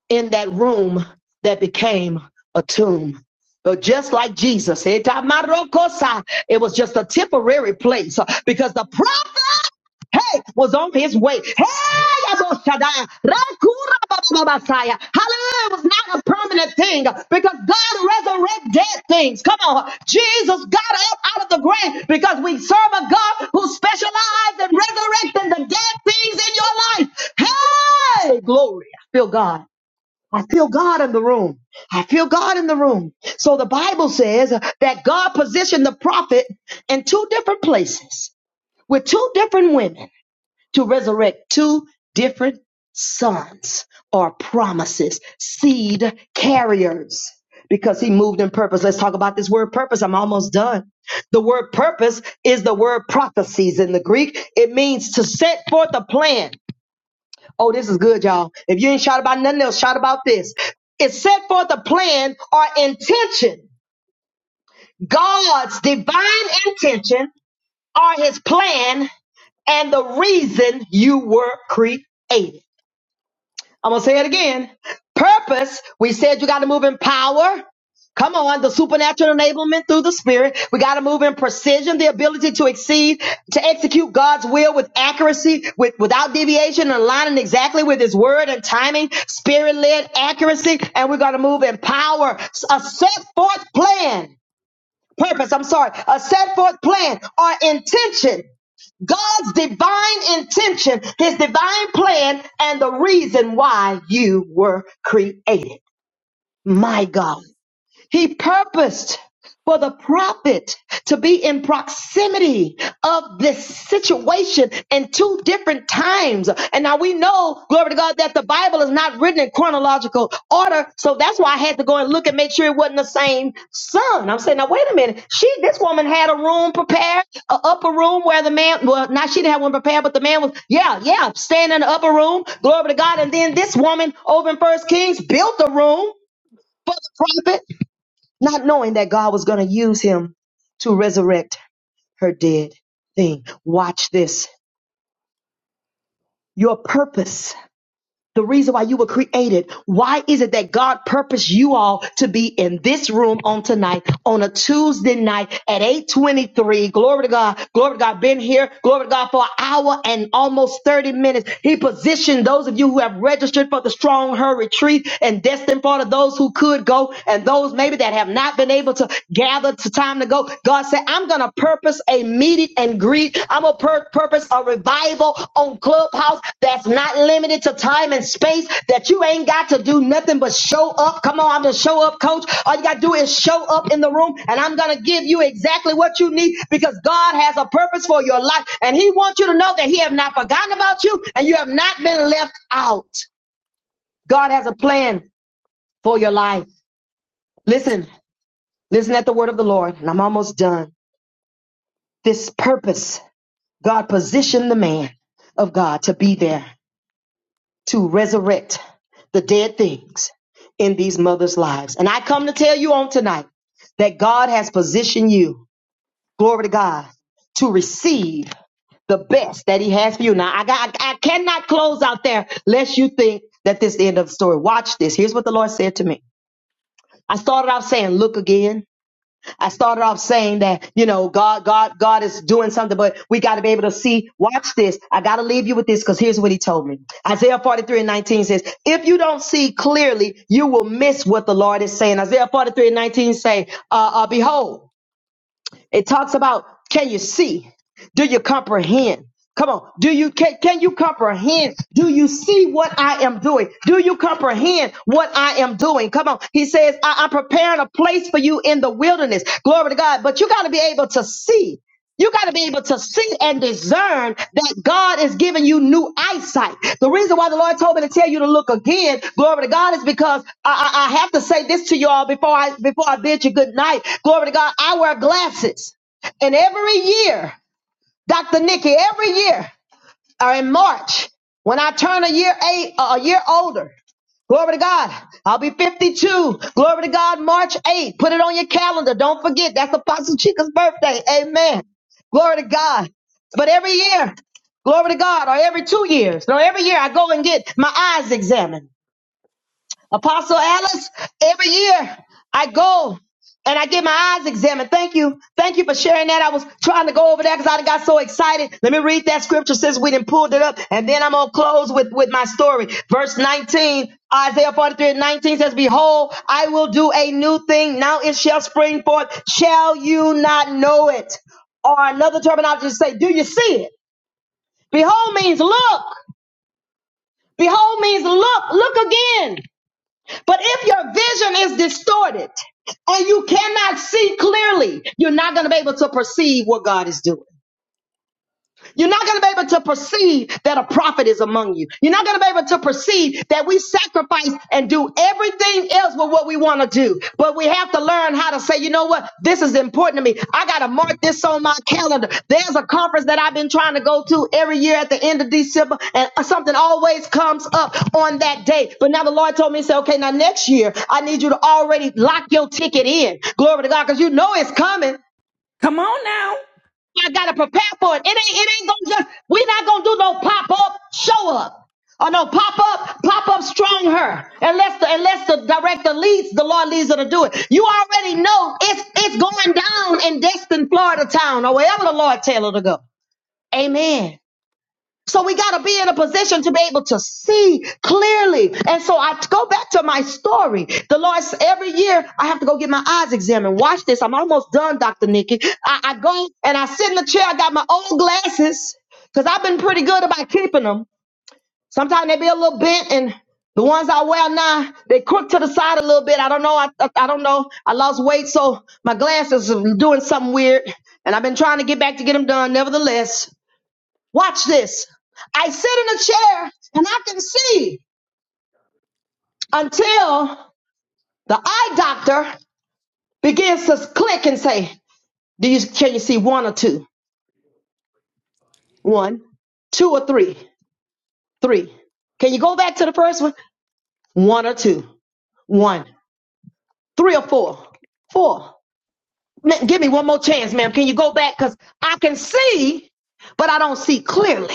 in that room that became a tomb. But just like Jesus, it it was just a temporary place uh, because the prophet hey, was on his way. Hey, Yabo Shaddai, Rakura Baba Messiah. Hallelujah. It was not a permanent thing uh, because God resurrected dead things. Come on. Jesus got up out of the grave because we serve a God who specializes in resurrecting the dead things in your life. Hey, glory. I feel God. I feel God in the room. I feel God in the room. So the Bible says that God positioned the prophet in two different places with two different women to resurrect two different sons or promises, seed carriers, because he moved in purpose. Let's talk about this word purpose. I'm almost done. The word purpose is the word prophecies in the Greek. It means to set forth a plan Oh, this is good, y'all. If you ain't shot about nothing else, shout about this. It set forth a plan or intention. God's divine intention or his plan and the reason you were created. I'm gonna say it again. Purpose. We said you got to move in power. Come on, the supernatural enablement through the spirit. We got to move in precision, the ability to exceed, to execute God's will with accuracy, with without deviation, and aligning exactly with His word and timing, spirit-led accuracy, and we're gonna move in power. A set forth plan, purpose. I'm sorry, a set forth plan or intention God's divine intention, his divine plan, and the reason why you were created. My God. He purposed for the prophet to be in proximity of this situation in two different times. And now we know, glory to God, that the Bible is not written in chronological order. So that's why I had to go and look and make sure it wasn't the same son. I'm saying, now wait a minute. She, this woman had a room prepared, an upper room where the man, well, not she didn't have one prepared, but the man was, yeah, yeah, staying in the upper room. Glory to God. And then this woman over in First Kings built a room for the prophet not knowing that God was going to use him to resurrect her dead thing. Watch this. Your purpose, the reason why you were created, why is it that God purposed you all to be in this room on tonight, on a Tuesday night at 823? Glory to God. Glory to God. Been here. Glory to God for an hour and almost 30 minutes. He positioned those of you who have registered for the strong her retreat and destined for those who could go and those maybe that have not been able to gather to time to go. God I said, I'm going to purpose a meet and greet. I'm going to pur- purpose a revival on Clubhouse that's not limited to time and space, that you ain't got to do nothing but show up. Come on, I'm the show up coach. All you got to do is show up in the room, and I'm going to give you exactly what you need because God has a purpose for your life, and He wants you to know that He have not forgotten about you and you have not been left out. God has a plan for your life. Listen, listen at the word of the Lord, and I'm almost done. This purpose. God positioned the man of God to be there to resurrect the dead things in these mothers' lives. And I come to tell you on tonight that God has positioned you, glory to God, to receive the best that He has for you. Now, I, got, I cannot close out there lest you think that this is the end of the story. Watch this. Here's what the Lord said to me. I started out saying, Look again. I started off saying that, you know, God, God, God is doing something, but we got to be able to see. Watch this. I got to leave you with this because here's what he told me. Isaiah 43 and 19 says, if you don't see clearly, you will miss what the Lord is saying. Isaiah 43 and 19 say, uh, uh, behold, it talks about can you see? Do you comprehend? Come on. Do you can, can you comprehend? Do you see what I am doing? Do you comprehend what I am doing? Come on. He says, I, I'm preparing a place for you in the wilderness. Glory to God. But you got to be able to see. You got to be able to see and discern that God is giving you new eyesight. The reason why the Lord told me to tell you to look again, glory to God, is because I, I, I have to say this to y'all before I before I bid you good night. Glory to God. I wear glasses, and every year, Dr. Nikki, every year, or in March, when I turn a year eight, a year older, Glory to God. I'll be 52. Glory to God, March 8th. Put it on your calendar. Don't forget, that's Apostle Chica's birthday. Amen. Glory to God. But every year, glory to God, or every two years, no, every year I go and get my eyes examined. Apostle Alice, every year I go and I get my eyes examined. Thank you. Thank you for sharing that. I was trying to go over that because I done got so excited. Let me read that scripture since we didn't pulled it up. And then I'm going to close with, with my story. Verse 19, Isaiah 43 and 19 says, Behold, I will do a new thing. Now it shall spring forth. Shall you not know it? Or another terminology to say, do you see it? Behold means look. Behold means look. Look again. But if your vision is distorted and you cannot see clearly, you're not going to be able to perceive what God is doing. You're not going to be able to perceive that a prophet is among you. You're not going to be able to perceive that we sacrifice and do everything else with what we want to do. But we have to learn how to say, you know what? This is important to me. I got to mark this on my calendar. There's a conference that I've been trying to go to every year at the end of December, and something always comes up on that day. But now the Lord told me, he said, okay, now next year, I need you to already lock your ticket in. Glory to God, because you know it's coming. I gotta prepare for it. It ain't it ain't gonna just we're not gonna do no pop up show up or no pop up pop up strong her unless the unless the director leads the Lord leads her to do it. You already know it's it's going down in Destin, Florida town or wherever the Lord tell her to go. Amen. So we got to be in a position to be able to see clearly. And so I go back to my story. The Lord, s- every year I have to go get my eyes examined. Watch this. I'm almost done, Dr. Nikki. I, I go and I sit in the chair. I got my old glasses because I've been pretty good about keeping them. Sometimes they be a little bent and the ones I wear now, they crook to the side a little bit. I don't know. I, I, I don't know. I lost weight, so my glasses are doing something weird. And I've been trying to get back to get them done. Nevertheless, Watch this. I sit in a chair and I can see until the eye doctor begins to click and say, Do you can you see one or two? One, two or three, three. Can you go back to the first one? One or two, one, three or four, four. Ma- give me one more chance, ma'am. Can you go back? Because I can see, but I don't see clearly.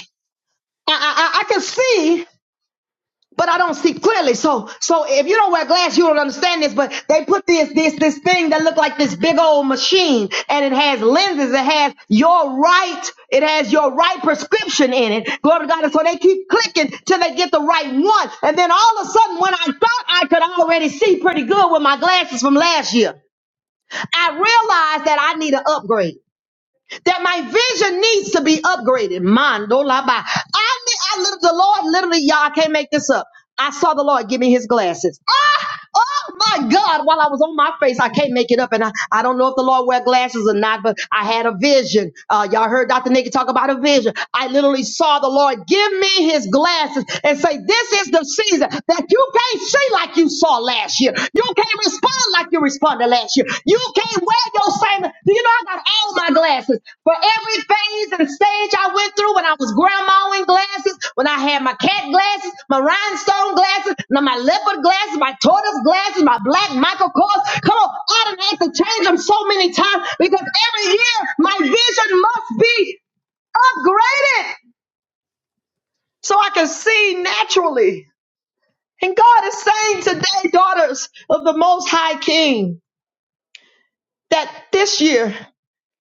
I, I, I I can see, but I don't see clearly. So, so if you don't wear glass, you don't understand this. But they put this, this, this thing that look like this big old machine, and it has lenses. It has your right. It has your right prescription in it. Glory to God. And so they keep clicking till they get the right one, and then all of a sudden, when I thought I could already see pretty good with my glasses from last year, I realized that I need an upgrade that my vision needs to be upgraded. Mando laba. I mean, I literally, the Lord literally, y'all I can't make this up. I saw the Lord give me his glasses. Ah, oh my God, while I was on my face, I can't make it up. And I, I don't know if the Lord wear glasses or not, but I had a vision. Uh, y'all heard Dr. Nikki talk about a vision. I literally saw the Lord give me his glasses and say, this is the season that you can't see like like you saw last year. You can't respond like you responded last year. You can't wear your same. Do you know I got all my glasses for every phase and stage I went through when I was grandma in glasses, when I had my cat glasses, my rhinestone glasses, now my leopard glasses, my tortoise glasses, my black Michael Kors. Come on, I done had to change them so many times because every year my vision must be upgraded so I can see naturally. And God is saying today, daughters of the Most High King, that this year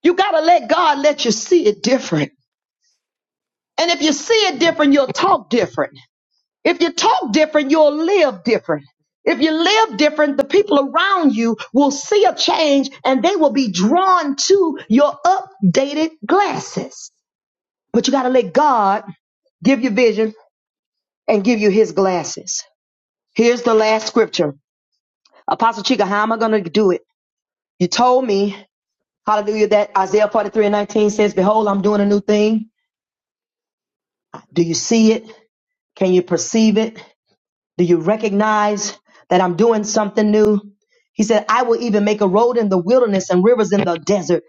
you got to let God let you see it different. And if you see it different, you'll talk different. If you talk different, you'll live different. If you live different, the people around you will see a change and they will be drawn to your updated glasses. But you got to let God give you vision and give you his glasses. Here's the last scripture. Apostle Chica, how am I going to do it? You told me Hallelujah. That Isaiah 43 and 19 says, Behold, I'm doing a new thing. Do you see it? Can you perceive it? Do you recognize that I'm doing something new? He said, I will even make a road in the wilderness and rivers in the desert.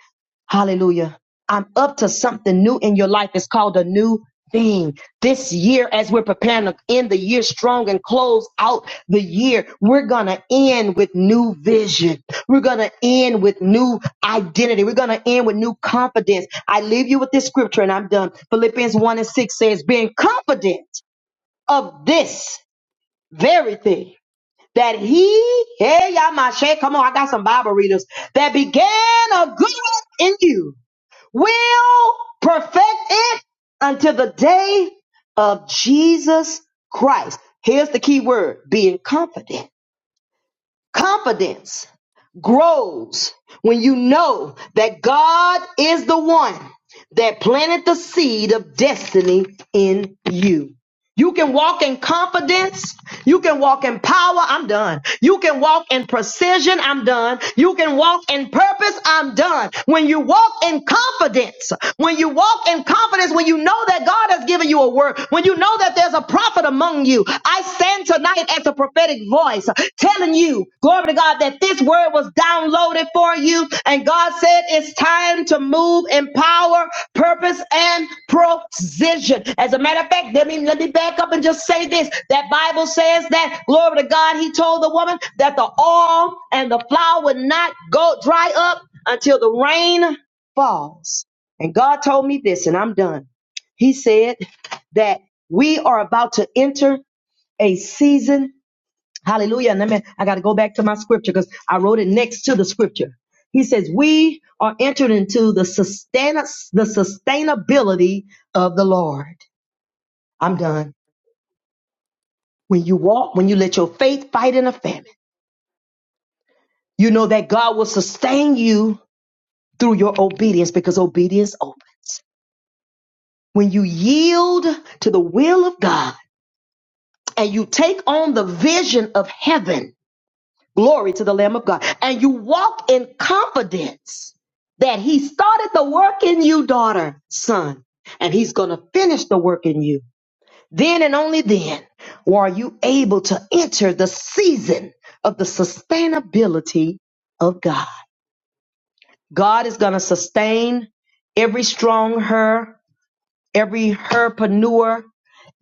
Hallelujah. I'm up to something new in your life. It's called a new thing. This year, as we're preparing to end the year strong and close out the year, we're going to end with new vision. We're going to end with new identity. We're going to end with new confidence. I leave you with this scripture and I'm done. Philippians 1 and 6 says, being confident of this very thing that he, hey, Yamashe, come on, I got some Bible readers, that began a good work in you will perfect it until the day of Jesus Christ. Here's the key word being confident. Confidence grows when you know that God is the one that planted the seed of destiny in you. You can walk in confidence. You can walk in power. I'm done. You can walk in precision. I'm done. You can walk in purpose. I'm done. When you walk in confidence, when you walk in confidence, when you know that God has given you a word, when you know that there's a prophet among you, I stand tonight as a prophetic voice telling you Glory to God that this word was downloaded for you. And God said it's time to move in power, purpose, and precision. As a matter of fact, let me, let me back up and just say this. That Bible says that, glory to God, he told the woman that the oil and the flour would not go dry up until the rain falls. And God told me this, and I'm done. He said that we are about to enter a season Hallelujah. And I, mean, I got to go back to my scripture because I wrote it next to the scripture. He says, We are entered into the, sustain- the sustainability of the Lord. I'm done. When you walk, when you let your faith fight in a famine, you know that God will sustain you through your obedience because obedience opens. When you yield to the will of God and you take on the vision of heaven, Glory to the Lamb of God. And you walk in confidence that He started the work in you, daughter, son, and He's going to finish the work in you. Then and only then are you able to enter the season of the sustainability of God. God is going to sustain every strong her, every herpreneur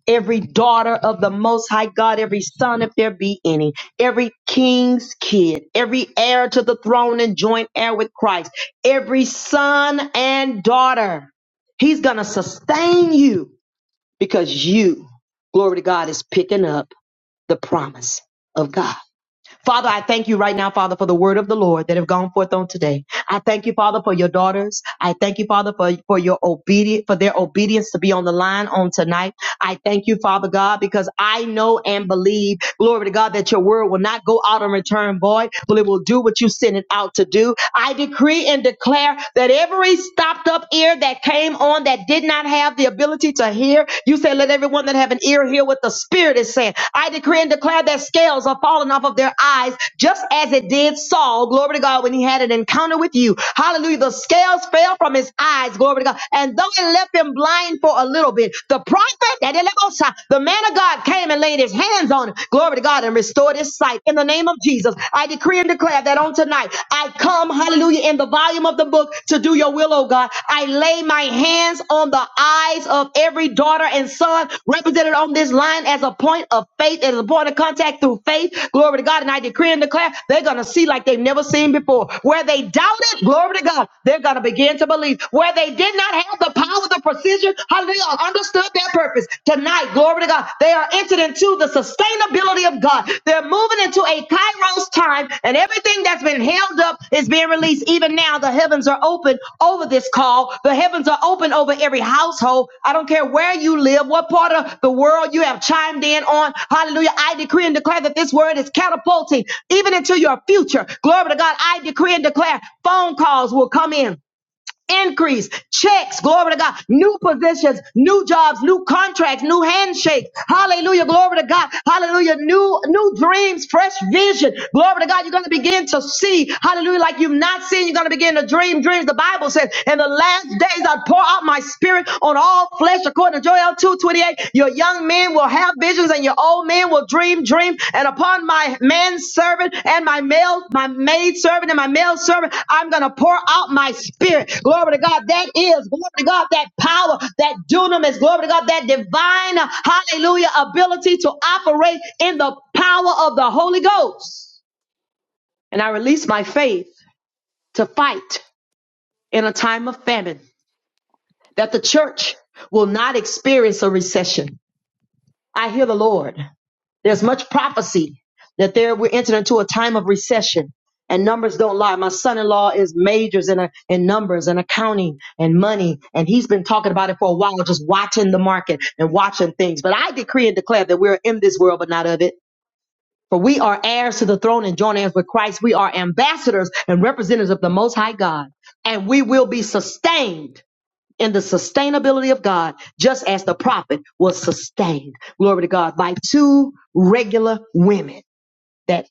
every daughter of the Most High God, every son, if there be any, every king's kid, every heir to the throne and joint heir with Christ, every son and daughter. He's going to sustain you because you, glory to God, is picking up the promise of God. Father, I thank you right now, Father, for the word of the Lord that have gone forth on today. I thank you, Father, for your daughters. I thank you, Father, for, for your obedient for their obedience to be on the line on tonight. I thank you, Father God, because I know and believe, glory to God, that your word will not go out and return void, but it will do what you sent it out to do. I decree and declare that every stopped up ear that came on that did not have the ability to hear, you say, let everyone that have an ear hear what the Spirit is saying. I decree and declare that scales are falling off of their eyes, just as it did Saul, glory to God, when he had an encounter with you. Hallelujah. The scales fell from his eyes, glory to God. And though it left him blind, in for a little bit. The prophet, that Elemosa, the man of God came and laid his hands on him. Glory to God and restored his sight. In the name of Jesus, I decree and declare that on tonight, I come, hallelujah, in the volume of the book to do your will, oh God. I lay my hands on the eyes of every daughter and son represented on this line as a point of faith, as a point of contact through faith. Glory to God. And I decree and declare they're going to see like they've never seen before. Where they doubted, glory to God, they're going to begin to believe. Where they didn't did not have the power, the precision, hallelujah, understood their purpose. Tonight, glory to God, they are entered into the sustainability of God. They're moving into a kairos time, and everything that's been held up is being released. Even now, the heavens are open over this call. The heavens are open over every household. I don't care where you live, what part of the world you have chimed in on. Hallelujah. I decree and declare that this word is catapulting even into your future. Glory to God. I decree and declare phone calls will come in increase, checks, glory to God, new positions, new jobs, new contracts, new handshakes. Hallelujah, glory to God. Hallelujah, new new dreams, fresh vision. Glory to God, you're going to begin to see. Hallelujah, like you've not seen, you're going to begin to dream dreams. The Bible says, "In the last days I pour out my spirit on all flesh," according to Joel 2:28 young men will have visions and your old men will dream dreams and upon my manservant and my male my maid servant and my male servant i'm going to pour out my spirit glory to god that is glory to god that power that dunamis glory to god that divine uh, hallelujah ability to operate in the power of the holy ghost and i release my faith to fight in a time of famine that the church will not experience a recession i hear the lord There's much prophecy that there we're entering into a time of recession. And numbers don't lie. My son-in-law is majors in, a, in numbers and accounting and money. And he's been talking about it for a while, just watching the market and watching things. But I decree and declare that we're in this world, but not of it. For we are heirs to the throne and joint heirs with Christ. We are ambassadors and representatives of the Most High God. And we will be sustained in the sustainability of God, just as the prophet was sustained, glory to God, by two regular women that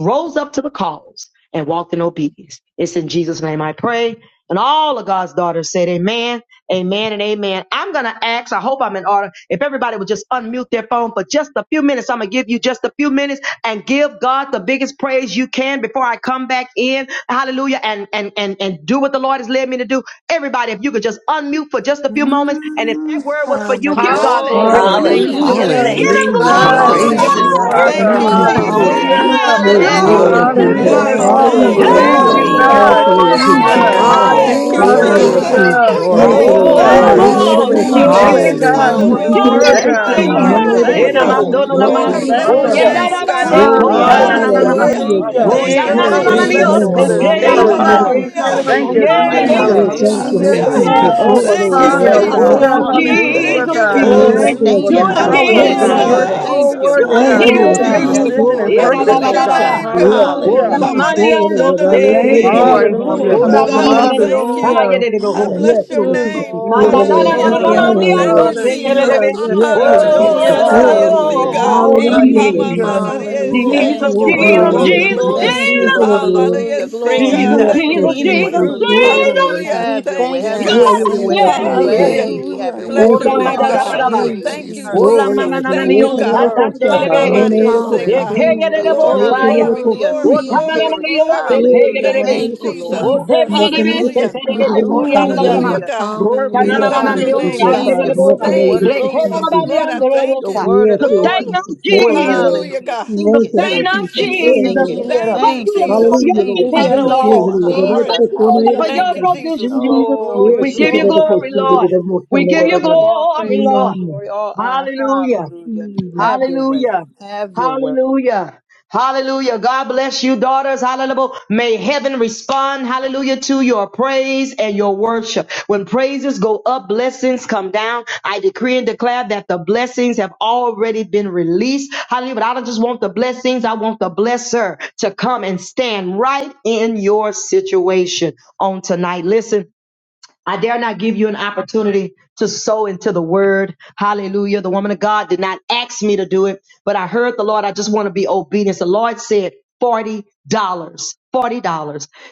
rose up to the cause and walked in obedience. It's in Jesus' name I pray. And all of God's daughters said, Amen, amen, and amen. I'm going to ask, I hope I'm in order. If everybody would just unmute their phone for just a few minutes, I'm going to give you just a few minutes and give God the biggest praise you can before I come back in. Hallelujah. And, and, and, and do what the Lord has led me to do. Everybody, if you could just unmute for just a few moments. And if
Mm.
that word was for you, give God
The
glory.
Glory,
Lord. Thank you,
Hallelujah.
Hallelujah.
glory,
Hallelujah.
Give
Thank
Thank
glory,
Jesus.
Yes,
you,
you,
him
Hallelujah.
God.
Jesus,
Jesus.
Glory,
for
Praise
Thank
Hallelujah.
you.
this
you,
glory.
Hallelujah.
glory.
word,
glory,
God.
Father.
Thank
Thank
you,
Mm,
Hallelujah.
Thank
you,
Hallelujah.
you,
Hallelujah,
Glory!
Jesus.
hallelujah.
Amen.
Jesus.
Hallelujah.
Hallelujah.
Lord.
Hallelujah.
Oh,
Thank
Yes.
Glory,
you,
hallelujah.
Hallelujah.
Hallelujah.
glory,
Hallelujah.
you.
glory,
Thank you,
Lord.
Thank
Lord.
Jesus.
Hallelujah.
Bless
Hallelujah,
you,
Hallelujah.
glory.
Glory,
your
Hallelujah,
Jesus.
Hallelujah.
Hallelujah,
name,
Lord.
Lord.
Lord
Glory.
Thank
Thank
Thank
you,
God.
Hallelujah.
you
Hallelujah.
you,
glory,
Jesus.
for
Glory,
that
Lord.
Thank
God.
Hallelujah.
you,
word.
God, you're
Lord
Yes,
Hallelujah.
Thank
good.
you,
Hallelujah.
Jesus.
Hey,
God.
Oh,
Yes.
God.
Glory!
glory,
glory,
Thank you,
Thank
glory,
Oh,
you,
Hallelujah.
Hallelujah.
Jesus.
Glory,
Glory.
Lord
glory,
God.
glory.
Jesus.
Hallelujah.
Jesus.
Hallelujah.
Oh,
Hallelujah.
Thank
Hallelujah.
you,
Maria
glory,
Hallelujah,
Lord.
Jesus.
Hallelujah.
Oh,
Hallelujah.
Ah,
Thank
Glory,
Shanda.
you
glory.
you,
Jesus.
can
bless
Hallelujah.
ever
your
glory,
Ooh,
Thank
Hallelujah.
we
Oh,
name,
question.
you,
Lord.
Lord.
Jesus.
thank
Maria
you,
glory.
Jesus.
Glory,
Hallelujah.
God,
Hallelujah.
Shanda,
You
for
glory,
this
Thank
can
Lord.
you,
ever
word,
glory,
Hallelujah.
Thank
Lord.
you,
God.
Thank
question. No
you,
glory.
Thank
Father.
you,
Hallelujah!
one ever
Hallelujah,
Thank
Lord.
Glory.
Ela
you,
Mm,
question.
Jesus.
God.
Glory,
Lord.
mandolo
Hallelujah.
Yes,
Lord,
lama,
Thank
I
glory,
Lord
you,
Glory.
Thank you,
bless
Oh,
Jesus.
Thank
your
Father.
yeah,
you.
glory.
Thank
da
name,
da
Glory.
you,
ba
Jesus.
de
God.
Oh,
Glory.
ko
Glory,
Hallelujah,
sha
God,
na
you're
Jesus.
na
so
na
Jesus.
Hallelujah,
na
Hallelujah.
Hallelujah.
ma.
Hallelujah.
worthy,
hallelujah,
Thank you,
Father.
hallelujah.
He
Rondinde
Oh,
de
Jesus.
Lord.
Thank
said
ya
Yay,
la
it
you,
na
all
Thank
na
God.
Glory,
you,
na
those
Glory.
na
Thank
yes,
bande,
ni
Thank
Thank
your
Bless
o
you,
you,
you
Jesus.
things.
you,
yebo
name,
se
Lord,
for
Lord.
for
Jesus.
this
te
this
We
Lord. Ah,
ya
sokoto.
la
thank
you
la
you,
can
word.
Shekinah
ma
ever
Jesus.
Ah,
Hallelujah.
God.
he
word.
ye.
said
Hallelujah.
it
question.
all
Thank
Hallelujah.
those
you,
This
Yeah,
Hallelujah.
things.
yeah,
Rhema
Thank
Oh,
Jesus.
you,
word.
Rendelelebe
Hallelujah.
thank you,
Hallelujah,
Lord
Hallelujah.
Woo,
Jesus.
sukotaya
thank
Thank
Jesus.
Jesus.
Hallelujah.
you
you,
Oh,
for the
yeah.
Glory,
for
Thank
Lord.
you,
dunamis
Jesus.
speaking,
Ah,
nabasokote.
Hallelujah.
oh
you can
Jesus.
ever
power.
God.
Hallelujah,
Oh,
Hallelujah.
question.
Thank
Hallelujah.
hallelujah,
Thank
you,
Jesus,
you,
God.
Your
Oh,
Robondeleleba
God.
Jesus.
Hallelujah.
Yes,
Thank
thank you
you,
Lord
for
Do
the
sustaining
it
Jesus.
Jesus.
power.
power, oh
again,
Thank you,
Hallelujah,
Lord. Glory,
sokotabandelebesi.
God.
Lord.
Hallelujah.
Hallelujah.
You're
Lord.
God.
Thank you,
Thank
so
glory,
you,
Jesus.
You
God.
worthy,
Lord.
are
Thank
God.
Thank
you,
give
Oh
Thank
you,
You're
glory.
you,
Lord
gift,
God,
Lord.
Jesus.
faithful.
Hallelujah.
Jesus.
Jesus.
precision
Hallelujah.
Glory,
and
Eh,
I
da, ba,
purpose,
Lord.
ba,
bless
oh
ba,
your
Hallelujah.
ba,
Oh,
ba.
God.
Resurrection.
name,
my
Yes,
God.
God,
yes,
Oh,
my
Hallelujah.
How
Hallelujah.
God.
Jesus.
Hallelujah.
mighty I
Over
Thank you,
Ramandiando
Lord. I
se.
Lord.
you can
Thank
see,
look
Hallelujah.
up
you
God.
Thank
right
you,
now,
something.
Thank,
Hallelujah.
Lord.
Lord
Oh,
Glory,
Oh,
God.
More can
God,
you
I
Hallelujah.
Ramanana
look
Jesus.
Dios,
thank you.
taya
Hallelujah.
de
Glory,
I
rojo.
Yes,
bless your
Lord
Hallelujah.
name.
Jesus.
thank
Bless
Over
you,
your
Lord.
glory.
name,
Oh,
Yes,
Hallelujah.
Jesus.
God.
Hallelujah.
Thank
Mananananananandiando
Lord.
you,
se,
Yes, Lord.
Jesus.
Hallelujah.
telelebe.
Blessed be
Yes,
yarabasikiriraboshe,
Um,
the
Thank you,
Yes,
name of the
Lord
God.
Hallelujah,
Yes,
Lord.
Jesus.
Jesus.
God.
Blessed
Over
Shandari,
be
iriaraboboha.
the
see
Lord.
name of the
Hallelujah.
God.
Oh,
Lord.
Thank
Hallelujah.
you,
Hallelujah, Lord
Jesus,
Jesus.
Hallelujah.
Jesus.
Hamamanari,
Hallelujah.
whew.
say,
Hallelujah.
Thank
go,
Jesus, Jesus,
Thank
you,
go,
Oh,
you,
go,
Lord.
glory,
Lord.
Glory,
Lord
Shanda,
Hallelujah.
Jesus,
Jesus.
Lord.
glory,
Yes,
Thank you,
Thank
Jesus,
you,
Lord.
Jesus.
Lord.
Lord.
Hallelujah,
Hallelujah.
We
see
praise
Glory,
you,
God.
Jesus,
Yes,
glory,
God, for
Thank you,
Lord
Jesus,
glory,
being in the
glory.
Jesus,
Jesus.
Jesus.
room
Over
tonight.
Hallelujah.
Jesus.
Lord.
Hallelujah.
We
Have your way.
Thank
thank
you,
you,
Have your
Yeah, yeah,
way.
God.
Yes.
God.
Have your
Yes,
yeah,
way.
Thank
Lord
you,
Have your
yeah,
Lord.
yeah.
Hallelujah.
Thank you,
Jesus.
way.
Lord.
Have
hallelujah,
your way.
Thank
Oh,
Bless
you.
Thank
Have
you,
your
your
Lord.
way.
for
Lord
name,
Have your
our
Bless
Jesus.
God.
your
Ramadadadadaban.
way.
name,
Hallelujah.
upgrade,
Change
Thank you,
hearts.
Jesus.
Ola
Jesus.
Change
Glory,
Jesus.
Lord.
minds.
I
Thank
manananiyo
Change
you
you,
can
Mm, God.
look
God.
up
words.
sadandelelebe.
something. More
Glory,
Hallelujah.
Hamamanari,
could
see
it have
glory,
God.
taken.
Change
Hallelujah.
age.
Ekeyerebo
Glory,
They can
glory,
you
saya.
glory,
look up
Hallelujah.
glory,
hallelujah.
Seed
glory,
carriers.
Otamanananiyo
glory.
Yeye
Hallelujah.
Thank
seteyerebe.
you,
Thank
mwanaweza
Thank you,
you, Lord.
Jesus.
kusaha
Jesus.
Oteberebe
mwakanaweza
Hallelujah.
precision,
seterebe
kusikiliza
power,
kori
mtu
Hallelujah.
andarama.
anaeleza
Hallelujah,
hallelujah,
God. We
purpose,
Hallelujah.
Yesu
bless your
Thank
Rosananamananiyo
you,
hallelujah.
name,
Hallelujah.
God.
Thank
asimtefa
you,
Jesus.
Lord, for
kandelelebora.
the
Thank
Hey,
word
mwakanaweza
you,
of the wo-
glory.
Jesus.
kusikiliza
Rekenanabami
Lord, I
Mm.
thank
the
andelelebosa.
you.
word of the
Yesu
Sustain
Lord
Woo!
us,
came
asimtefa
forth,
Jesus.
Hallelujah,
hallelujah.
God.
Sink it,
Yesu
Sustain
Thank
sink it,
us,
you,
sink it,
Thank
Jesus.
you.
sink
Jesus.
it.
asimtefa
Gira,
Thank
Thank
you,
Baba.
you,
Thank you,
Lord,
See,
for
Lord.
Jesus.
your
Hallelujah
Thank
Lord
you,
provision,
Quiero,
Jesus,
Jesus
Hallelujah.
Lord
Lord.
Jesus,
Lord that I
Glory.
Thank
Jesus,
put
you,
one
Lord,
sí.
head of
for
yeah.
your
Thank you,
hallelujah.
Kosaha
provision,
Jesus.
Jesus.
Glory
Yes
to
We
she
your
give you
can have
name,
a
glory,
cosign that
Lord.
hallelujah.
it must
Your
We give you
have
word of all
glory,
praise, all
Lord.
a
glory, all honor,
Hallelujah.
hallelujah.
Mm.
Have your way,
Hallelujah.
have your way.
Hallelujah. Hallelujah. God bless you, daughters. Hallelujah. May heaven respond, hallelujah, to your praise and your worship. When praises go up, blessings come down. I decree and declare that the blessings have already been released. Hallelujah. But I don't just want the blessings, I want the blesser to come and stand right in your situation on tonight. Listen. I dare not give you an opportunity to sow into the word. Hallelujah. The woman of God did not ask me to do it, but I heard the Lord. I just want to be obedient. The Lord said $40. dollars. $40.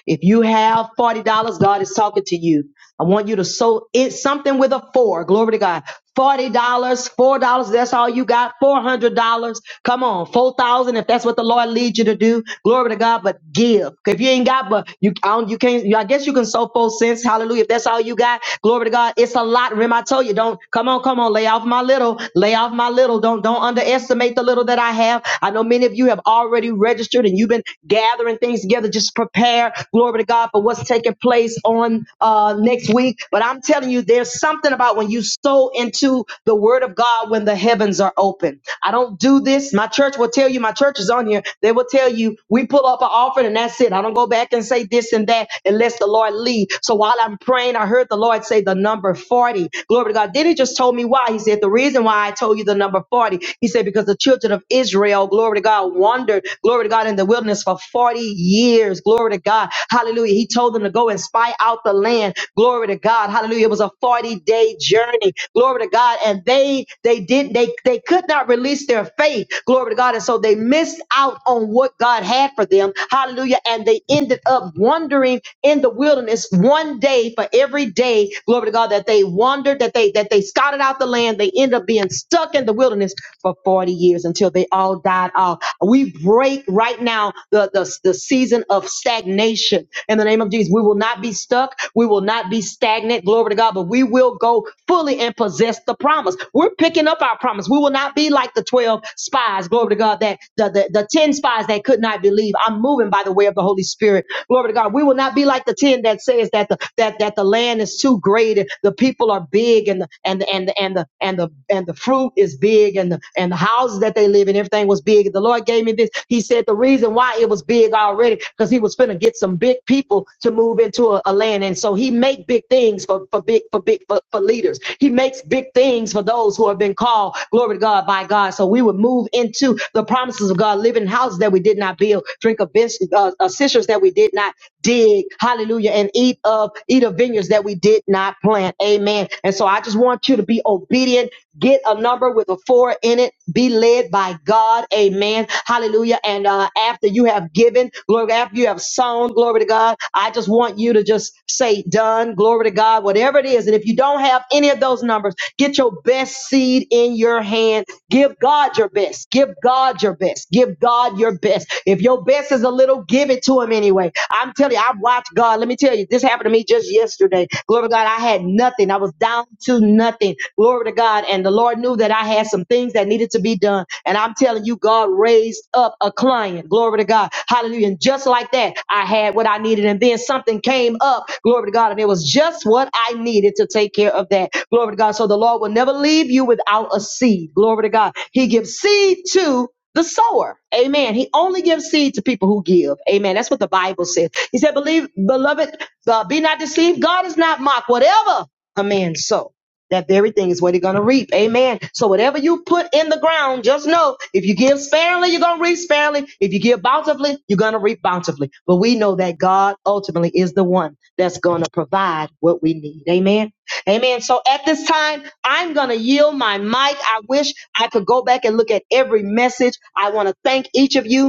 If you have $40, God is talking to you. I want you to sow it something with a four. Glory to God. $40, dollars, $4, that's all you got. $400. Come on, 4000 if that's what the Lord leads you to do. Glory to God, but give. If you ain't got, but you, I don't, you can't, I guess you can sow four cents. Hallelujah If that's all you got. Glory to God. It's a lot. Remember, I told you, don't come on, come on, lay off my little, lay off my little. Don't don't underestimate the little that I have. I know many of you have already registered and you've been gathering things together. Just prepare, glory to God, for what's taking place on uh next week. But I'm telling you, there's something about when you sow into the word of God when the heavens are open. I don't do this. My church will tell you, my church is on here. They will tell you, we pull up an offering and that's it. I don't go back and say this and that unless the Lord lead. So while I'm I'm praying. I heard the Lord say the number 40. Glory to God. Then he just told me why. He said, The reason why I told you the number 40, he said, because the children of Israel, glory to God, wandered, glory to God, in the wilderness for 40 years. Glory to God. Hallelujah. He told them to go and spy out the land. Glory to God. Hallelujah. It was a 40 day journey. Glory to God. And they, they did, they, they could not release their faith. Glory to God. And so they missed out on what God had for them. Hallelujah. And they ended up wandering in the wilderness one day day for every day, glory to God, that they wandered, that they that they scouted out the land, they end up being stuck in the wilderness for 40 years until they all died off. We break right now the, the, the season of stagnation in the name of Jesus. We will not be stuck, we will not be stagnant, glory to God, but we will go fully and possess the promise. We're picking up our promise. We will not be like the 12 spies, glory to God, that the, the, the 10 spies that could not believe. I'm moving by the way of the Holy Spirit. Glory to God. We will not be like the 10 that says that the the, that that the land is too great and the people are big and the, and the, and the, and the and the and the fruit is big and the, and the houses that they live in everything was big. The Lord gave me this. He said the reason why it was big already because He was finna get some big people to move into a, a land, and so He make big things for for big for big for, for leaders. He makes big things for those who have been called glory to God by God. So we would move into the promises of God, live in houses that we did not build, drink of bench, uh, uh, sisters that we did not dig, hallelujah, and eat eat of eat of vineyards that we did not plant. Amen. And so I just want you to be obedient. Get a number with a four in it. Be led by God. Amen. Hallelujah. And uh, after you have given, glory, after you have sown, glory to God, I just want you to just say, done, glory to God, whatever it is. And if you don't have any of those numbers, get your best seed in your hand. Give God your best. Give God your best. Give God your best. If your best is a little, give it to Him anyway. I'm telling you, I've watched God. Let me tell you, yesterday. This happened to me just yesterday. Glory to God, I had nothing. I was down to nothing. Glory to God. And the Lord knew that I had some things that needed to be done. And I'm telling you, God raised up a client. Glory to God. Hallelujah. And just like that, I had what I needed. And then something came up. Glory to God. And it was just what I needed to take care of that. Glory to God. So the Lord will never leave you without a seed. Glory to God. He gives seed to the sower. Amen. He only gives seed to people who give. Amen. That's what the Bible says. He said, Believe, beloved, so be not deceived. God is not mocked. Whatever a man sow, that very thing is what he's going to reap. Amen. So whatever you put in the ground, just know if you give sparingly, you're going to reap sparingly. If you give bountifully, you're going to reap bountifully. But we know that God ultimately is the one that's going to provide what we need. Amen. Amen. So at this time, I'm going to yield my mic. I wish I could go back and look at every message. I want to thank each of you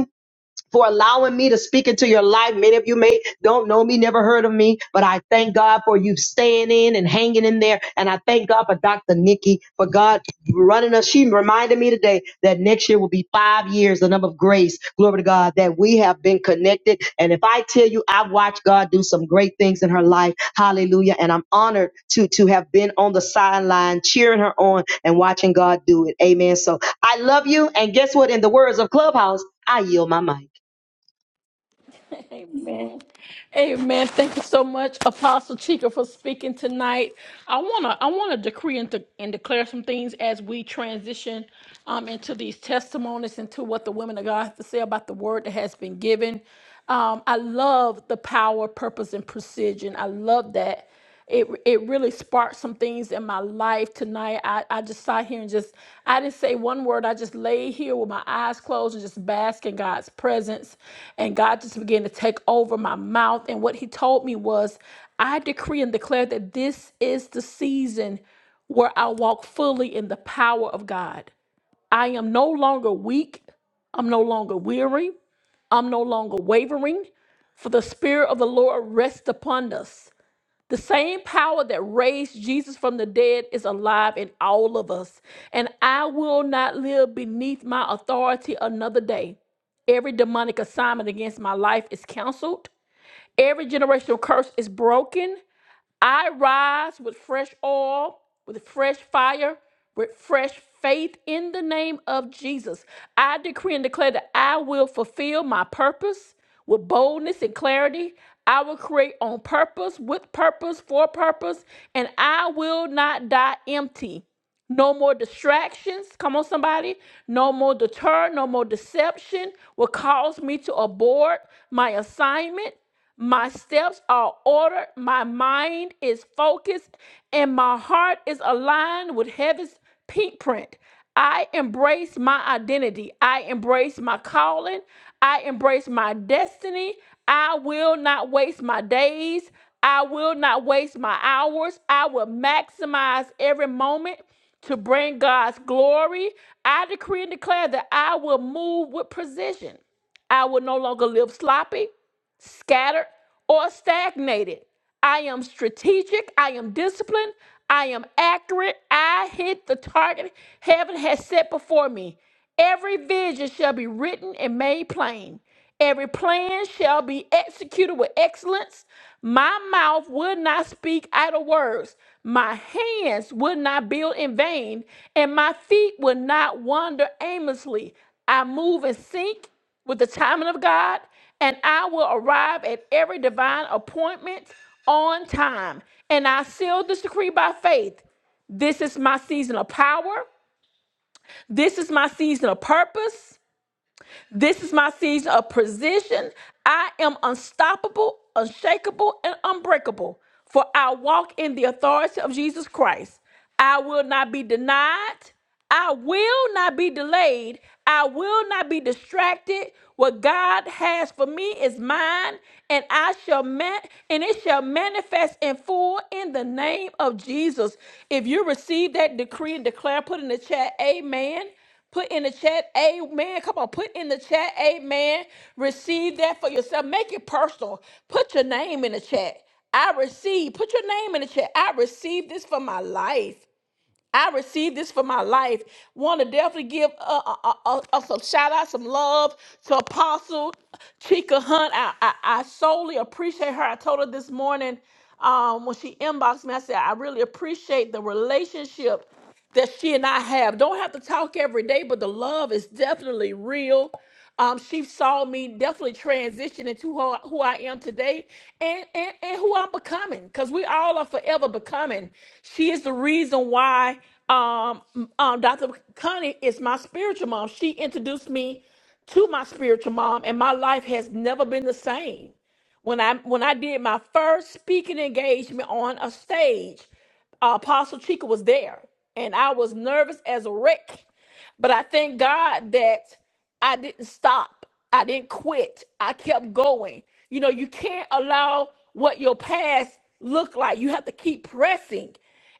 for allowing me to speak into your life. Many of you may don't know me, never heard of me, but I thank God for you staying in and hanging in there. And I thank God for Dr. Nikki, for God running us. She reminded me today that next year will be five years, the number of grace. Glory to God that we have been connected. And if I tell you, I've watched God do some great things in her life. Hallelujah. And I'm honored to, to have been on the sideline cheering her on and watching God do it. Amen. So I love you. And guess what? In the words of Clubhouse, I yield my mic.
Amen. Amen. Thank you so much, Apostle Chica, for speaking tonight. I wanna I wanna decree and, de- and declare some things as we transition um, into these testimonies, into what the women of God have to say about the word that has been given. Um, I love the power, purpose, and precision. I love that it it really sparked some things in my life tonight. I, I just sat here and just I didn't say one word. I just laid here with my eyes closed and just bask in God's presence. And God just began to take over my mouth. And what he told me was, I decree and declare that this is the season where I walk fully in the power of God. I am no longer weak. I'm no longer weary. I'm no longer wavering. For the spirit of the Lord rests upon us the same power that raised Jesus from the dead is alive in all of us, and I will not live beneath my authority another day. Every demonic assignment against my life is canceled. Every generational curse is broken. I rise with fresh oil, with fresh fire, with fresh faith in the name of Jesus. I decree and declare that I will fulfill my purpose with boldness and clarity. I will create on purpose, with purpose, for purpose, and I will not die empty. No more distractions. Come on, somebody. No more deter, no more deception will cause me to abort my assignment. My steps are ordered. My mind is focused and my heart is aligned with heaven's pink print. I embrace my identity. I embrace my calling. I embrace my destiny. I will not waste my days. I will not waste my hours. I will maximize every moment to bring God's glory, I decree and declare that I will move with precision. I will no longer live sloppy scattered, or stagnated. I am strategic. I am disciplined. I am accurate. I hit the target heaven has set before me. Every vision shall be written and made plain. Every plan shall be executed with excellence. My mouth would not speak idle words. My hands would not build in vain, and my feet would not wander aimlessly. I move and think with the timing of God, and I will arrive at every divine appointment on time. And I seal this decree by faith. This is my season of power. This is my season of purpose. This is my season of precision. I am unstoppable, unshakable, and unbreakable, for I walk in the authority of Jesus Christ. I will not be denied. I will not be delayed. I will not be distracted. What God has for me is mine, and I shall man- and it shall manifest in full in the name of Jesus. If you receive that decree and declare, put in the chat, Amen. Put in the chat, amen. Come on, put in the chat, amen. Receive that for yourself. Make it personal. Put your name in the chat. I receive. Put your name in the chat. I receive this for my life. I receive this for my life. Want to definitely give uh, uh, uh, uh, uh, some shout out, some love to Apostle Chica Hunt. I, I, I solely appreciate her. I told her this morning um, when she inboxed me, I said, I really appreciate the relationship that she and I have. Don't have to talk every day, but the love is definitely real. Um, she saw me definitely transition into who, I- who I am today and, and, and who I'm becoming because we all are forever becoming. She is the reason why um, m- um, Dr. Connie is my spiritual mom. She introduced me to my spiritual mom, and my life has never been the same when I when I did my first speaking engagement on a stage uh, Apostle Chica was there, and I was nervous as a wreck. But I thank God that. I didn't stop. I didn't quit. I kept going. You know, you can't allow what your past looked like. You have to keep pressing.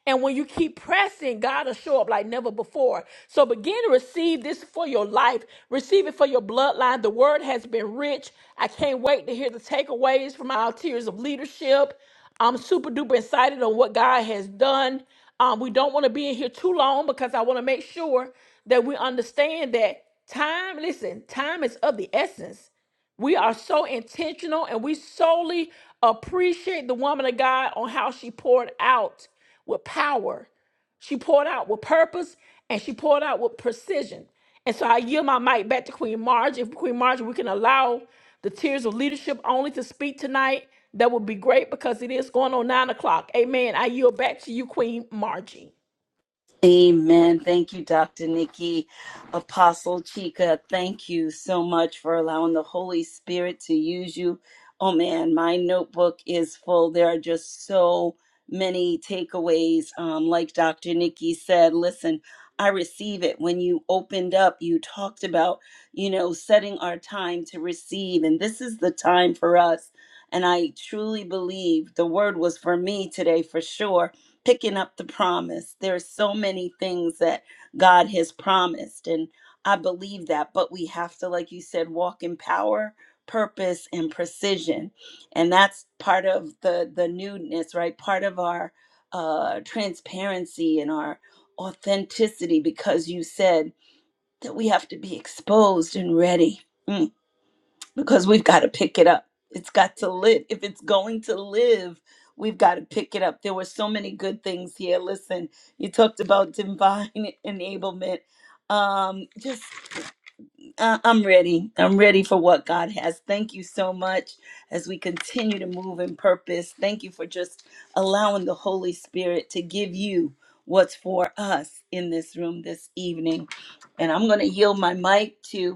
And when you keep pressing, God will show up like never before. So begin to receive this for your life. Receive it for your bloodline. The word has been rich. I can't wait to hear the takeaways from our tiers of leadership. I'm super duper excited on what God has done. Um, we don't want to be in here too long because I want to make sure that we understand that. Time, listen, time is of the essence. We are so intentional and we solely appreciate the woman of God on how she poured out with power. She poured out with purpose and she poured out with precision. And so I yield my mic back to Queen Marge. If Queen Marge, we can allow the tears of leadership only to speak tonight, that would be great because it is going on nine o'clock. Amen. I yield back to you, Queen Margie.
Amen. Thank you, Dr. Nikki. Apostle Chica, thank you so much for allowing the Holy Spirit to use you. Oh man, my notebook is full. There are just so many takeaways. Um, like Dr. Nikki said, listen, I receive it. When you opened up, you talked about, you know, setting our time to receive, and this is the time for us. And I truly believe the word was for me today for sure picking up the promise. There are so many things that God has promised, and I believe that. But we have to, like you said, walk in power, purpose, and precision, and that's part of the the newness, right? Part of our uh, transparency and our authenticity, because you said that we have to be exposed and ready. Mm because we've got to pick it up. It's got to live. If it's going to live, we've got to pick it up. There were so many good things here. Listen, you talked about divine *laughs* enablement. Um, just, uh, I'm ready. I'm ready for what God has. Thank you so much as we continue to move in purpose. Thank you for just allowing the Holy Spirit to give you what's for us in this room this evening. And I'm going to yield my mic to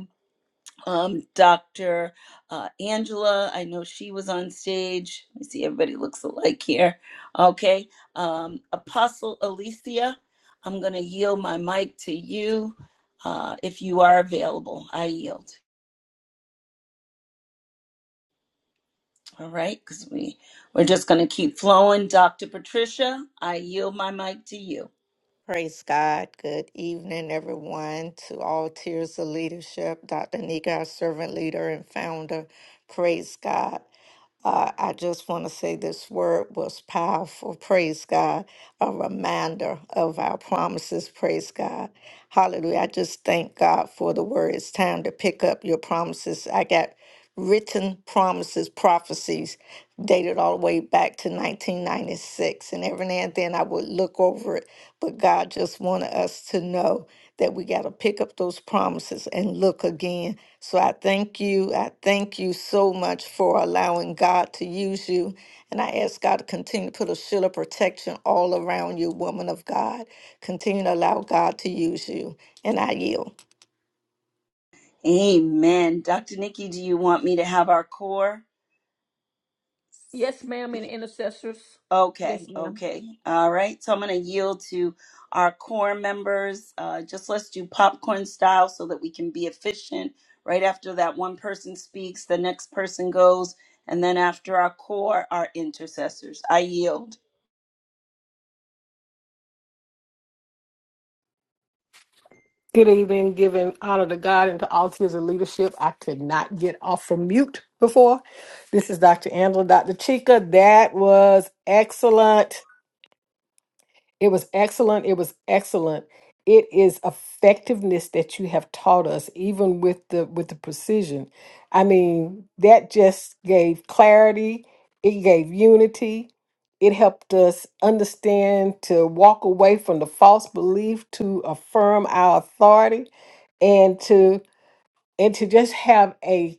um, Dr. Uh, Angela. I know she was on stage. I see everybody looks alike here. Okay. Um, Apostle Alicia, I'm going to yield my mic to you uh, if you are available. I yield. All right. Because we, we're just going to keep flowing. Dr. Patricia, I yield my mic to you.
Praise God. Good evening, everyone, to all tiers of leadership. Dr. Nika, our servant leader and founder. Praise God. Uh, I just want to say this word was powerful. Praise God. A reminder of our promises. Praise God. Hallelujah. I just thank God for the word. It's time to pick up your promises. I got written promises, prophecies dated all the way back to 1996. And every now and then I would look over it. But God just wanted us to know that we got to pick up those promises and look again so I thank you. I thank you so much for allowing God to use you. And I ask God to continue to put a shield of protection all around you, woman of God. Continue to allow God to use you. And I yield.
Amen. Dr. Nikki, do you want me to have our core?
Yes, ma'am, and intercessors. Yes,
Okay,
ma'am.
okay. All right. So I'm going to yield to our core members. Uh, just let's do popcorn style so that we can be efficient. Right after that one person speaks, the next person goes. And then after our core, our intercessors. I yield.
evening, giving honor to God and to all tiers of leadership. I could not get off from mute before. This is Dr. Angela, Dr. Chica. That was excellent. It was excellent. It was excellent. It is effectiveness that you have taught us, even with the with the precision. I mean, that just gave clarity. It gave unity. It helped us understand to walk away from the false belief to affirm our authority and to and to just have a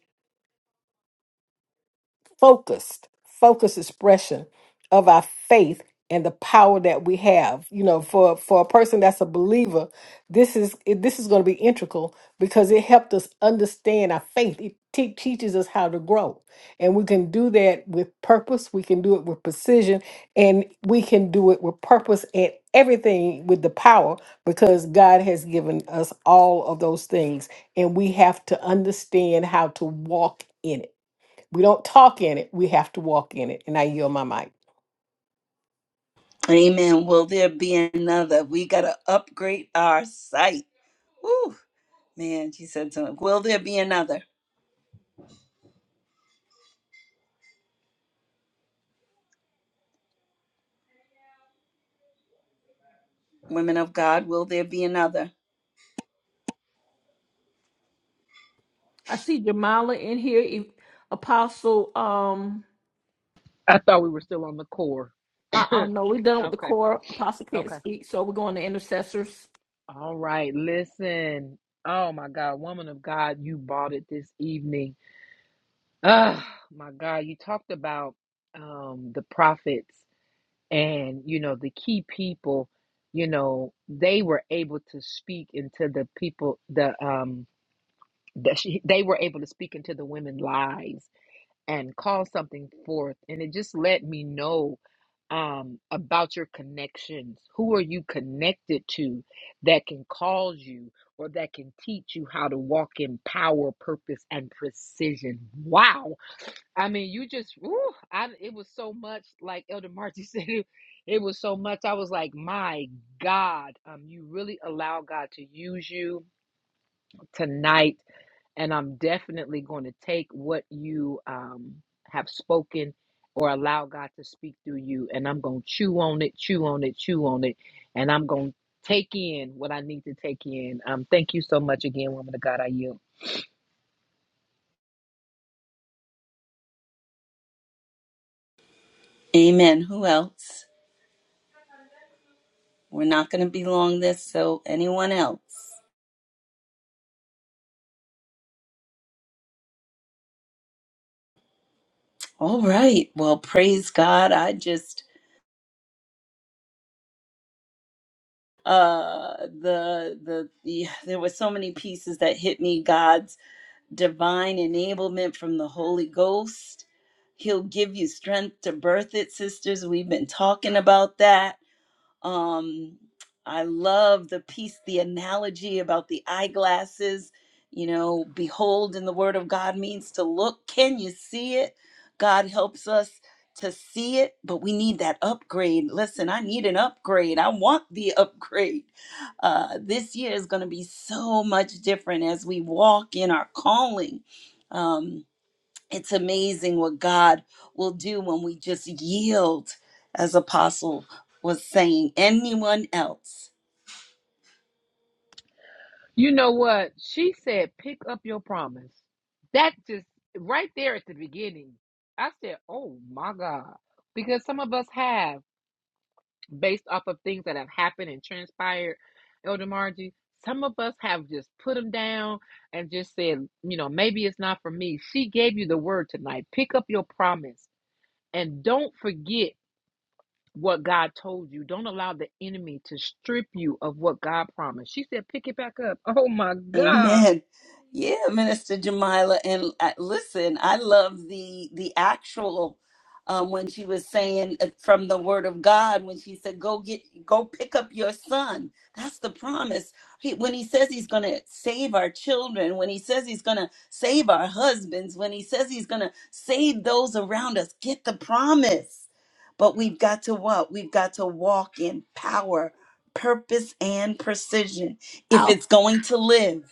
focused, focused expression of our faith and the power that we have. You know, for for a person that's a believer, this is it- this is going to be integral because it helped us understand our faith. It te- teaches us how to grow, and we can do that with purpose. We can do it with precision, and we can do it with purpose and everything with the power because God has given us all of those things, and we have to understand how to walk in it we don't talk in it, we have to walk in it. And I yield my mic.
Amen. Will there be another? We got to upgrade our site. Woo. Man, she said something. Will there be another? Women of God, will there be another?
I see Jamala in here. If Apostle, um,
I thought we were still on the core.
I, I don't know. We're done with the
Okay.
core. Apostle can't
Okay.
speak, so we're going to intercessors'
All right. Listen. Oh, my God. Woman of God, you bought it this evening.
Amen. Who else? We're not going to be long this, so anyone else? All right. Well, praise God. I just uh the the, the there were so many pieces that hit me God's divine enablement from the Holy Ghost. He'll give you strength to birth it, sisters. We've been talking about that Um, I love the piece, the analogy about the eyeglasses. You know, behold in the word of God means to look. Can you see it? God helps us to see it, but we need that upgrade. Listen, I need an upgrade. I want the *laughs* upgrade. Uh, this year is going to be so much different as we walk in our calling. Um, it's amazing what God will do when we just yield, as Apostle was saying. Anyone else? Amen. Yeah, Minister Jamila, and uh, listen, I love the the actual um, when she was saying uh, from the Word of God when she said, "Go get, go pick up your son." That's the promise. He, when he says he's going to save our children, when he says he's going to save our husbands, when he says he's going to save those around us, get the promise. But we've got to what? We've got to walk in power, purpose, and precision if
house.
it's going to live.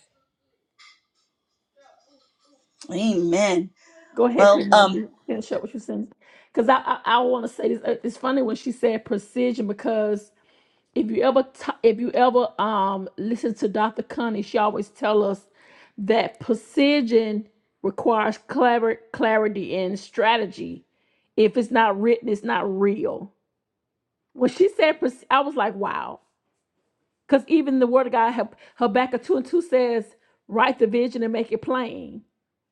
Amen.
Go ahead,
Well,
Queen
um,
Margie. Finish up what you said. Because I, I, I want to say this. Uh, It's funny when she said precision because if you ever t- if you ever um listen to Dr. Connie, she always tell us that precision requires clever clarity and strategy. If it's not written, it's not real. When she said, prec- I was like, wow Because even the word of God, Hab- Habakkuk 2 and 2 says, write the vision and make it plain.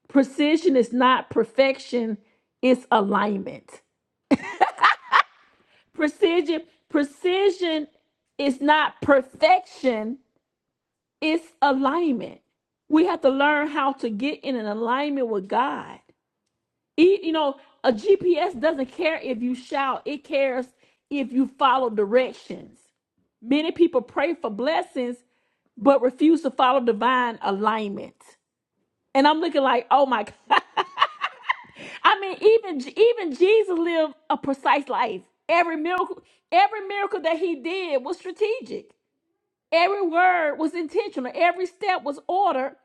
Precision is not perfection, it's alignment. Precision, precision is not perfection, it's alignment. We have to learn how to get in an alignment with God. E- You know, a GPS doesn't care if you shout, it cares if you follow directions. Many people pray for blessings but refuse to follow divine alignment. And I'm looking like, oh my God. *laughs* I mean, even even Jesus lived a precise life. Every miracle, every miracle that he did was strategic. Every word was intentional. Every step was ordered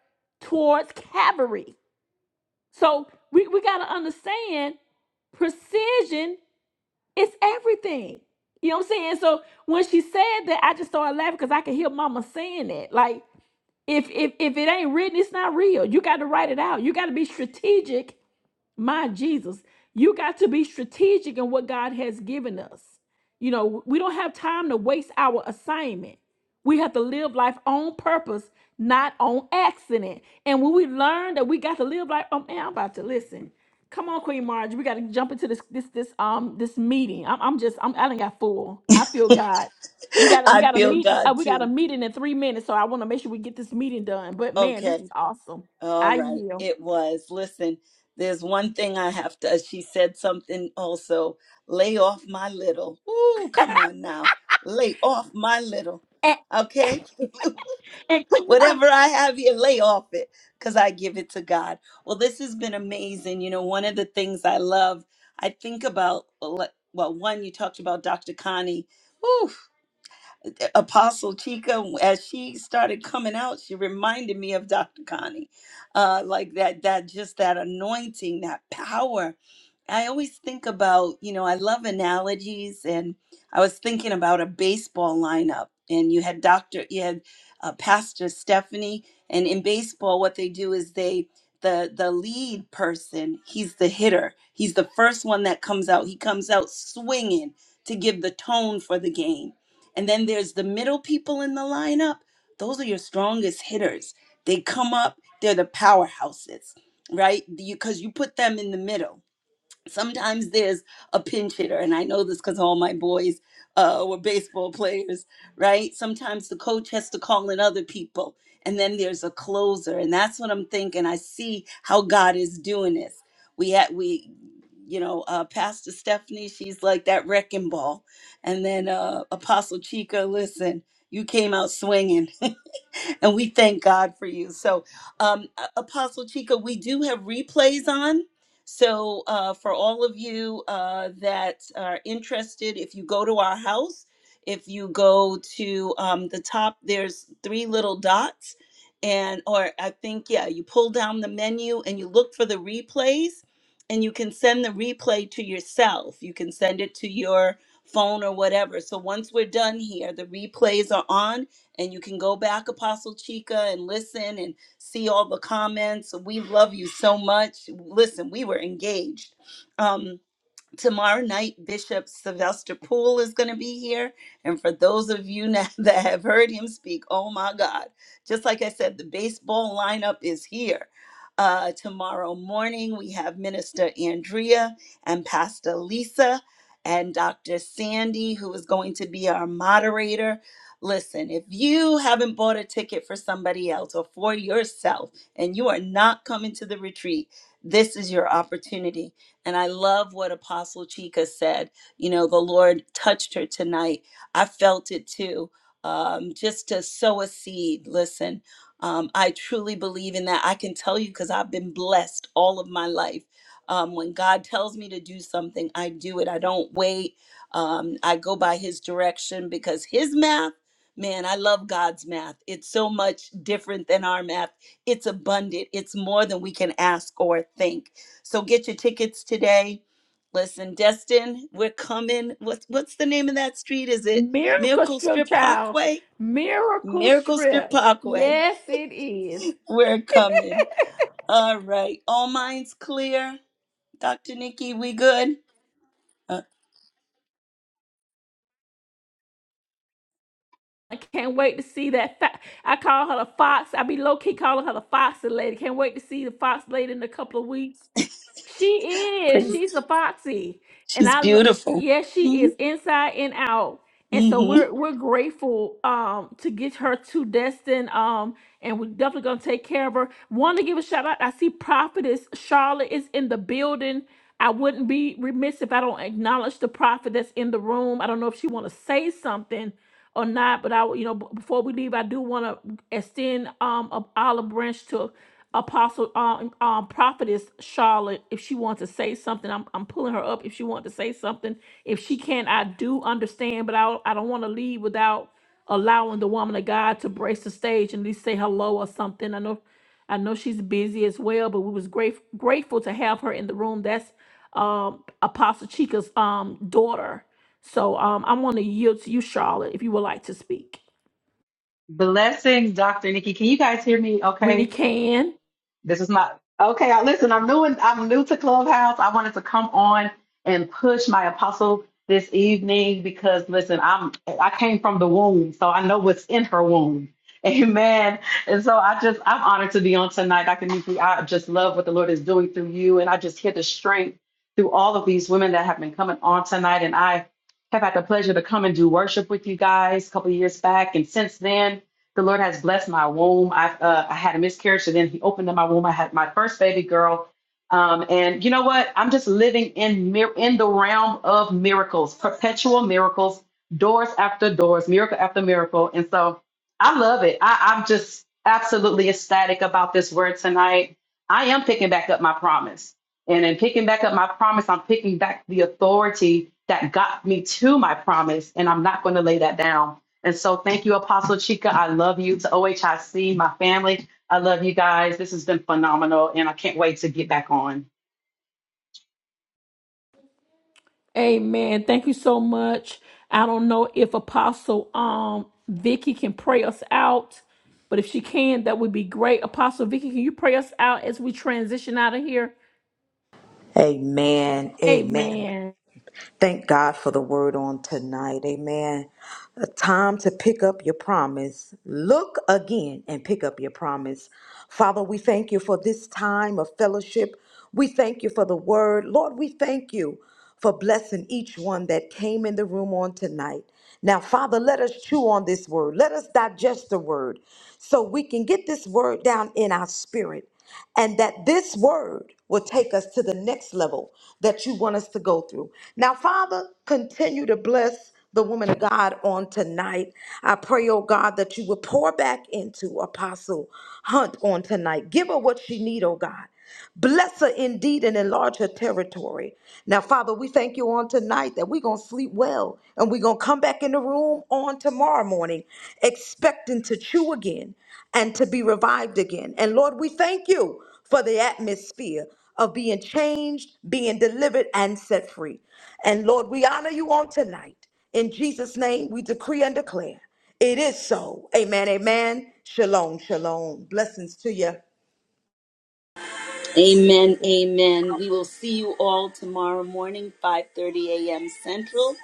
towards Calvary. So we, we gotta understand precision is everything. You know what I'm saying? So when she said that, I just started laughing because I could hear mama saying that. Like, if if if it ain't written, it's not real. You got to write it out. You got to be strategic my Jesus, you got to be strategic in what God has given us. You know, we don't have time to waste our assignment. We have to live life on purpose, not on accident. And when we learn that we got to live life, oh man, I'm about to listen. Come on, Queen Marge, we got to jump into this this this um this meeting. I'm, I'm just I'm I done got full. I feel God.
*laughs*
We got we
I
got a
feel
meeting. Uh,
God
we got a
too.
meeting in three minutes, so I want to make sure we get this meeting done. But man, this
Okay.
is awesome.
All
I
right.
yield.
It was. Listen, there's one thing I have to, she said something also. Lay off my little. Ooh, come on now. Lay off my little.
And,
Okay.
and Queen, I,
Whatever I have here, lay off it because I give it to God. Well, this has been amazing. You know, one of the things I love, I think about, like, well, one, you talked about Dr. Connie. Whew, Apostle Chica, as she started coming out, she reminded me of Dr. Connie, uh, like that, that just that anointing, that power. I always think about, you know, I love analogies, and I was thinking about a baseball lineup, and you had Doctor, you had uh, Pastor Stephanie, and in baseball, what they do is they the the lead person, he's the hitter, he's the first one that comes out, he comes out swinging to give the tone for the game and then there's the middle people in the lineup. Those are your strongest hitters. They come up, they're the powerhouses, right? Because you 'cause you put them in the middle sometimes there's a pinch hitter and i know this because all my boys uh, were baseball players right sometimes the coach has to call in other people and then there's a closer and that's what i'm thinking i see how god is doing this we had we you know uh, pastor stephanie she's like that wrecking ball and then uh, apostle chica listen you came out swinging *laughs* and we thank god for you so um A- apostle chica we do have replays on so, uh, for all of you uh, that are interested, if you go to our house, if you go to um, the top, there's three little dots. And, or I think, yeah, you pull down the menu and you look for the replays, and you can send the replay to yourself. You can send it to your phone or whatever. So, once we're done here, the replays are on, and you can go back, Apostle Chica, and listen. and see all the comments. We love you so much. Listen, we were engaged. Um, tomorrow night bishop sylvester poole is going to be here and for those of you now *laughs* that have heard him speak oh my god just like i said the baseball lineup is here uh, tomorrow morning we have minister andrea and pastor lisa and dr sandy who is going to be our moderator listen if you haven't bought a ticket for somebody else or for yourself and you are not coming to the retreat this is your opportunity and I love what Apostle Chika said. You know, the Lord touched her tonight. I felt it too. Um, just to sow a seed. Listen, um, I truly believe in that. I can tell you because I've been blessed all of my life. Um, when God tells me to do something, I do it. I don't wait. Um, I go by His direction because His math, man, I love God's math. It's so much different than our math. It's abundant. It's more than we can ask or think. So get your tickets today. Listen, Destin, we're coming. What's what's the name of that street? Is it
Miracle
Miracle
strip,
Strip
child.
Parkway?
Miracle
Miracle Strip
strip.
Parkway.
Yes, it is.
We're coming. All right. All minds clear. Dr. Nikki, we good? Uh,
I can't wait to see that. Fo- I call her the fox. I be low key calling her the Foxy lady. Can't wait to see the fox lady in a couple of weeks. She is.
praise-
She's a foxy, and
She's
I. lo-
beautiful.
Yes, she
Mm-hmm.
is inside and out. And so
Mm-hmm.
we're we're grateful um to get her to Destin um and we're definitely gonna take care of her. Want to give a shout out. I see Prophetess Charlotte is in the building I wouldn't be remiss if I don't acknowledge the prophet that's in the room. I don't know if she want to say something or not, but I, would- you know, b- before we leave, I do want to extend um a olive branch to Apostle um, um prophetess Charlotte if she wants to say something. I'm I'm pulling her up if she wants to say something. If she can, I do understand, but I I don't want to leave without allowing the woman of God to brace the stage and at least say hello or something. I know I know she's busy as well, but we was great, grateful to have her in the room. That's um, Apostle Chica's um, daughter. So um, I want to yield to you, Charlotte, if you would like to speak.
Blessings, Dr. Nikki. Can you guys hear me?
We
Okay.
can.
This is not okay. I, listen, I'm new and I'm new to Clubhouse. I wanted to come on and push my apostle this evening because listen, I'm I came from the womb, so I know what's in her womb. *laughs* Amen. And so I just I'm honored to be on tonight, Dr. Nikki. I just love what the Lord is doing through you. And I just hear the strength through all of these women that have been coming on tonight. And I have had the pleasure to come and do worship with you guys a couple of years back. And since then, the Lord has blessed my womb. I uh, I had a miscarriage, and then He opened up my womb. I had my first baby girl. Um, and you know what? I'm just living in mir- in the realm of miracles, perpetual miracles, doors after doors, miracle after miracle. And so I love it. I, I'm just absolutely ecstatic about this word tonight. I am picking back up my promise. And in picking back up my promise, I'm picking back the authority that got me to my promise, and I'm not going to lay that down. And so thank you, Apostle Chika. I love you to OHIC, my family. I love you guys. This has been phenomenal, and I can't wait to get back on.
Amen. Thank you so much. I don't know if Apostle um, Vicky can pray us out, but if she can, that would be great. Apostle Vicky, can you pray us out as we transition out of here?
Amen. Amen.
Amen.
Thank God for the word on tonight. Amen. A time to pick up your promise. Look again and pick up your promise. Father, we thank you for this time of fellowship. We thank you for the word. Lord, we thank you for blessing each one that came in the room on tonight. Now, Father, let us chew on this word. Let us digest the word so we can get this word down in our spirit and that this word will take us to the next level that you want us to go through. Now, Father, continue to bless the woman of God on tonight. I pray, oh God, that you will pour back into Apostle Hunt on tonight. Give her what she need, oh God. Bless her indeed and enlarge her territory. Now, Father, we thank you on tonight that we're going to sleep well and we're going to come back in the room on tomorrow morning expecting to chew again and to be revived again. And Lord, we thank you for the atmosphere of being changed, being delivered, and set free. And Lord, we honor you on tonight. In Jesus' name, we decree and declare it is so. Amen. Amen. Shalom. Shalom. Blessings to you.
Amen. Amen. We will see you all tomorrow morning, 5:30 a.m. Central,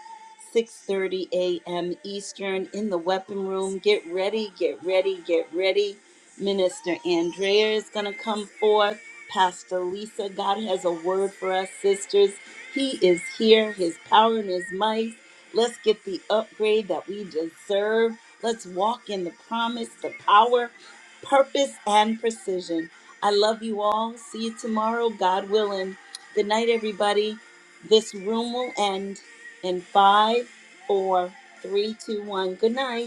6:30 a.m. Eastern in the weapon room. Get ready, get ready, get ready. Minister Andrea is going to come forth. Pastor Lisa, God has a word for us, sisters. He is here, his power and his might. Let's get the upgrade that we deserve. Let's walk in the promise, the power, purpose, and precision. I love you all. See you tomorrow, God willing. Good night, everybody. This room will end in five, four, three, two, one. Good night.